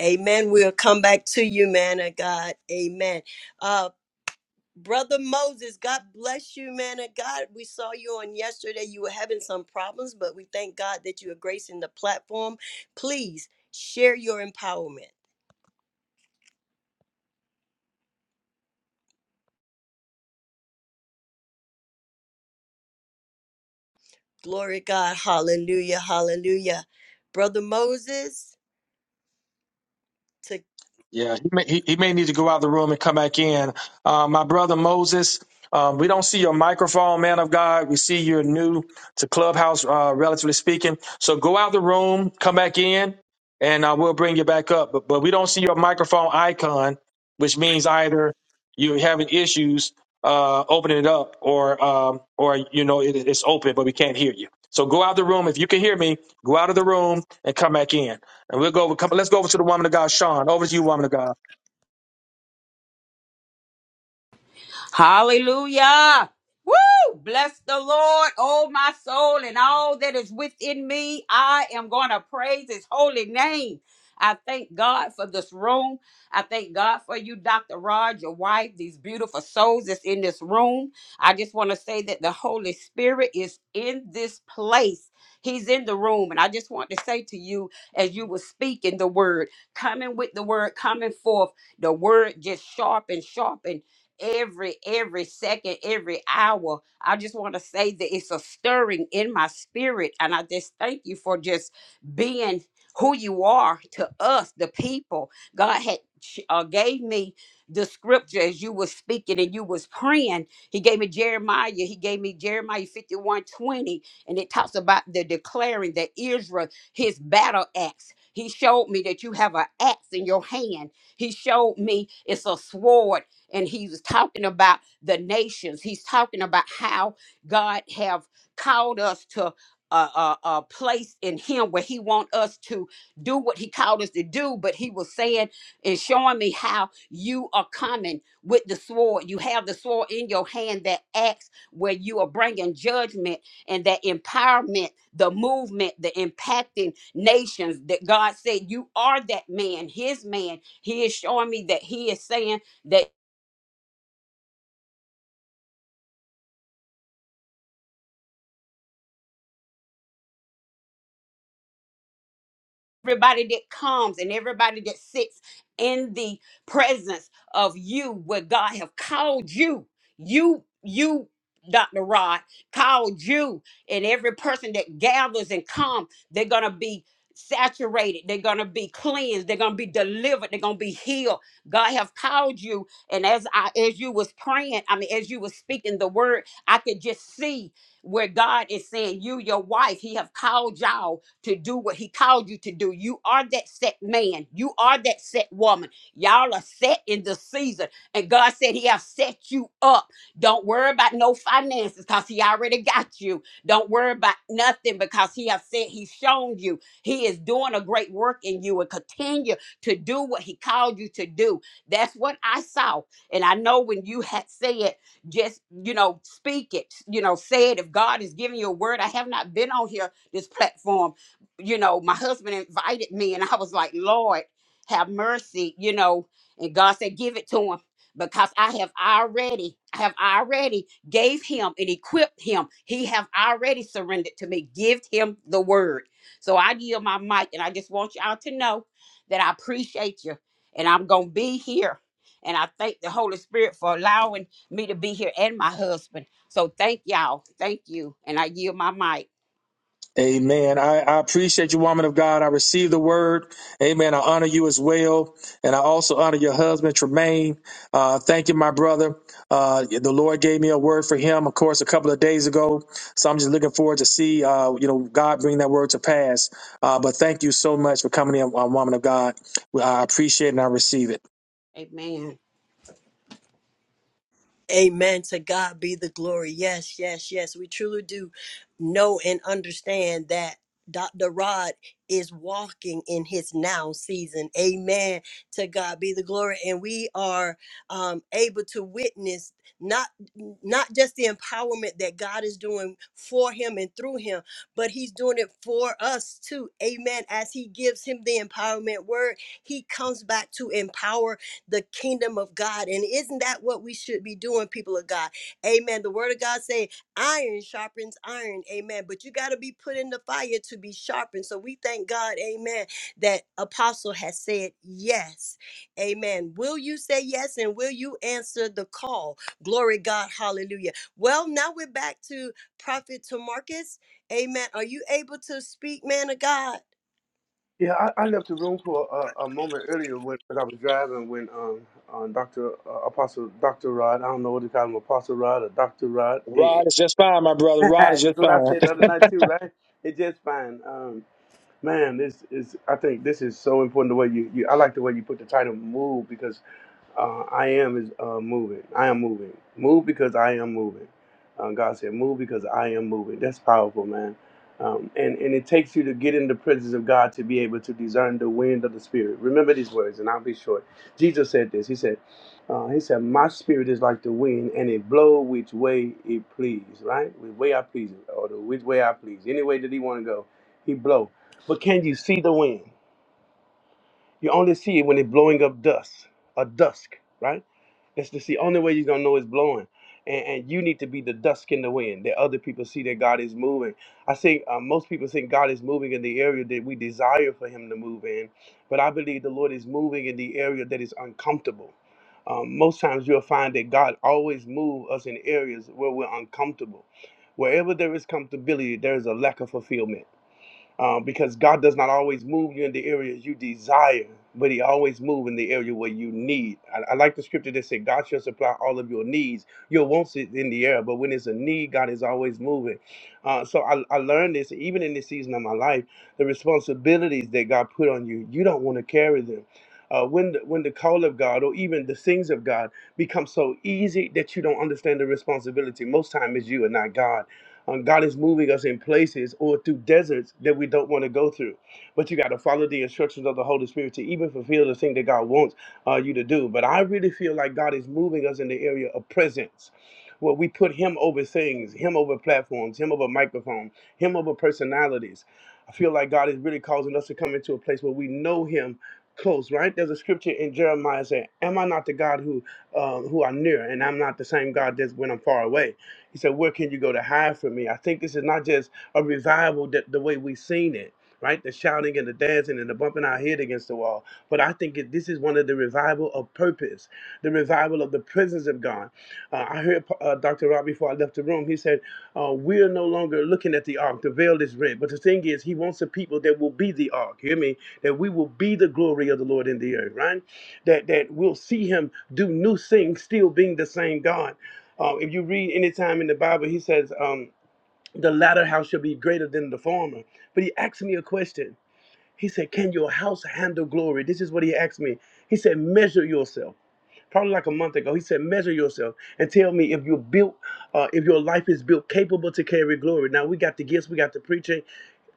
B: Amen. We'll come back to you, man of God. Amen. Uh. Brother Moses, God bless you, man of God. We saw you on yesterday. You were having some problems, but we thank God that you are gracing the platform. Please share your empowerment. Glory to God. Hallelujah. Hallelujah. Brother Moses, To
A: Yeah, he may, he, he may need to go out of the room and come back in. Uh, my brother Moses, um, we don't see your microphone, man of God. We see you're new to Clubhouse, uh, relatively speaking. So go out the room, come back in, and uh, we'll bring you back up. But, but we don't see your microphone icon, which means either you're having issues uh, opening it up, or um, or you know it, it's open, but we can't hear you. So go out the room if you can hear me. Go out of the room and come back in. And we'll go over, come, let's go over to the woman of God, Sean. Over to you, woman of God.
H: Hallelujah. Woo! Bless the Lord, oh my soul, and all that is within me. I am going to praise his holy name. I thank God for this room. I thank God for you, Dr. Rod, your wife, these beautiful souls that's in this room. I just want to say that the Holy Spirit is in this place. He's in the room. And I just want to say to you, as you were speaking the word, coming with the word, coming forth, the word just sharp and sharp every every second every hour i just want to say that it's a stirring in my spirit and i just thank you for just being who you are to us the people god had ch- uh, gave me the scripture as you were speaking and you was praying he gave me jeremiah he gave me jeremiah 51 20, and it talks about the declaring that israel his battle axe he showed me that you have an axe in your hand he showed me it's a sword and he was talking about the nations he's talking about how god have called us to a, a, a place in him where he want us to do what he called us to do but he was saying and showing me how you are coming with the sword you have the sword in your hand that axe where you are bringing judgment and that empowerment the movement the impacting nations that god said you are that man his man he is showing me that he is saying everybody that comes and everybody that sits in the presence of you where God have called you you you Dr. Rod called you and every person that gathers and come they're going to be saturated they're going to be cleansed they're going to be delivered they're going to be healed God have called you and as I as you was praying I mean as you was speaking the word I could just see where God is saying you your wife he have called y'all to do what he called you to do. You are that set man. You are that set woman. Y'all are set in the season. And God said he has set you up. Don't worry about no finances because he already got you. Don't worry about nothing because he has said he's shown you. He is doing a great work in you and continue to do what he called you to do. That's what I saw. And I know when you had said, just, you know, speak it, you know, say it. If God is giving you a word, I have not been on here, this platform you know, my husband invited me, and I was like, Lord, have mercy, you know. And God said, give it to him because I have already, I have already gave him and equipped him. He have already surrendered to me. Give him the word. So I yield my mic, and I just want y'all to know that I appreciate you, and I'm gonna be here. And I thank the Holy Spirit for allowing me to be here and my husband. So thank y'all. Thank you. And I yield my mic.
A: Amen. I, I appreciate you, woman of God. I receive the word. Amen. I honor you as well. And I also honor your husband, Tremaine. Uh, thank you, my brother. Uh, the Lord gave me a word for him, of course, a couple of days ago. So I'm just looking forward to see, uh, you know, God bring that word to pass. Uh, but thank you so much for coming in, uh, woman of God. I appreciate it and I receive it.
H: Amen.
B: Amen. To God be the glory. Yes, yes, yes. We truly do know and understand that Dr. Rod is walking in his now season. Amen. To God be the glory. And we are um, able to witness not not just the empowerment that God is doing for him and through him, but he's doing it for us too. Amen. As he gives him the empowerment word, he comes back to empower the kingdom of God. And isn't that what we should be doing, people of God? Amen. The word of God say iron sharpens iron. Amen. But you got to be put in the fire to be sharpened. So we thank God, amen, that apostle has said yes. Amen. Will you say yes and will you answer the call? Glory God. Hallelujah. Well, now we're back to Prophet Tamarcus. Amen. Are you able to speak, man of God?
G: Yeah, I, I left the room for a, a moment earlier when, when I was driving when um, uh, Dr. Uh, Apostle Dr. Rod, I don't know what to call him, Apostle Rod or Dr. Rod. It-
A: Rod is just fine, my brother. Rod is
G: that's
A: just
G: what I
A: fine.
G: said the other night too, right? It's just fine. Um, man, this is I think this is so important the way you, you I like the way you put the title move because Uh, I am is uh, moving. I am moving. Move because I am moving. Uh, God said, "Move because I am moving." That's powerful, man. Um, and and it takes you to get in the presence of God to be able to discern the wind of the Spirit. Remember these words, and I'll be short. Jesus said this. He said, uh, "He said, My spirit is like the wind, and it blow which way it please. Right, which way I please, or the which way I please, any way that He want to go, He blow. But can you see the wind? You only see it when it's blowing up dust, a dusk, right? That's the see, only way you're gonna know it's blowing. And, and you need to be the dusk in the wind that other people see that God is moving. I think uh, most people think God is moving in the area that we desire for Him to move in, but I believe the Lord is moving in the area that is uncomfortable. Um, most times you'll find that God always moves us in areas where we're uncomfortable. Wherever there is comfortability, there is a lack of fulfillment um, because God does not always move you in the areas you desire, but He always move in the area where you need. I, I like the scripture that said, "God shall supply all of your needs." Your wants is in the air, but when it's a need, God is always moving. Uh, so I, I learned this even in this season of my life, the responsibilities that God put on you, you don't want to carry them. Uh, when the, when the call of God or even the things of God become so easy that you don't understand the responsibility, most time it's you and not God um, God is moving us in places or through deserts that we don't want to go through. But you got to follow the instructions of the Holy Spirit to even fulfill the thing that God wants uh, you to do. But I really feel like God is moving us in the area of presence. Where we put him over things, him over platforms, him over microphone, him over personalities. I feel like God is really causing us to come into a place where we know him close, right? There's a scripture in Jeremiah saying, Am I not the God who um, who are near, and I'm not the same God that's when I'm far away. He said, Where can you go to hide from me? I think this is not just a revival that the way we've seen it, right? The shouting and the dancing and the bumping our head against the wall. But I think it, this is one of the revival of purpose, the revival of the presence of God. Uh, I heard uh, Dr. Rob before I left the room. He said, uh, We are no longer looking at the ark. The veil is red. But the thing is, he wants the people that will be the ark. Hear me? That we will be the glory of the Lord in the earth, right? That, that we'll see him do new things, still being the same God. Um, if you read any time in the Bible, he says, um, the latter house shall be greater than the former. But he asked me a question. He said, Can your house handle glory? This is what he asked me. He said, Measure yourself probably like a month ago. He said, "Measure yourself and tell me if you're built, uh, if your life is built capable to carry glory." Now we got the gifts, we got the preaching,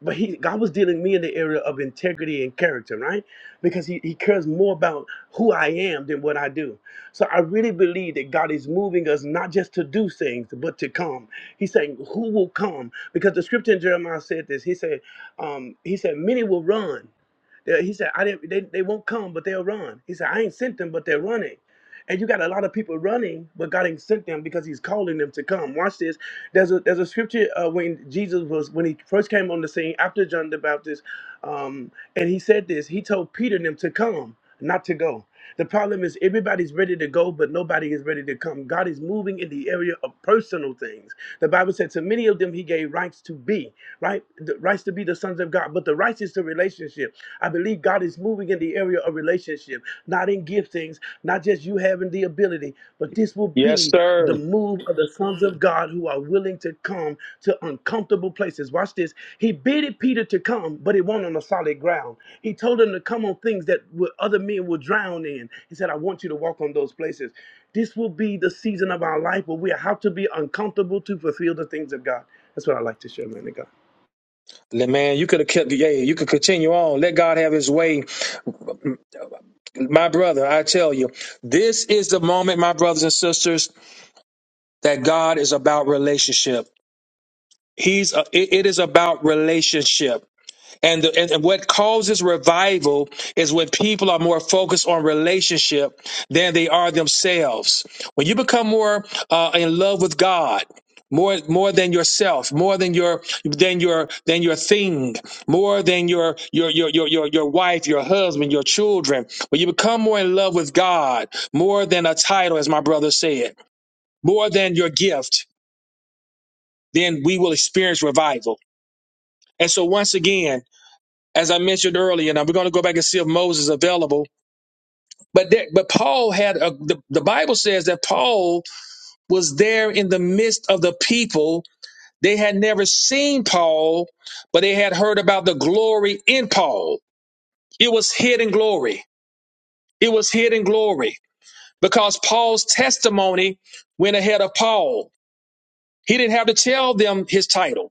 G: but he God was dealing with me in the area of integrity and character, right? Because he, he cares more about who I am than what I do. So I really believe that God is moving us not just to do things, but to come. He's saying, Who will come? Because the scripture in Jeremiah said this. He said, um, He said, Many will run. They- He said, I didn't, they, they won't come, but they'll run. He said, I ain't sent them, but they're running. And you got a lot of people running, but God ain't sent them because He's calling them to come. Watch this. There's a there's a scripture uh, when Jesus was when he first came on the scene after John the Baptist. Um, and he said this. He told Peter and them to come, not to go. The problem is everybody's ready to go, but nobody is ready to come. God is moving in the area of personal things. The Bible said to many of them he gave rights to be, right? The rights to be the sons of God. But the rights is to relationship. I believe God is moving in the area of relationship, not in giftings, not just you having the ability identity, but this will
A: yes,
G: be the
A: sir.
G: move of the sons of God who are willing to come to uncomfortable places. Watch this. He bidded Peter to come, but it won't on the solid ground. He told him to come on things that would- other men will drown in. He said, I want you to walk on those places. This will be the season of our life where we have to be uncomfortable to fulfill the things of God. That's what I like to share, man. of God.
A: Le- Man, you could have kept, yeah, you could continue on. Let God have his way. My brother, I tell you, this is the moment, my brothers and sisters, that God is about relationship. He's, a, it it is about relationship. And, the, and and what causes revival is when people are more focused on relationship than they are themselves. When you become more uh, in love with God, more more than yourself, more than your than your than your thing, more than your your your your your, your wife, your husband, your children. When you become more in love with God, more than a title, as my brother said, more than your gift, then we will experience revival. And so once again as I mentioned earlier, now we're going to go back and see if Moses is available. But there, but Paul had a, the the Bible says that Paul was there in the midst of the people. They had never seen Paul, but they had heard about the glory in Paul. It was hidden glory. It was hidden glory because Paul's testimony went ahead of Paul. He didn't have to tell them his title.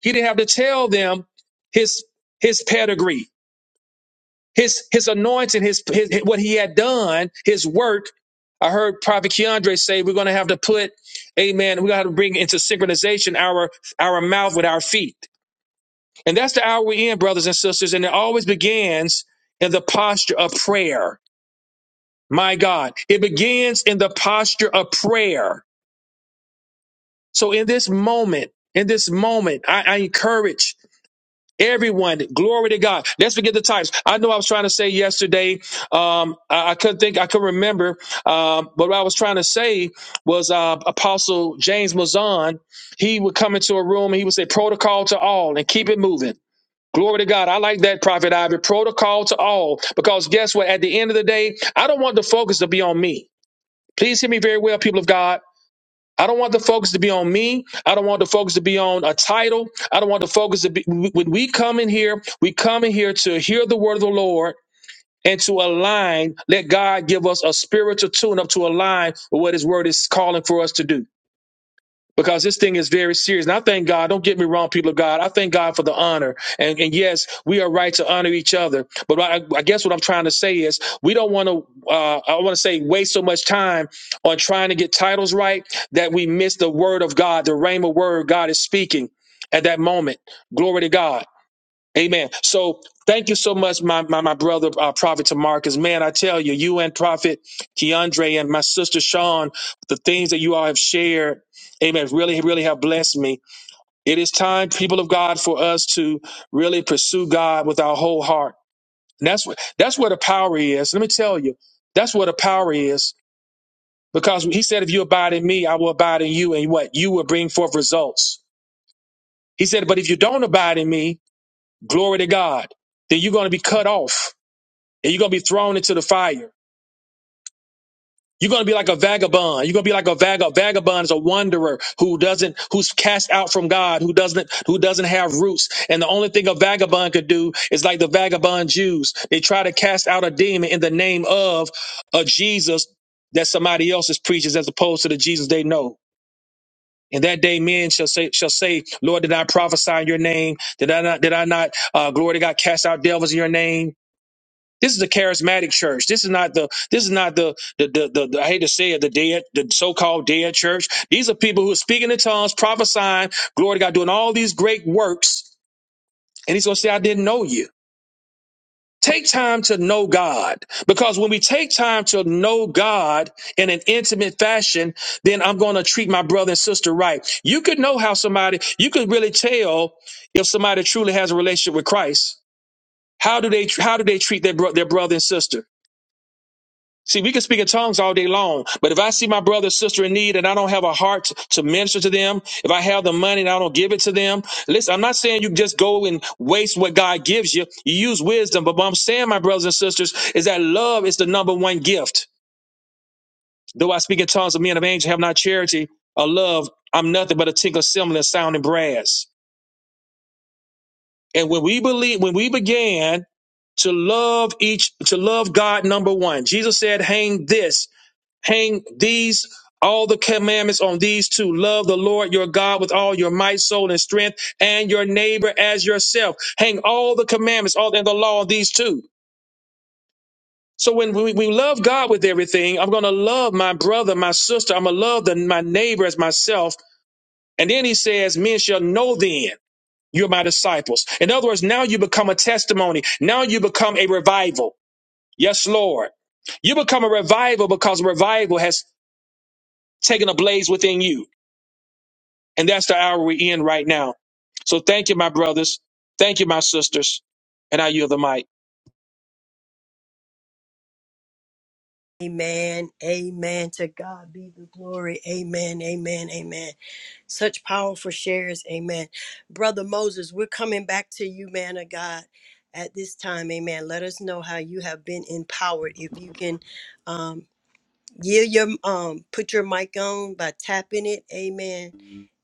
A: He didn't have to tell them his his pedigree. His his anointing, his, his what he had done, his work. I heard Prophet Keandre say we're going to have to put, Amen. we got to to bring into synchronization our our mouth with our feet, and that's the hour we're in, brothers and sisters. And it always begins in the posture of prayer. My God, it begins in the posture of prayer. So in this moment, in this moment, I, I encourage. Everyone, glory to God. Let's forget the titles. I know I was trying to say yesterday. Um, I, I couldn't think, I couldn't remember. Um, but what I was trying to say was uh, Apostle James Mazan. He would come into a room and he would say, "Protocol to all, and keep it moving." Glory to God. I like that, Prophet Ivy. Protocol to all, because guess what? At the end of the day, I don't want the focus to be on me. Please hear me very well, people of God. I don't want the focus to be on me. I don't want the focus to be on a title. I don't want the focus to be when we come in here, we come in here to hear the word of the Lord and to align, let God give us a spiritual tune up to align with what his word is calling for us to do because this thing is very serious. And I thank God, don't get me wrong, people of God, I thank God for the honor. And, and yes, we are right to honor each other. But I, I guess what I'm trying to say is we don't want to, uh, I want to say, waste so much time on trying to get titles right that we miss the word of God, the rhema word God is speaking at that moment. Glory to God. Amen. So thank you so much, my my, my brother, uh, Prophet Tamarcus. Man, I tell you, you and Prophet Keandre and my sister Sean, the things that you all have shared, amen, really, really have blessed me. It is time, people of God, for us to really pursue God with our whole heart. And that's what that's where the power is. Let me tell you, that's where the power is. Because he said, if you abide in me, I will abide in you, and what you will bring forth results. He said, but if you don't abide in me, glory to God, then you're going to be cut off and you're gonna be thrown into the fire. You're gonna be like a vagabond. You're gonna be like a vag. A vagabond is a wanderer who doesn't, who's cast out from God, who doesn't, who doesn't have roots. And the only thing a vagabond could do is like the vagabond Jews. They try to cast out a demon in the name of a Jesus that somebody else is preaches, as opposed to the Jesus they know. And that day, men shall say, shall say, Lord, did I prophesy in your name? Did I not, did I not, uh, glory to God, cast out devils in your name? This is a charismatic church. This is not the this is not the the the, the, the- I hate to say it, the dead, the so-called dead church. These are people who are speaking in tongues, prophesying, glory to God, doing all these great works, and he's gonna say, I didn't know you. Take time to know God. Because when we take time to know God in an intimate fashion, then I'm going to treat my brother and sister right. You could know how somebody, you could really tell if somebody truly has a relationship with Christ. How do they, how do they treat their, bro- their brother and sister? See, we can speak in tongues all day long, but if I see my brother or sister in need and I don't have a heart to minister to them, if I have the money and I don't give it to them, listen, I'm not saying you just go and waste what God gives you. You use wisdom, but what I'm saying, my brothers and sisters, is that love is the number one gift. Though I speak in tongues of men of angels, have not charity or love, I'm nothing but a tinkle cymbal and sounding brass. And when we believe, when we began to love each, to love God, number one, Jesus said, hang this. hang these all the commandments on these two love the lord your god with all your might soul and strength and your neighbor as yourself hang all the commandments all and the law on these two so when we, we love god with everything i'm going to love my brother my sister i'm going to love the, my neighbor as myself and then he says men shall know then you're my disciples in other words now you become a testimony now you become a revival yes lord you become a revival because revival has taken a blaze within you And that's the hour we're in right now. So thank you, my brothers. Thank you, my sisters. And I yield the mic.
B: Amen. Amen. To God be the glory. Amen. Amen. Amen. Such powerful shares. Amen. Brother Moses, we're coming back to you, man of God, at this time. Amen. Let us know how you have been empowered. If you can um yield your um put your mic on by tapping it, amen,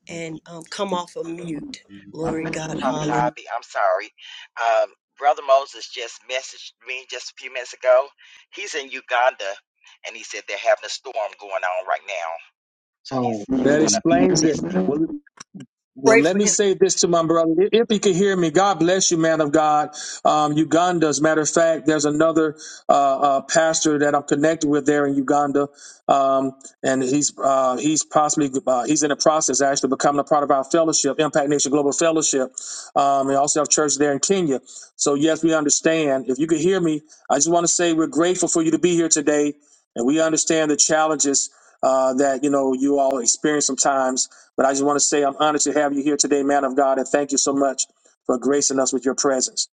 B: and um come off of mute. Glory
D: Prophet,
B: God.
D: Prophet
B: Hallelujah.
D: Ivy, I'm sorry. Um, Brother Moses just messaged me just a few minutes ago. He's in Uganda and he said they're having a storm going on right now. So he's
A: Oh,
D: he's
A: that
D: going to be here
A: explains it.
D: listening.
A: Well,
B: Pray
A: let
B: for
A: me
B: him.
A: say this to my brother. I- If he could hear me, God bless you, man of God. Um, Uganda, as a matter of fact, there's another uh, uh, pastor that I'm connected with there in Uganda, um, and he's uh, he's possibly uh, he's in the process of actually becoming a part of our fellowship, Impact Nation Global Fellowship. Um, we also have church there in Kenya. So yes, we understand. If you could hear me, I just want to say we're grateful for you to be here today, and we understand the challenges uh, that you know you all experience sometimes. But I just want to say I'm honored to have you here today, man of God, and thank you so much for gracing us with your presence.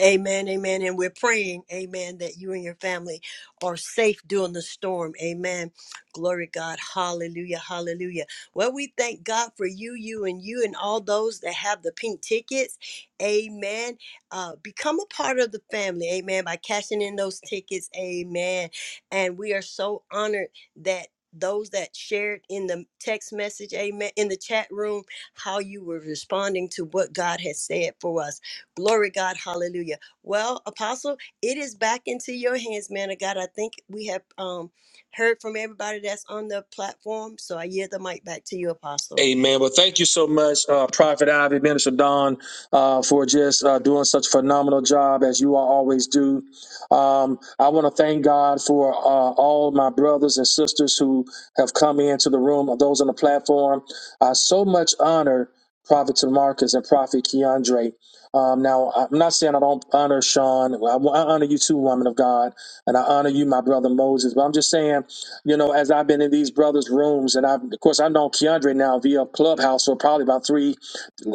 B: Amen, amen. And we're praying, amen, that you and your family are safe during the storm. Amen. Glory to God. Hallelujah, hallelujah. Well, we thank God for you, you, and you, and all those that have the pink tickets. Amen. Uh, become a part of the family, amen, by cashing in those tickets. Amen. And we are so honored that those that shared in the text message amen in the chat room how you were responding to what god has said for us Glory God, hallelujah. Well, Apostle, it is back into your hands, man of God. I think we have um, heard from everybody that's on the platform, so I yield the mic back to you, Apostle.
A: Amen. Well, thank you so much, uh, Prophet Ivy, Minister Don, uh, for just uh, doing such a phenomenal job as you all always do. Um, I want to thank God for uh, all my brothers and sisters who have come into the room, those on the platform. I so much honor, Prophet Marcus and Prophet Keandre. Um, now, I'm not saying I don't honor Sean. Well, I, I honor you too, woman of God, and I honor you, my brother Moses. But I'm just saying, you know, as I've been in these brothers' rooms, and I've, of course, I've known Keandre now via Clubhouse for probably about three,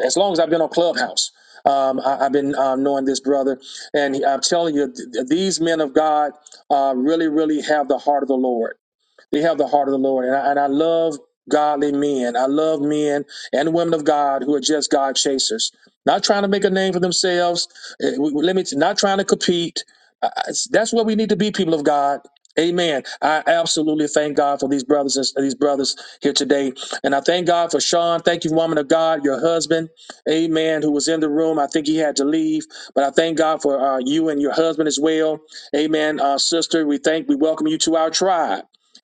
A: as long as I've been on Clubhouse. Um, I, I've been um, knowing this brother, and I'm telling you, th- these men of God uh, really, really have the heart of the Lord. They have the heart of the Lord. And I, and I love godly men. I love men and women of God who are just God chasers, not trying to make a name for themselves. eh, w- w- Let me, not trying to compete. I- I- That's what we need to be, people of God. Amen. I absolutely thank God for these brothers and these brothers here today. And I thank God for Sean. Thank you, woman of God, your husband. Amen. Who was in the room. I think he had to leave, but I thank God for uh, you and your husband as well. Amen. Uh, sister, we thank, we welcome you to our tribe.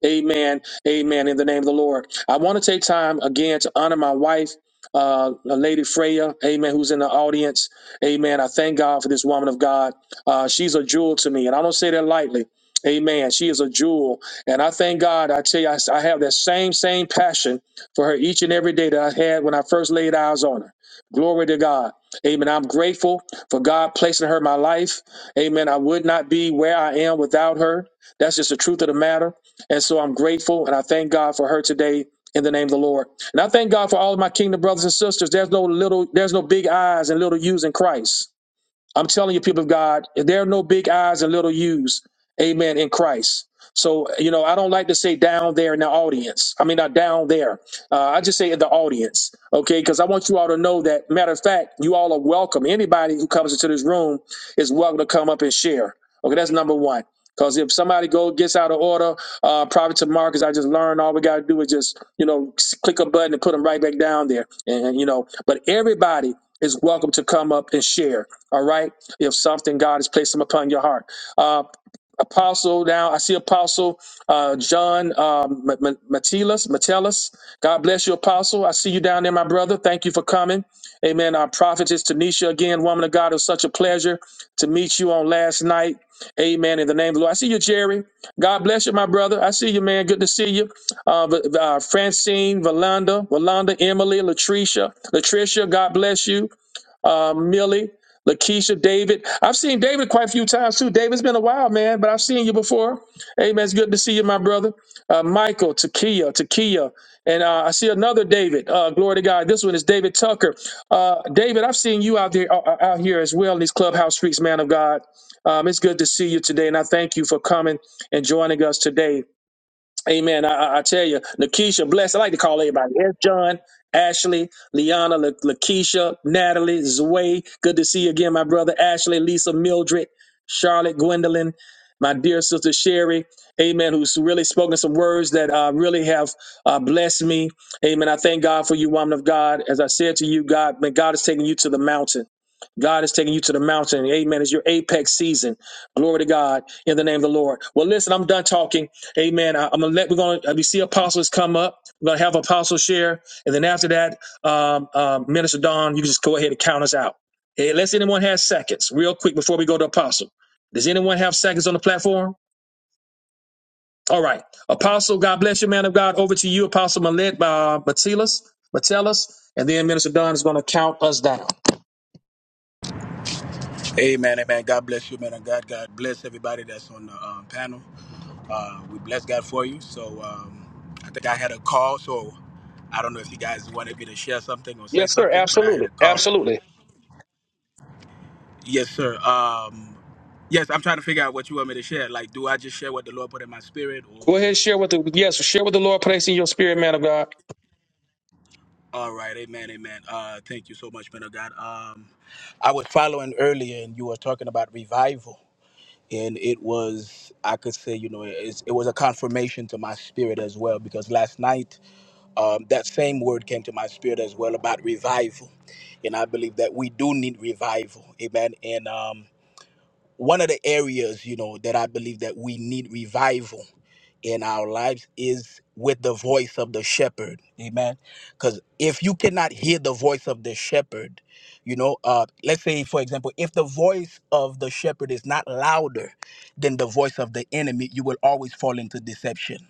A: Amen. Amen. In the name of the Lord. I want to take time again to honor my wife, uh, Lady Freya. Amen. Who's in the audience. Amen. I thank God for this woman of God. Uh, she's a jewel to me. And I don't say that lightly. Amen. She is a jewel. And I thank God. I tell you, I, I have that same, same passion for her each and every day that I had when I first laid eyes on her. Glory to God. Amen. I'm grateful for God placing her in my life. Amen. I would not be where I am without her. That's just the truth of the matter. And so I'm grateful and I thank God for her today in the name of the Lord. And I thank God for all of my kingdom brothers and sisters. There's no little, there's no big eyes and little U's in Christ. I'm telling you, people of God, there are no big eyes and little U's, amen, in Christ. So, you know, I don't like to say down there in the audience. I mean, not down there. Uh, I just say in the audience, okay? Because I want you all to know that, matter of fact, you all are welcome. Anybody who comes into this room is welcome to come up and share. Okay, that's number one. Because if somebody go gets out of order, uh, probably to Marcus, I just learned all we got to do is just, you know, s- click a button and put them right back down there. And, you know, but everybody is welcome to come up and share. All right. If something God has placed them upon your heart. Uh, Apostle now, I see Apostle uh, John um, Metellus. Metellus, God bless you, Apostle. I see you down there, my brother. Thank you for coming. Amen. Our prophetess Tanisha, again, woman of God, it was such a pleasure to meet you on last night. Amen. In the name of the Lord. I see you, Jerry. God bless you, my brother. I see you, man. Good to see you. Uh, V- uh, Francine, Valanda, Valanda, Emily, Latricia, Latricia, God bless you um, Millie, Lakeisha, David. I've seen David quite a few times too. David's been a while, man, but I've seen you before. Amen. it's good to see you, my brother. Uh, Michael, Takia, Takia. And uh, I see another David. Uh, glory to God. This one is David Tucker. Uh, David, I've seen you out there, uh, uh, out here as well in these clubhouse streets, man of God. Um, it's good to see you today, and I thank you for coming and joining us today. Amen. I, I tell you, Lakeisha, bless. I like to call everybody. Yes, John, Ashley, Liana, La- Lakeisha, Natalie, Zway. Good to see you again, my brother Ashley, Lisa, Mildred, Charlotte, Gwendolyn, my dear sister Sherry. Amen. Who's really spoken some words that uh, really have uh, blessed me. Amen. I thank God for you, woman of God. As I said to you, God, man, God is taking you to the mountain. God is taking you to the mountain. Amen. It's your apex season. Glory to God in the name of the Lord. Well, listen, I'm done talking. Amen. I, am gonna let we're gonna uh, we see apostles come up. We're gonna have apostles share, and then after that, um, um, Minister Don, you can just go ahead and count us out. Hey, unless anyone has seconds, real quick before we go to apostle. Does anyone have seconds on the platform? All right, apostle. God bless you, man of God. Over to you, apostle Malet by Matilas, Metellus, and then Minister Don is gonna count us down.
I: Amen, amen. God bless you, man. And God, God bless everybody that's on the um, panel. Uh, we bless God for you. So um, I think I had a call. So I don't know if you guys wanted me to share something or say
A: Yes, sir.
I: something, but I had
A: Absolutely,
I: a call. Yes,
A: absolutely.
I: Yes, sir. Um, yes, I'm trying to figure out what you want me to share. Like, do I just share what the Lord put in my spirit,
A: Go
I: or
A: ahead, share with the yes, share with the Lord. Place in your spirit, man of God.
I: all right, Amen, amen. Uh, thank you so much, man of God. Um, I was following earlier, and you were talking about revival and it was i could say you know it's, it was a confirmation to my spirit as well because last night um, that same word came to my spirit as well about revival and i believe that we do need revival amen and um, one of the areas you know that i believe that we need revival in our lives is with the voice of the shepherd amen because if you cannot hear the voice of the shepherd you know uh let's say for example if the voice of the shepherd is not louder than the voice of the enemy you will always fall into deception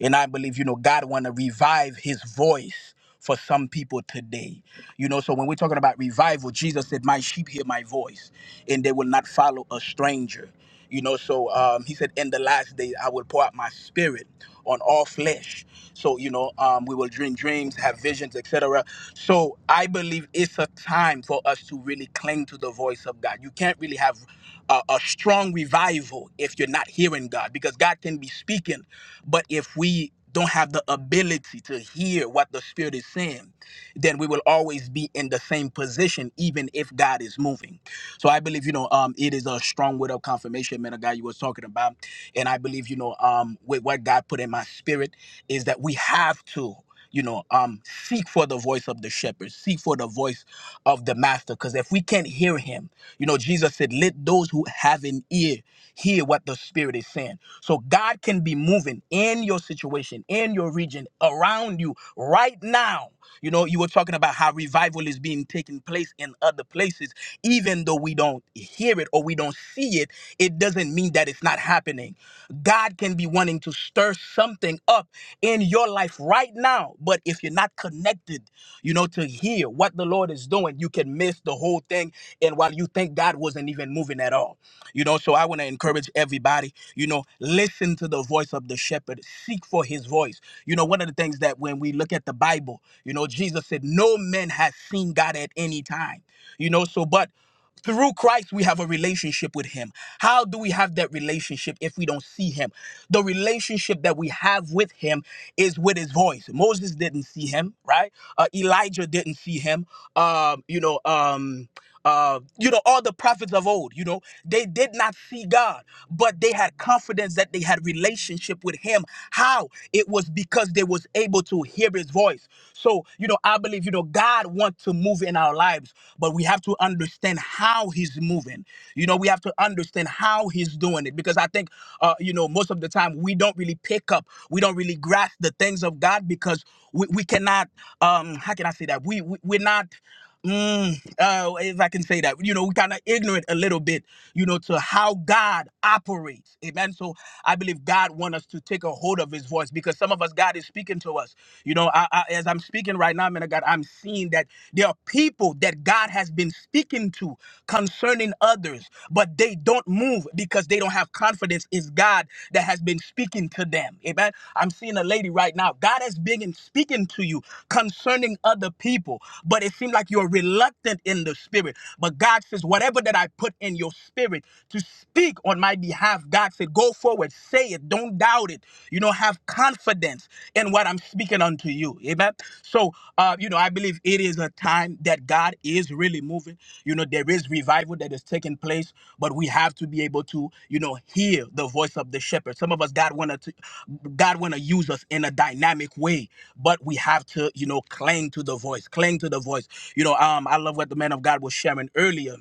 I: and I believe, you know, God want to revive his voice for some people today. You know, so when we're talking about revival, Jesus said, My sheep hear my voice, and they will not follow a stranger. You know, so um, he said, In the last day, I will pour out my spirit on all flesh. So, you know, um, we will dream dreams, have visions, etc. So I believe it's a time for us to really cling to the voice of God. You can't really have a, a strong revival if you're not hearing God, because God can be speaking, but if we don't have the ability to hear what the Spirit is saying, then we will always be in the same position, even if God is moving. So I believe, you know, um, it is a strong word of confirmation, man, a guy you was talking about. And I believe, you know, um, with what God put in my spirit is that we have to, you know, um, seek for the voice of the shepherd, seek for the voice of the master. Because if we can't hear him, you know, Jesus said, Let those who have an ear hear what the Spirit is saying. So God can be moving in your situation, in your region, around you right now. You know, you were talking about how revival is being taken place in other places. Even though we don't hear it or we don't see it, it doesn't mean that it's not happening. God can be wanting to stir something up in your life right now. But if you're not connected, you know, to hear what the Lord is doing, you can miss the whole thing. And while you think God wasn't even moving at all, you know, so I want to encourage everybody, you know, listen to the voice of the shepherd, seek for his voice. You know, one of the things that when we look at the Bible, you know, Jesus said, No man has seen God at any time, you know, so but. Through Christ, we have a relationship with Him. How do we have that relationship if we don't see Him? The relationship that we have with Him is with His voice. Moses didn't see Him, right? Uh, Elijah didn't see Him. Um, you know, um, uh, you know, all the prophets of old, you know, they did not see God, but they had confidence that they had relationship with Him. How? It was because they was able to hear His voice. So, you know, I believe believe, you know, God wants to move in our lives, but we have to understand how He's moving. You know, we have to understand how He's doing it because I think, uh, you know, most of the time we don't really pick up, we don't really grasp the things of God because we, we cannot, um, how can I say that? We, we we're not. Mm, uh, if I can say that, you know, we kind of ignorant a little bit, you know, to how God operates. Amen. So I believe God wants us to take a hold of His voice because some of us, God is speaking to us. You know, I, I, as I'm speaking right now, man of God, I'm seeing that there are people that God has been speaking to concerning others, but they don't move because they don't have have confidence is God that has been speaking to them. Amen. I'm seeing a lady right now. God has been speaking to you concerning other people, but it seems like you're reluctant in the spirit. But God says, whatever that I put in your spirit to speak on my behalf, God said, go forward, say it, don't doubt it. You know, have confidence in what I'm speaking unto you to you. Amen. So, uh, you know, I believe it is a time that God is really moving. You know, there is revival that is taking place, but we have to be able to, you know, hear the voice of the shepherd. Some of us, God wanna, to, God wanna use us in a dynamic way, but we have to, you know, cling to the voice, cling to the voice. You know, um, I love what the man of God was sharing earlier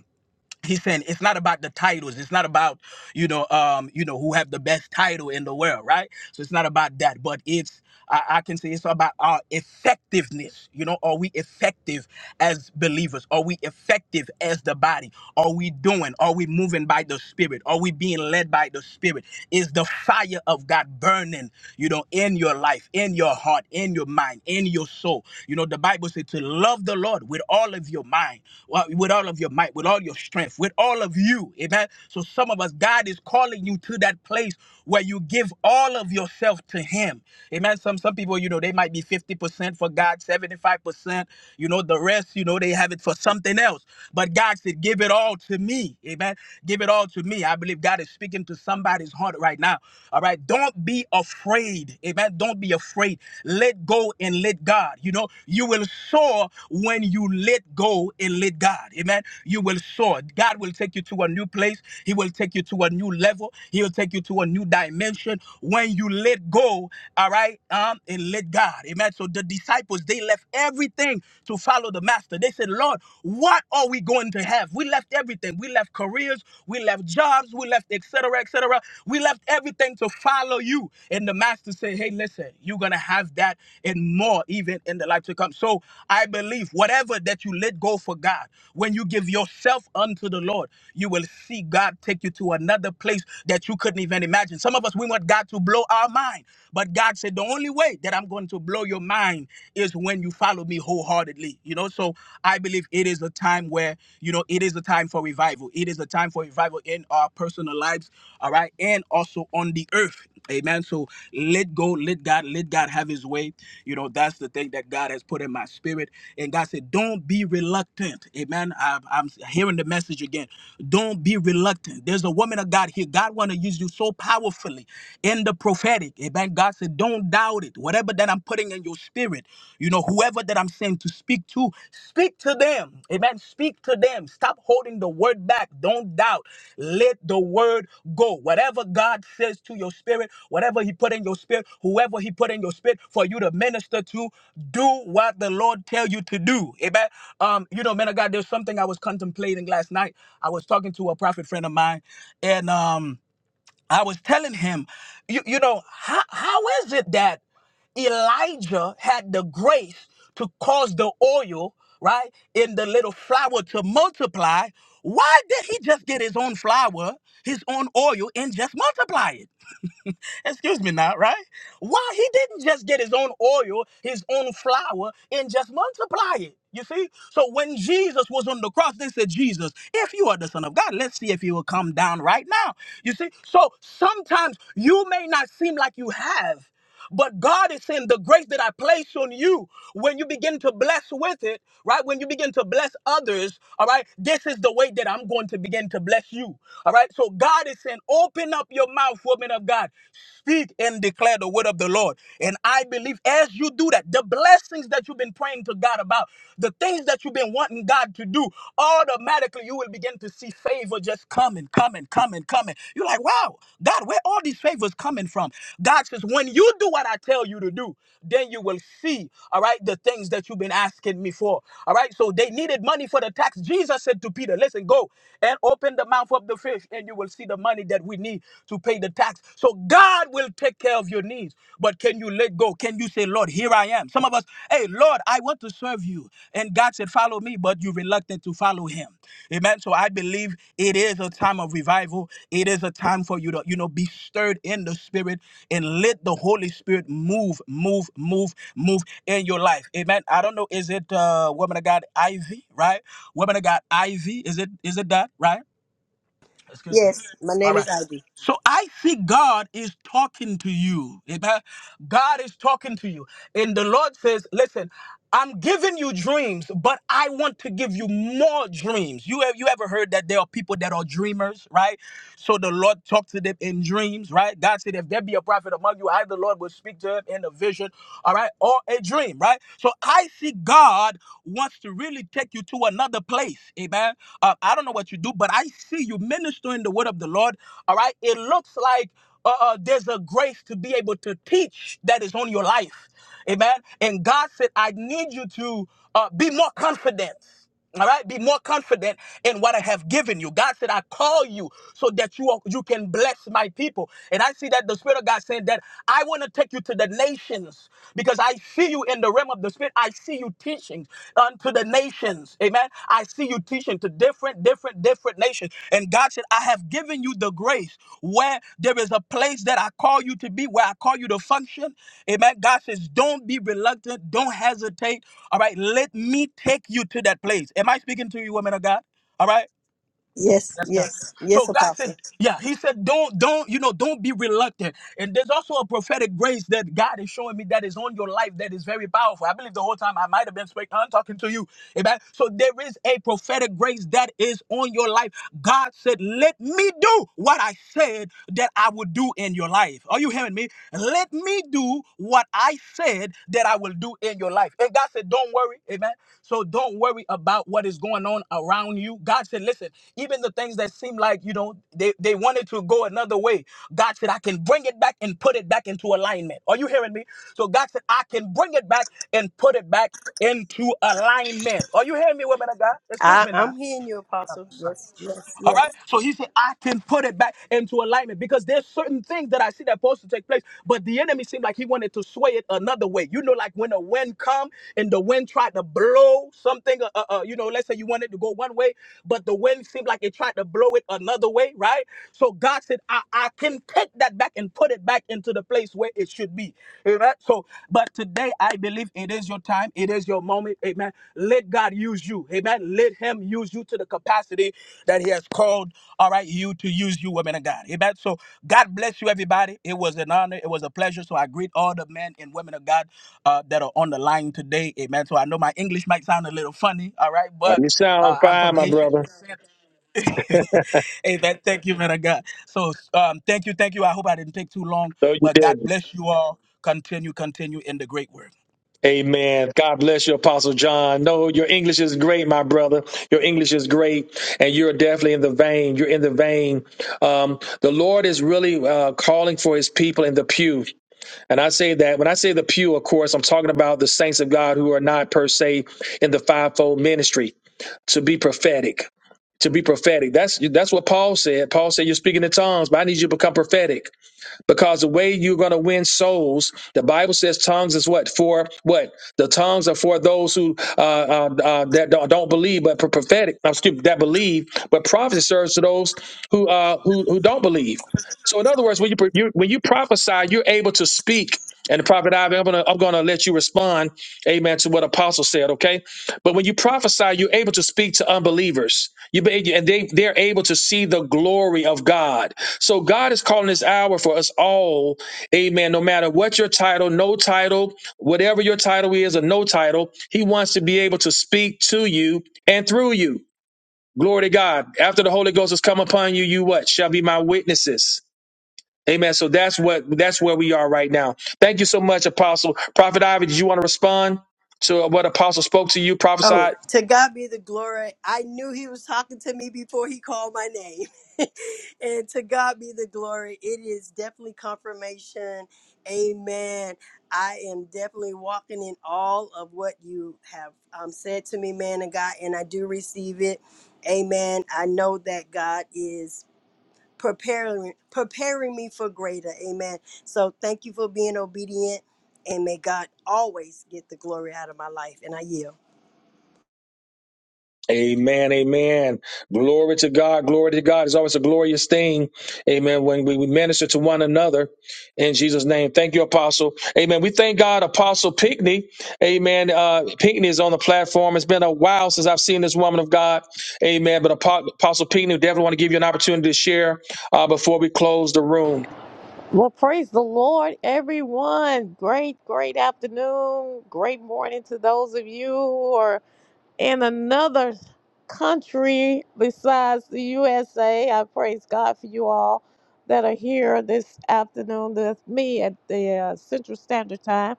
I: he's saying it's not about the titles it's not about you know um you know who have the best title in the world right so it's not about that but it's i, I can say it's about our effectiveness you know are we effective as believers are we effective as the body are we doing are we moving by the spirit are we being led by the spirit is the fire of god burning you know in your life in your heart in your mind in your soul you know the bible says to love the lord with all of your mind well, with all of your might, with all your strength life with all of you. Amen. So some of us, God is calling you to that place where you give all of yourself to Him. Amen. Some some people, you know, they might be 50% for God, 75%. You know, the rest, you know, they have it for something else. But God said, give it all to me. Amen. Give it all to me. I believe God is speaking to somebody's heart right now. All right. Don't be afraid. Amen. Don't be afraid. Let go and let God. You know, you will soar when you let go and let God. Amen. You will soar. God will take you to a new place. He will take you to a new level. He will take you to a new dimension when you let go, all right, um, and let God. Amen. So the disciples, they left everything to follow the master. They said, Lord, what are we going to have? We left everything. We left careers, we left jobs, we left et cetera, et cetera. We left everything to follow you. And the master said, hey, listen, you're going to have that and more even in the life to come. So I believe whatever that you let go for God, when you give yourself unto to the Lord, you will see God take you to another place that you couldn't even imagine. Some of us, we want God to blow our mind. But God said, the only way that I'm going to blow your mind is when you follow me wholeheartedly. You know, so I believe it is a time where, you know, it is a time for revival. It is a time for revival in our personal lives, all right, and also on the earth. Amen. So let go, let God, let God have his way. You know, that's the thing that God has put in my spirit. And God said, don't be reluctant. Amen. I'm, I'm hearing the message message again. Don't be reluctant. There's a woman of God here. God want to use you so powerfully in the prophetic. Amen. God said, don't doubt it. Whatever that I'm putting in your spirit, you know, whoever that I'm saying to speak to, speak to them. Amen. Speak to them. Stop holding the word back. Don't doubt. Let the word go. Whatever God says to your spirit, whatever he put in your spirit, whoever he put in your spirit for you to minister to, do what the Lord tell you to do. Amen. Um, you know, man of God, there's something I was contemplating last night. I was talking to a prophet friend of mine, and um, I was telling him, you, you know, how, how is it that Elijah had the grace to cause the oil, right, in the little flour to multiply? Why did he just get his own flour, his own oil, and just multiply it? Excuse me now, right? Why he didn't just get his own oil, his own flour, and just multiply it. You see? So when Jesus was on the cross, they said, Jesus, if you are the Son of God, let's see if you will come down right now. You see? So sometimes you may not seem like you have. But God is saying the grace that I place on you, when you begin to bless with it, right? When you begin to bless others, all right, this is the way that I'm going to begin to bless you. All right. So God is saying, open up your mouth, woman of God. Speak and declare the word of the Lord. And I believe as you do that, the blessings that you've been praying to God about, the things that you've been wanting God to do, automatically you will begin to see favor just coming, coming, coming, coming. You're like, wow, God, where all these favors coming from? God says, when you do what I tell you to do, then you will see, all right, the things that you've been asking me for. All right, so they needed money for the tax. Jesus said to Peter, listen, go and open the mouth of the fish, and you will see the money that that we need to pay the tax. So God will take care of your needs. But can you let go? Can you say, Lord, here I am? Some of us, hey, Lord, I want to serve you. And God said, follow me, but you're reluctant to follow him. Amen. So I believe it is a time of revival. It is a time for you to, you know, be stirred in the spirit and let the Holy Spirit move, move, move, move in your life. Amen. I don't know, is it uh woman of God Ivy, right? Woman of God Ivy, is it is it that, right? Excuse me.
B: Yes, my
I: All
B: name is
I: right.
B: Ivy.
I: So I see God is talking to you. Amen. God is talking to you. And the Lord says, listen, I'm giving you dreams, but I want to give you more dreams. You have you ever heard that there are people that are dreamers, right? So the Lord talked to them in dreams, right? God said, if there be a prophet among you, I the Lord will speak to him in a vision, all right, or a dream, right? So I see God wants to really really take you to another place. Amen. Uh, I don't know what you do, but I see you ministering the word of the Lord. All right. It looks like uh, uh, there's a grace to be able to teach that is on your life. Amen. And God said, I need you to uh, be more confident. All right, be more confident in what I have given you. God said, I call you so that you are, you can bless my people. And I see that the Spirit of God saying that I want to take you to the nations because I see you in the realm of the Spirit. I see you teaching unto the nations. Amen. I see you teaching to different, different, different nations. And God said, I have given you the grace where there is a place that I call you to be, where I call you to function. Amen. God says, don't be reluctant, don't hesitate. All right, let me take you to that place. Am I speaking to you, women of God? All right.
B: Yes,
I: That's God.
B: yes, yes,
I: So God said,
B: Apostle.
I: yeah, he said, don't, don't, you know, don't be reluctant. And there's also a prophetic grace that God is showing me that is on your life that is very powerful. I believe the whole time I might have been speaking, I'm talking to you. Amen. So there is a prophetic grace that is on your life. God said, let me do what I said that I would do in your life. Are you hearing me? Let me do what I said that I will do in your life. And God said, Don't worry, amen. So don't worry about what is going on around you. God said, Listen, even the things that seem like you know they, they wanted to go another way. God said, I can bring it back and put it back into alignment. Are you hearing me? So God said, I can bring it back and put it back into alignment. Are you hearing me, women of God? Excuse
B: I,
I: me now.
B: I'm hearing you, Apostle. Yes, yes,
I: All
B: yes.
I: right. So he said, I can put it back into alignment because there's certain things that I see that supposed to take place, but the enemy seemed like he wanted to sway it another way. You know, like when a wind come and the wind tried to blow something, uh, uh, uh, you know, let's say you wanted to go one way, but the wind seemed like it tried to blow it another way, right? So God said, I, I can take that back and put it back into the place where it should be. Amen. So go. But today, I believe it is your time. It is your moment. Amen. Let God use you. Amen. Let Him use you to the capacity that He has called, all right, you to use you, women of God. Amen. So God bless you, everybody. It was an honor. It was a pleasure. So I greet all the men and women of God uh, that are on the line today. Amen. So I know my English might sound a little funny. All right.
A: Uh,
I: But
A: you sound
I: uh, I'm
A: fine,
I: from
A: my
I: Haitian
A: brother.
I: descent. hey, that thank you, man. I got so um, thank you, thank you. I hope I didn't take too long,
A: No, you
I: but God
A: didn't.
I: bless you all. Continue, continue in the great work.
A: Amen. God bless you, Apostle John. No, your English is great, my brother. Your English is great, and you're definitely in the vein. You're in the vein. Um, the Lord is really uh, calling for his people in the pew. And I say that when I say the pew, of course, I'm talking about the saints of God who are not per se in the fivefold ministry to be prophetic. To be prophetic. That's that's what Paul said. Paul said, You're speaking in tongues, but I need you to become prophetic. Because the way you're going to win souls, the Bible says tongues is what for what the tongues are for those who uh, uh, uh, that don't, don't believe, but pro- prophetic. I'm stupid that believe, but prophecy serves to those who uh, who who don't believe. So in other words, when you, pro- you when you prophesy, you're able to speak. And the prophet, Ivy, I'm gonna I'm gonna let you respond, Amen, to what Apostle said. Okay, but when you prophesy, you're able to speak to unbelievers. You be, and they they're able to see the glory of God. So God is calling this hour for us all, Amen. No matter what your title, no title, whatever your title is, or no title, He wants to be able to speak to you and through you. Glory to God. After the Holy Ghost has come upon you, you what shall be my witnesses. Amen. So that's what that's where we are right now. Thank you so much, Apostle Prophet Ivy. Did you want to respond to what Apostle spoke to you,
B: Oh,
A: prophesied?
B: to God be the glory. I knew he was talking to me before he called my name. and to God be the glory. It is definitely confirmation. Amen. I am definitely walking in all of what you have um, said to me, man and God, and I do receive it. Amen. I know that God is preparing preparing me for greater. Amen. So thank you for being obedient and may God always get the glory out of my life. And I yield.
A: Amen, amen. Glory to God, glory to God. It's always a glorious thing, amen, when we, we minister to one another in Jesus' name. Thank you, Apostle. Amen. We thank God, Apostle Pinkney. Amen. Uh, Pinkney is on the platform. It's been a while since I've seen this woman of God. Amen. But Apo- Apostle Pinkney, we definitely want to give you an opportunity to share uh, before we close the room.
J: Well, praise the Lord, everyone. Great, great afternoon. Great morning to those of you who are in another country besides the USA. I praise God for you all that are here this afternoon with me at the uh, Central Standard Time.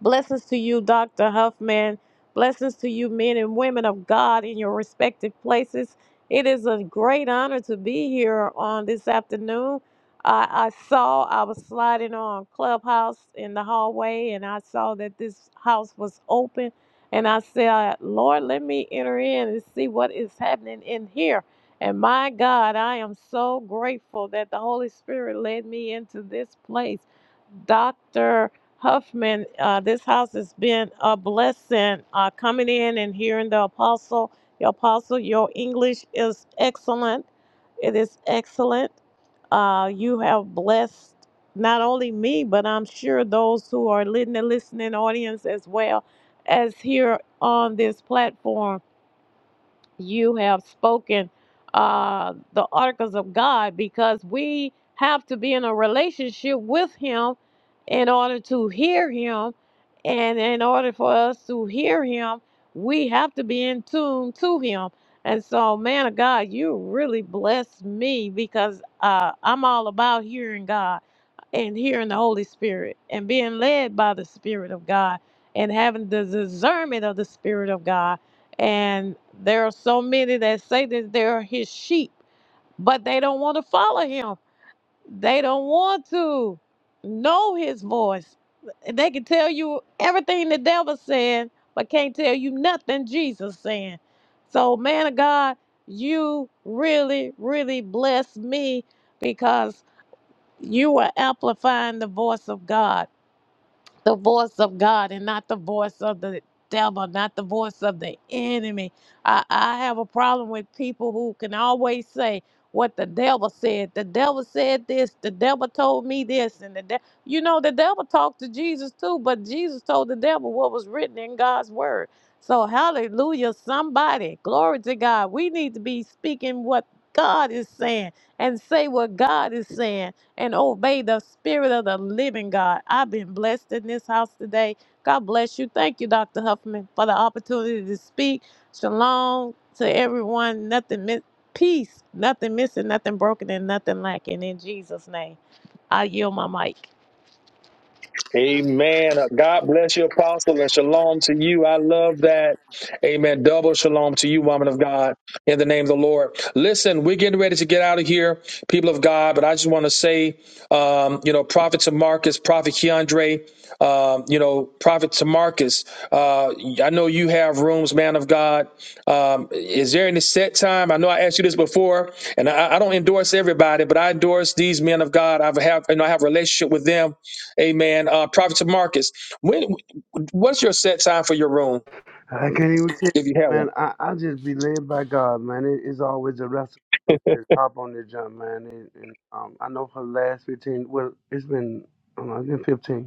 J: Blessings to you, Dr. Huffman. Blessings to you, men and women of God in your respective places. It is a great honor to be here on this afternoon. I, I saw I was sliding on Clubhouse in the hallway and I saw that this house was open. And I said, Lord, let me enter in and see what is happening in here. And my God, I am so grateful that the Holy Spirit led me into this place. Dr. Huffman. Uh, this house has been a blessing uh, coming in and hearing the apostle. Your apostle, your English is excellent. It is excellent. Uh, you have blessed not only me, but I'm sure those who are in the listening audience as well as here on this platform you have spoken uh, the articles of God because we have to be in a relationship with Him in order to hear Him. And in order for us to hear Him, we have to be in tune to Him. And so, man of God, you really blessed me because uh, I'm all about hearing God and hearing the Holy Spirit and being led by the Spirit of God and having the discernment of the Spirit of God. And there are so many that say that they're his sheep, but they don't want to follow him. They don't want to know his voice. They can tell you everything the devil said, but can't tell you nothing Jesus saying. So, man of God, you really, really bless me because. You are amplifying the voice of God, the voice of God, and not the voice of the devil, not the voice of the enemy. I, I have a problem with people who can always say what the devil said. The devil said this, the devil told me this, and the de- you know, the devil talked to Jesus too, but Jesus told the devil what was written in God's word. So, hallelujah, somebody, glory to God. We need to be speaking what God is saying and say what God is saying and obey the spirit of the living God. I've been blessed in this house today. God bless you. Thank you, Dr. Huffman, for the opportunity to speak. Shalom to everyone. Nothing mi- peace, nothing missing, nothing broken, and nothing lacking in Jesus' name. I yield my mic.
A: Amen. God bless you, Apostle, and shalom to you. I love that. Amen. Double shalom to you, woman of God, in the name of the Lord. Listen, we're getting ready to get out of here, people of God, but I just want to say, um, you know, Prophet Tamarcus, Prophet Keandre, um, you know, Prophet Tamarcus, uh, I know you have rooms, man of God. Um, is there any set time? I know I asked you this before, and I, I don't endorse everybody, but I endorse these men of God. I've have, you know, I have a relationship with them Amen. Uh, Prophet Marcus, when what's your set time for your room
G: I can't even tell you,
A: if you have one?
G: man. I, I just be led by God, man. It, it's always a wrestle. Just just hop on the jump, man. And, and um, I know for the last fifteen, well, it's been, I don't know, it's been fifteen.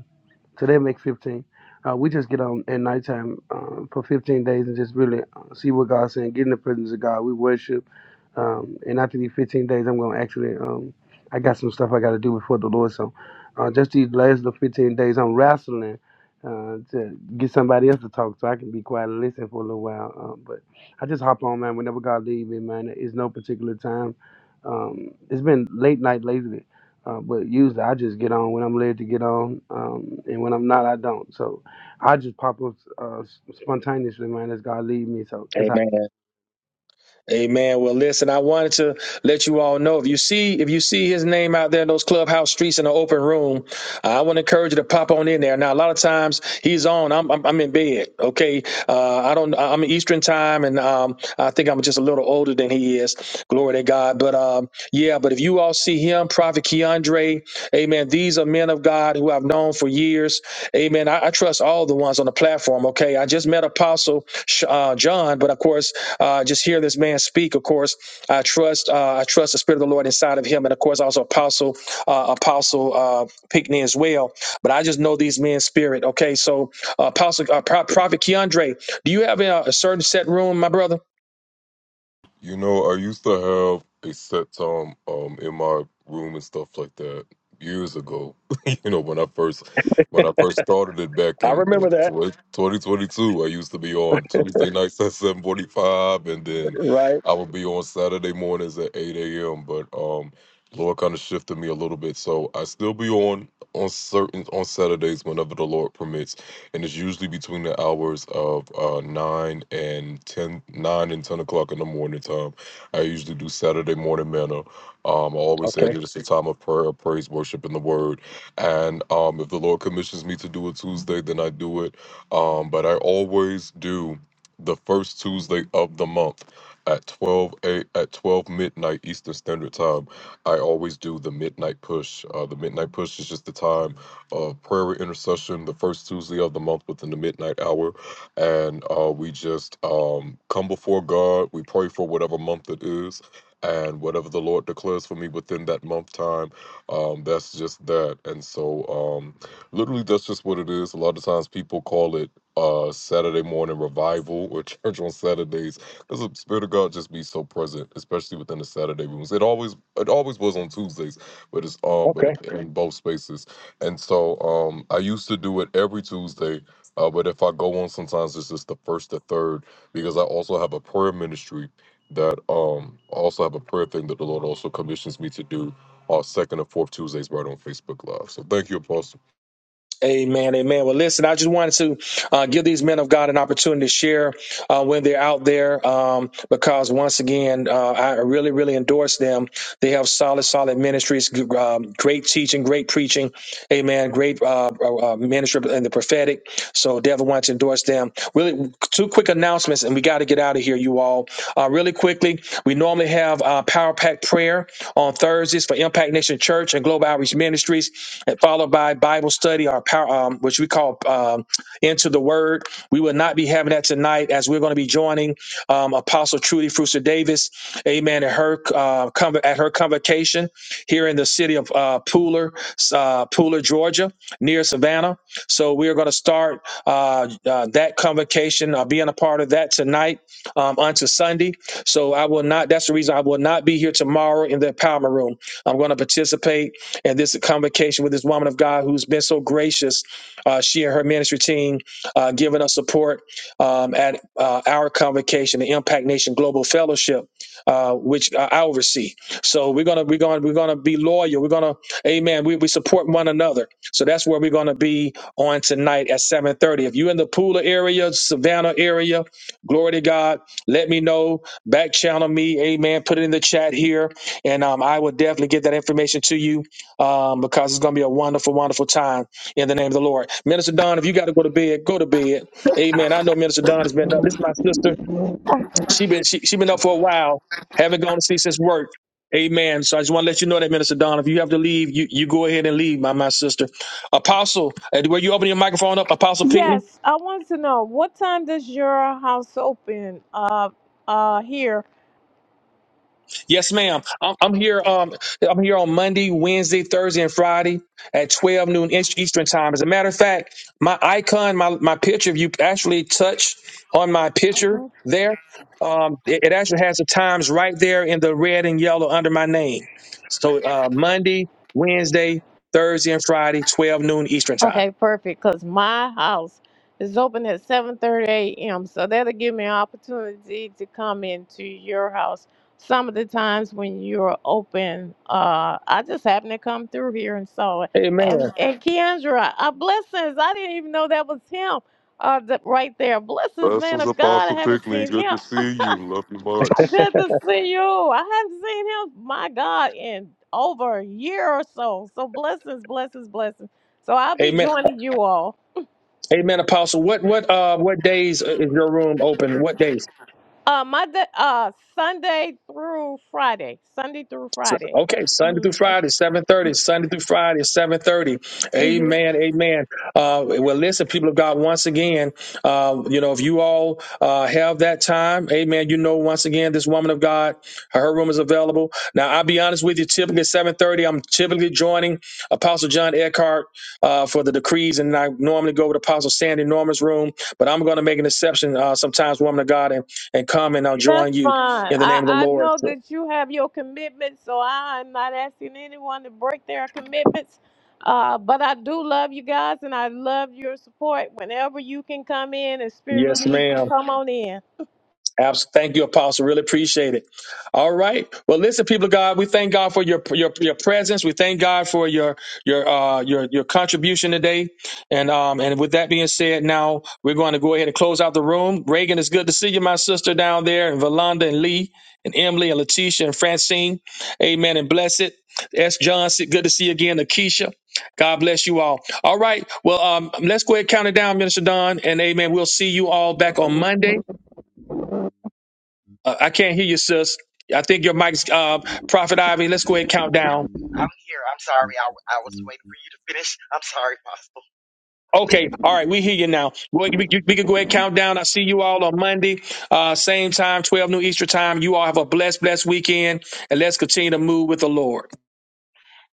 G: Today make 15. Uh, we just get on at nighttime uh, for 15 days and just really uh, see what God's saying. Get in the presence of God. We worship. Um, and after these 15 days, I'm going to actually, um, I got some stuff I got to do before the Lord. So uh, just these last little 15 days, I'm wrestling uh, to get somebody else to talk so I can be quiet and listen for a little while. Uh, but I just hop on, man, whenever God leaves me, man. It's no particular time. Um, it's been late night lately uh, but usually I just get on when I'm led to get on, um, and when I'm not, I don't. So I just pop up uh, s- spontaneously, man. As God lead me, so that's how.
A: Amen. Well, listen, I wanted to let you all know if you see if you see his name out there in those clubhouse streets in an open room, I want to encourage you to pop on in there. Now, a lot of times he's on. I'm I'm, I'm in bed. Okay, Uh, I don't. I'm Eastern time, and um, I think I'm just a little older than he is. Glory to God. But um, yeah. But if you all see him, Prophet Keandre, Amen. These are men of God who I've known for years. Amen. I, I trust all the ones on the platform. Okay. I just met Apostle Sh- uh, John, but of course, uh, just hear this man speak. Of course, I trust. Uh, I trust the Spirit of the Lord inside of him, and of course, also Apostle uh, Apostle uh, Pickney as well. But I just know these men's spirit. Okay. So uh, Apostle uh, Pro- Prophet Keandre. Do you have a, uh, a certain set room, my brother?
F: You know, I used to have a set time um in my room and stuff like that years ago. you know, when I first when I first started it back
A: I
F: in
A: remember
F: what,
A: that.
F: 2022, I used to be on Tuesday nights at 7:45 and then
A: Right.
F: I would be on Saturday mornings at 8 a.m. But um Lord kind of shifted me a little bit. So I still be on on certain on Saturdays whenever the Lord permits and it's usually between the hours of uh, 9 and 10, 9 and 10 o'clock in the morning time i usually do saturday morning manna um, i always say
A: Okay.
F: that it's a time of prayer praise worship and the word and um, if the lord commissions me to do it tuesday then i do it um, but i always do the first tuesday of the month at 12 a, at 12 midnight eastern standard time i always do the midnight push uh, the midnight push is just the time uh, prayer and intercession the first Tuesday of the month within the midnight hour. And uh, we just um, come before God. We pray for whatever month it is. And whatever the Lord declares for me within that month time, um, that's just that. And so, um, literally, that's just what it is. A lot of times people call it uh, Saturday morning revival or church on Saturdays because the Spirit of God just be so present, especially within the Saturday rooms. It always, it always was on Tuesdays, but it's on, but
A: Okay.
F: in both spaces. And so um, I used to do it every Tuesday, uh, but if I go on sometimes, it's just the first or third because I also have a prayer ministry that um, I also have a prayer thing that the Lord also commissions me to do on second or fourth Tuesdays right on Facebook Live. So thank you, Apostle.
A: Amen, amen. Well, listen, I just wanted to uh, give these men of God an opportunity to share uh, when they're out there um, because once again uh, i really really endorse them they have solid solid ministries um, great teaching great preaching amen great uh, uh, uh, ministry and the prophetic so definitely want to endorse them really two quick announcements and we got to get out of here you all uh, really quickly we normally have uh, power pack prayer on thursdays for impact nation church and global outreach ministries and followed by bible study our power um, which we call um, into the word. We will not be having that tonight as we're going to be joining um, Apostle Trudy Fruster Davis, amen, at her, uh, conv- at her convocation here in the city of uh, Pooler, uh, Pooler, Georgia, near Savannah. So we are going to start uh, uh, that convocation, uh, being a part of that tonight um, onto Sunday. So I will not, that's the reason I will not be here tomorrow in the empowerment room. I'm going to participate in this convocation with this woman of God who's been so gracious uh, she and her ministry team uh, giving us support um, at uh, our convocation, the Impact Nation Global Fellowship, uh, which I I oversee. So we're gonna we're gonna we're gonna be loyal. We're gonna, Amen. We, we support one another. So that's where we're gonna be on tonight at 7:30. If you're in the Pula area, Savannah area, glory to God. Let me know. Back channel me, Amen. Put it in the chat here, and um, I will definitely get that information to you um, because it's gonna be a wonderful, wonderful time in the name of the Lord. Minister Don, if you got to go to bed, go to bed. Amen. I know Minister Don has been up. This is my sister. She been she she been up for a while. Haven't gone to sleep since work. Amen. So I just want to let you know that, Minister Don, if you have to leave, you, you go ahead and leave, my my sister. Apostle, uh, where you open your microphone up, Apostle Pickney?
J: Yes, I want to know what time does your house open uh uh here?
A: Yes, ma'am. I'm, I'm here. Um, I'm here on Monday, Wednesday, Thursday, and Friday at 12 noon East- Eastern time. As a matter of fact, my icon, my my picture, if you actually touch on my picture there, um, it, it actually has the times right there in the red and yellow under my name. So uh, Monday, Wednesday, Thursday, and Friday, 12 noon Eastern time.
J: Okay, perfect. Cause my house is open at seven thirty a.m. So that'll give me an opportunity to come into your house. Some of the times when you're open, uh, I just happened to come through here and saw it.
A: Amen.
J: And and Kendra, uh, blessings. I didn't even know that was him. Uh, th- right there, blessings, man
F: Blessings,
J: of God. I
F: Apostle
J: haven't
F: Pickney.
J: seen
F: Good
J: him.
F: to see you. Love you
J: Uh,
F: much.
J: Good to see you. I haven't seen him, my God, in over a year or so. So blessings, blessings, blessings. So I'll be
A: Amen.
J: joining you all.
A: Amen. Apostle, what what uh what days uh, is your room open? What days?
J: Uh, my da uh Sunday through Friday, Sunday through
A: So-
J: Friday.
A: Okay, Sunday
J: hmm
A: through Friday, seven thirty. Sunday through Friday, seven thirty.
J: hmm
A: Amen, amen. Uh, well, listen, people of God. Once again, um, you know, if you all uh, have that time, Amen. You know, once again, this woman of God, her room is available. Now, I'll be honest with you. Typically, at seven thirty, I'm typically joining Apostle John Eckhart uh, for the decrees, and I normally go with Apostle Sandy Norman's room, but I'm going to make an exception uh, sometimes, woman of God, and and come and I'll
J: That's
A: join you
J: fine.
A: in the name of the
J: I I
A: Lord.
J: know that you have your commitments, so I'm not asking anyone to break their commitments. Uh, but I do love you guys, and I love your support. Whenever you can come in and spirit
A: Yes,
J: lead you,
A: ma'am.
J: come on in.
A: Abs- Thank you, Apostle. Really appreciate it. All right. Well, listen, people of God, we thank God for your your, your presence. We thank God for your your uh, your your contribution today. And um and with that being said, now we're going to go ahead and close out the room. Reagan, it's good to see you, my sister down there, and Valanda and Lee and Emily and Letitia and Francine. Amen. And bless it. S. Johnson, good to see you again, Akeisha. God bless you all. All right. Well, um, let's go ahead and count it down, Minister Don, and amen. We'll see you all back on Monday. Uh, I can't hear you, sis. I think your mic's uh, Prophet Ivy. Let's go ahead and count down.
D: I'm here. I'm sorry. I, w- I was waiting for you to finish. I'm sorry, Apostle.
A: Okay, all right, we hear you now. Go ahead- We, we can go ahead and count down. I see you all on Monday, uh, same time, 12 noon Eastern time. You all have a blessed, blessed weekend, and let's continue to move with the Lord.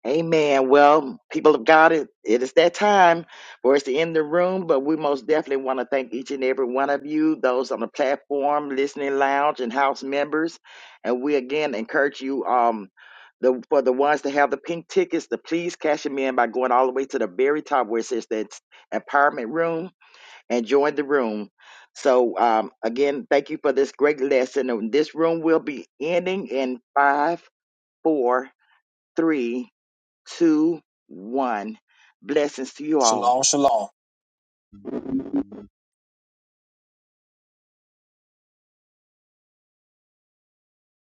D: Amen. Well, people of God, it, it is that time for us to end the room, but we most definitely want to thank each and every one of you, those on the platform, listening lounge, and house members. And we again encourage you um, the, for the ones that have the pink tickets to please cash them in by going all the way to the very top where it says that empowerment room and join the room. So, um, again, thank you for this great lesson. And This room will be ending in five, four, three, two, one. Blessings to you all.
A: Shalom, shalom.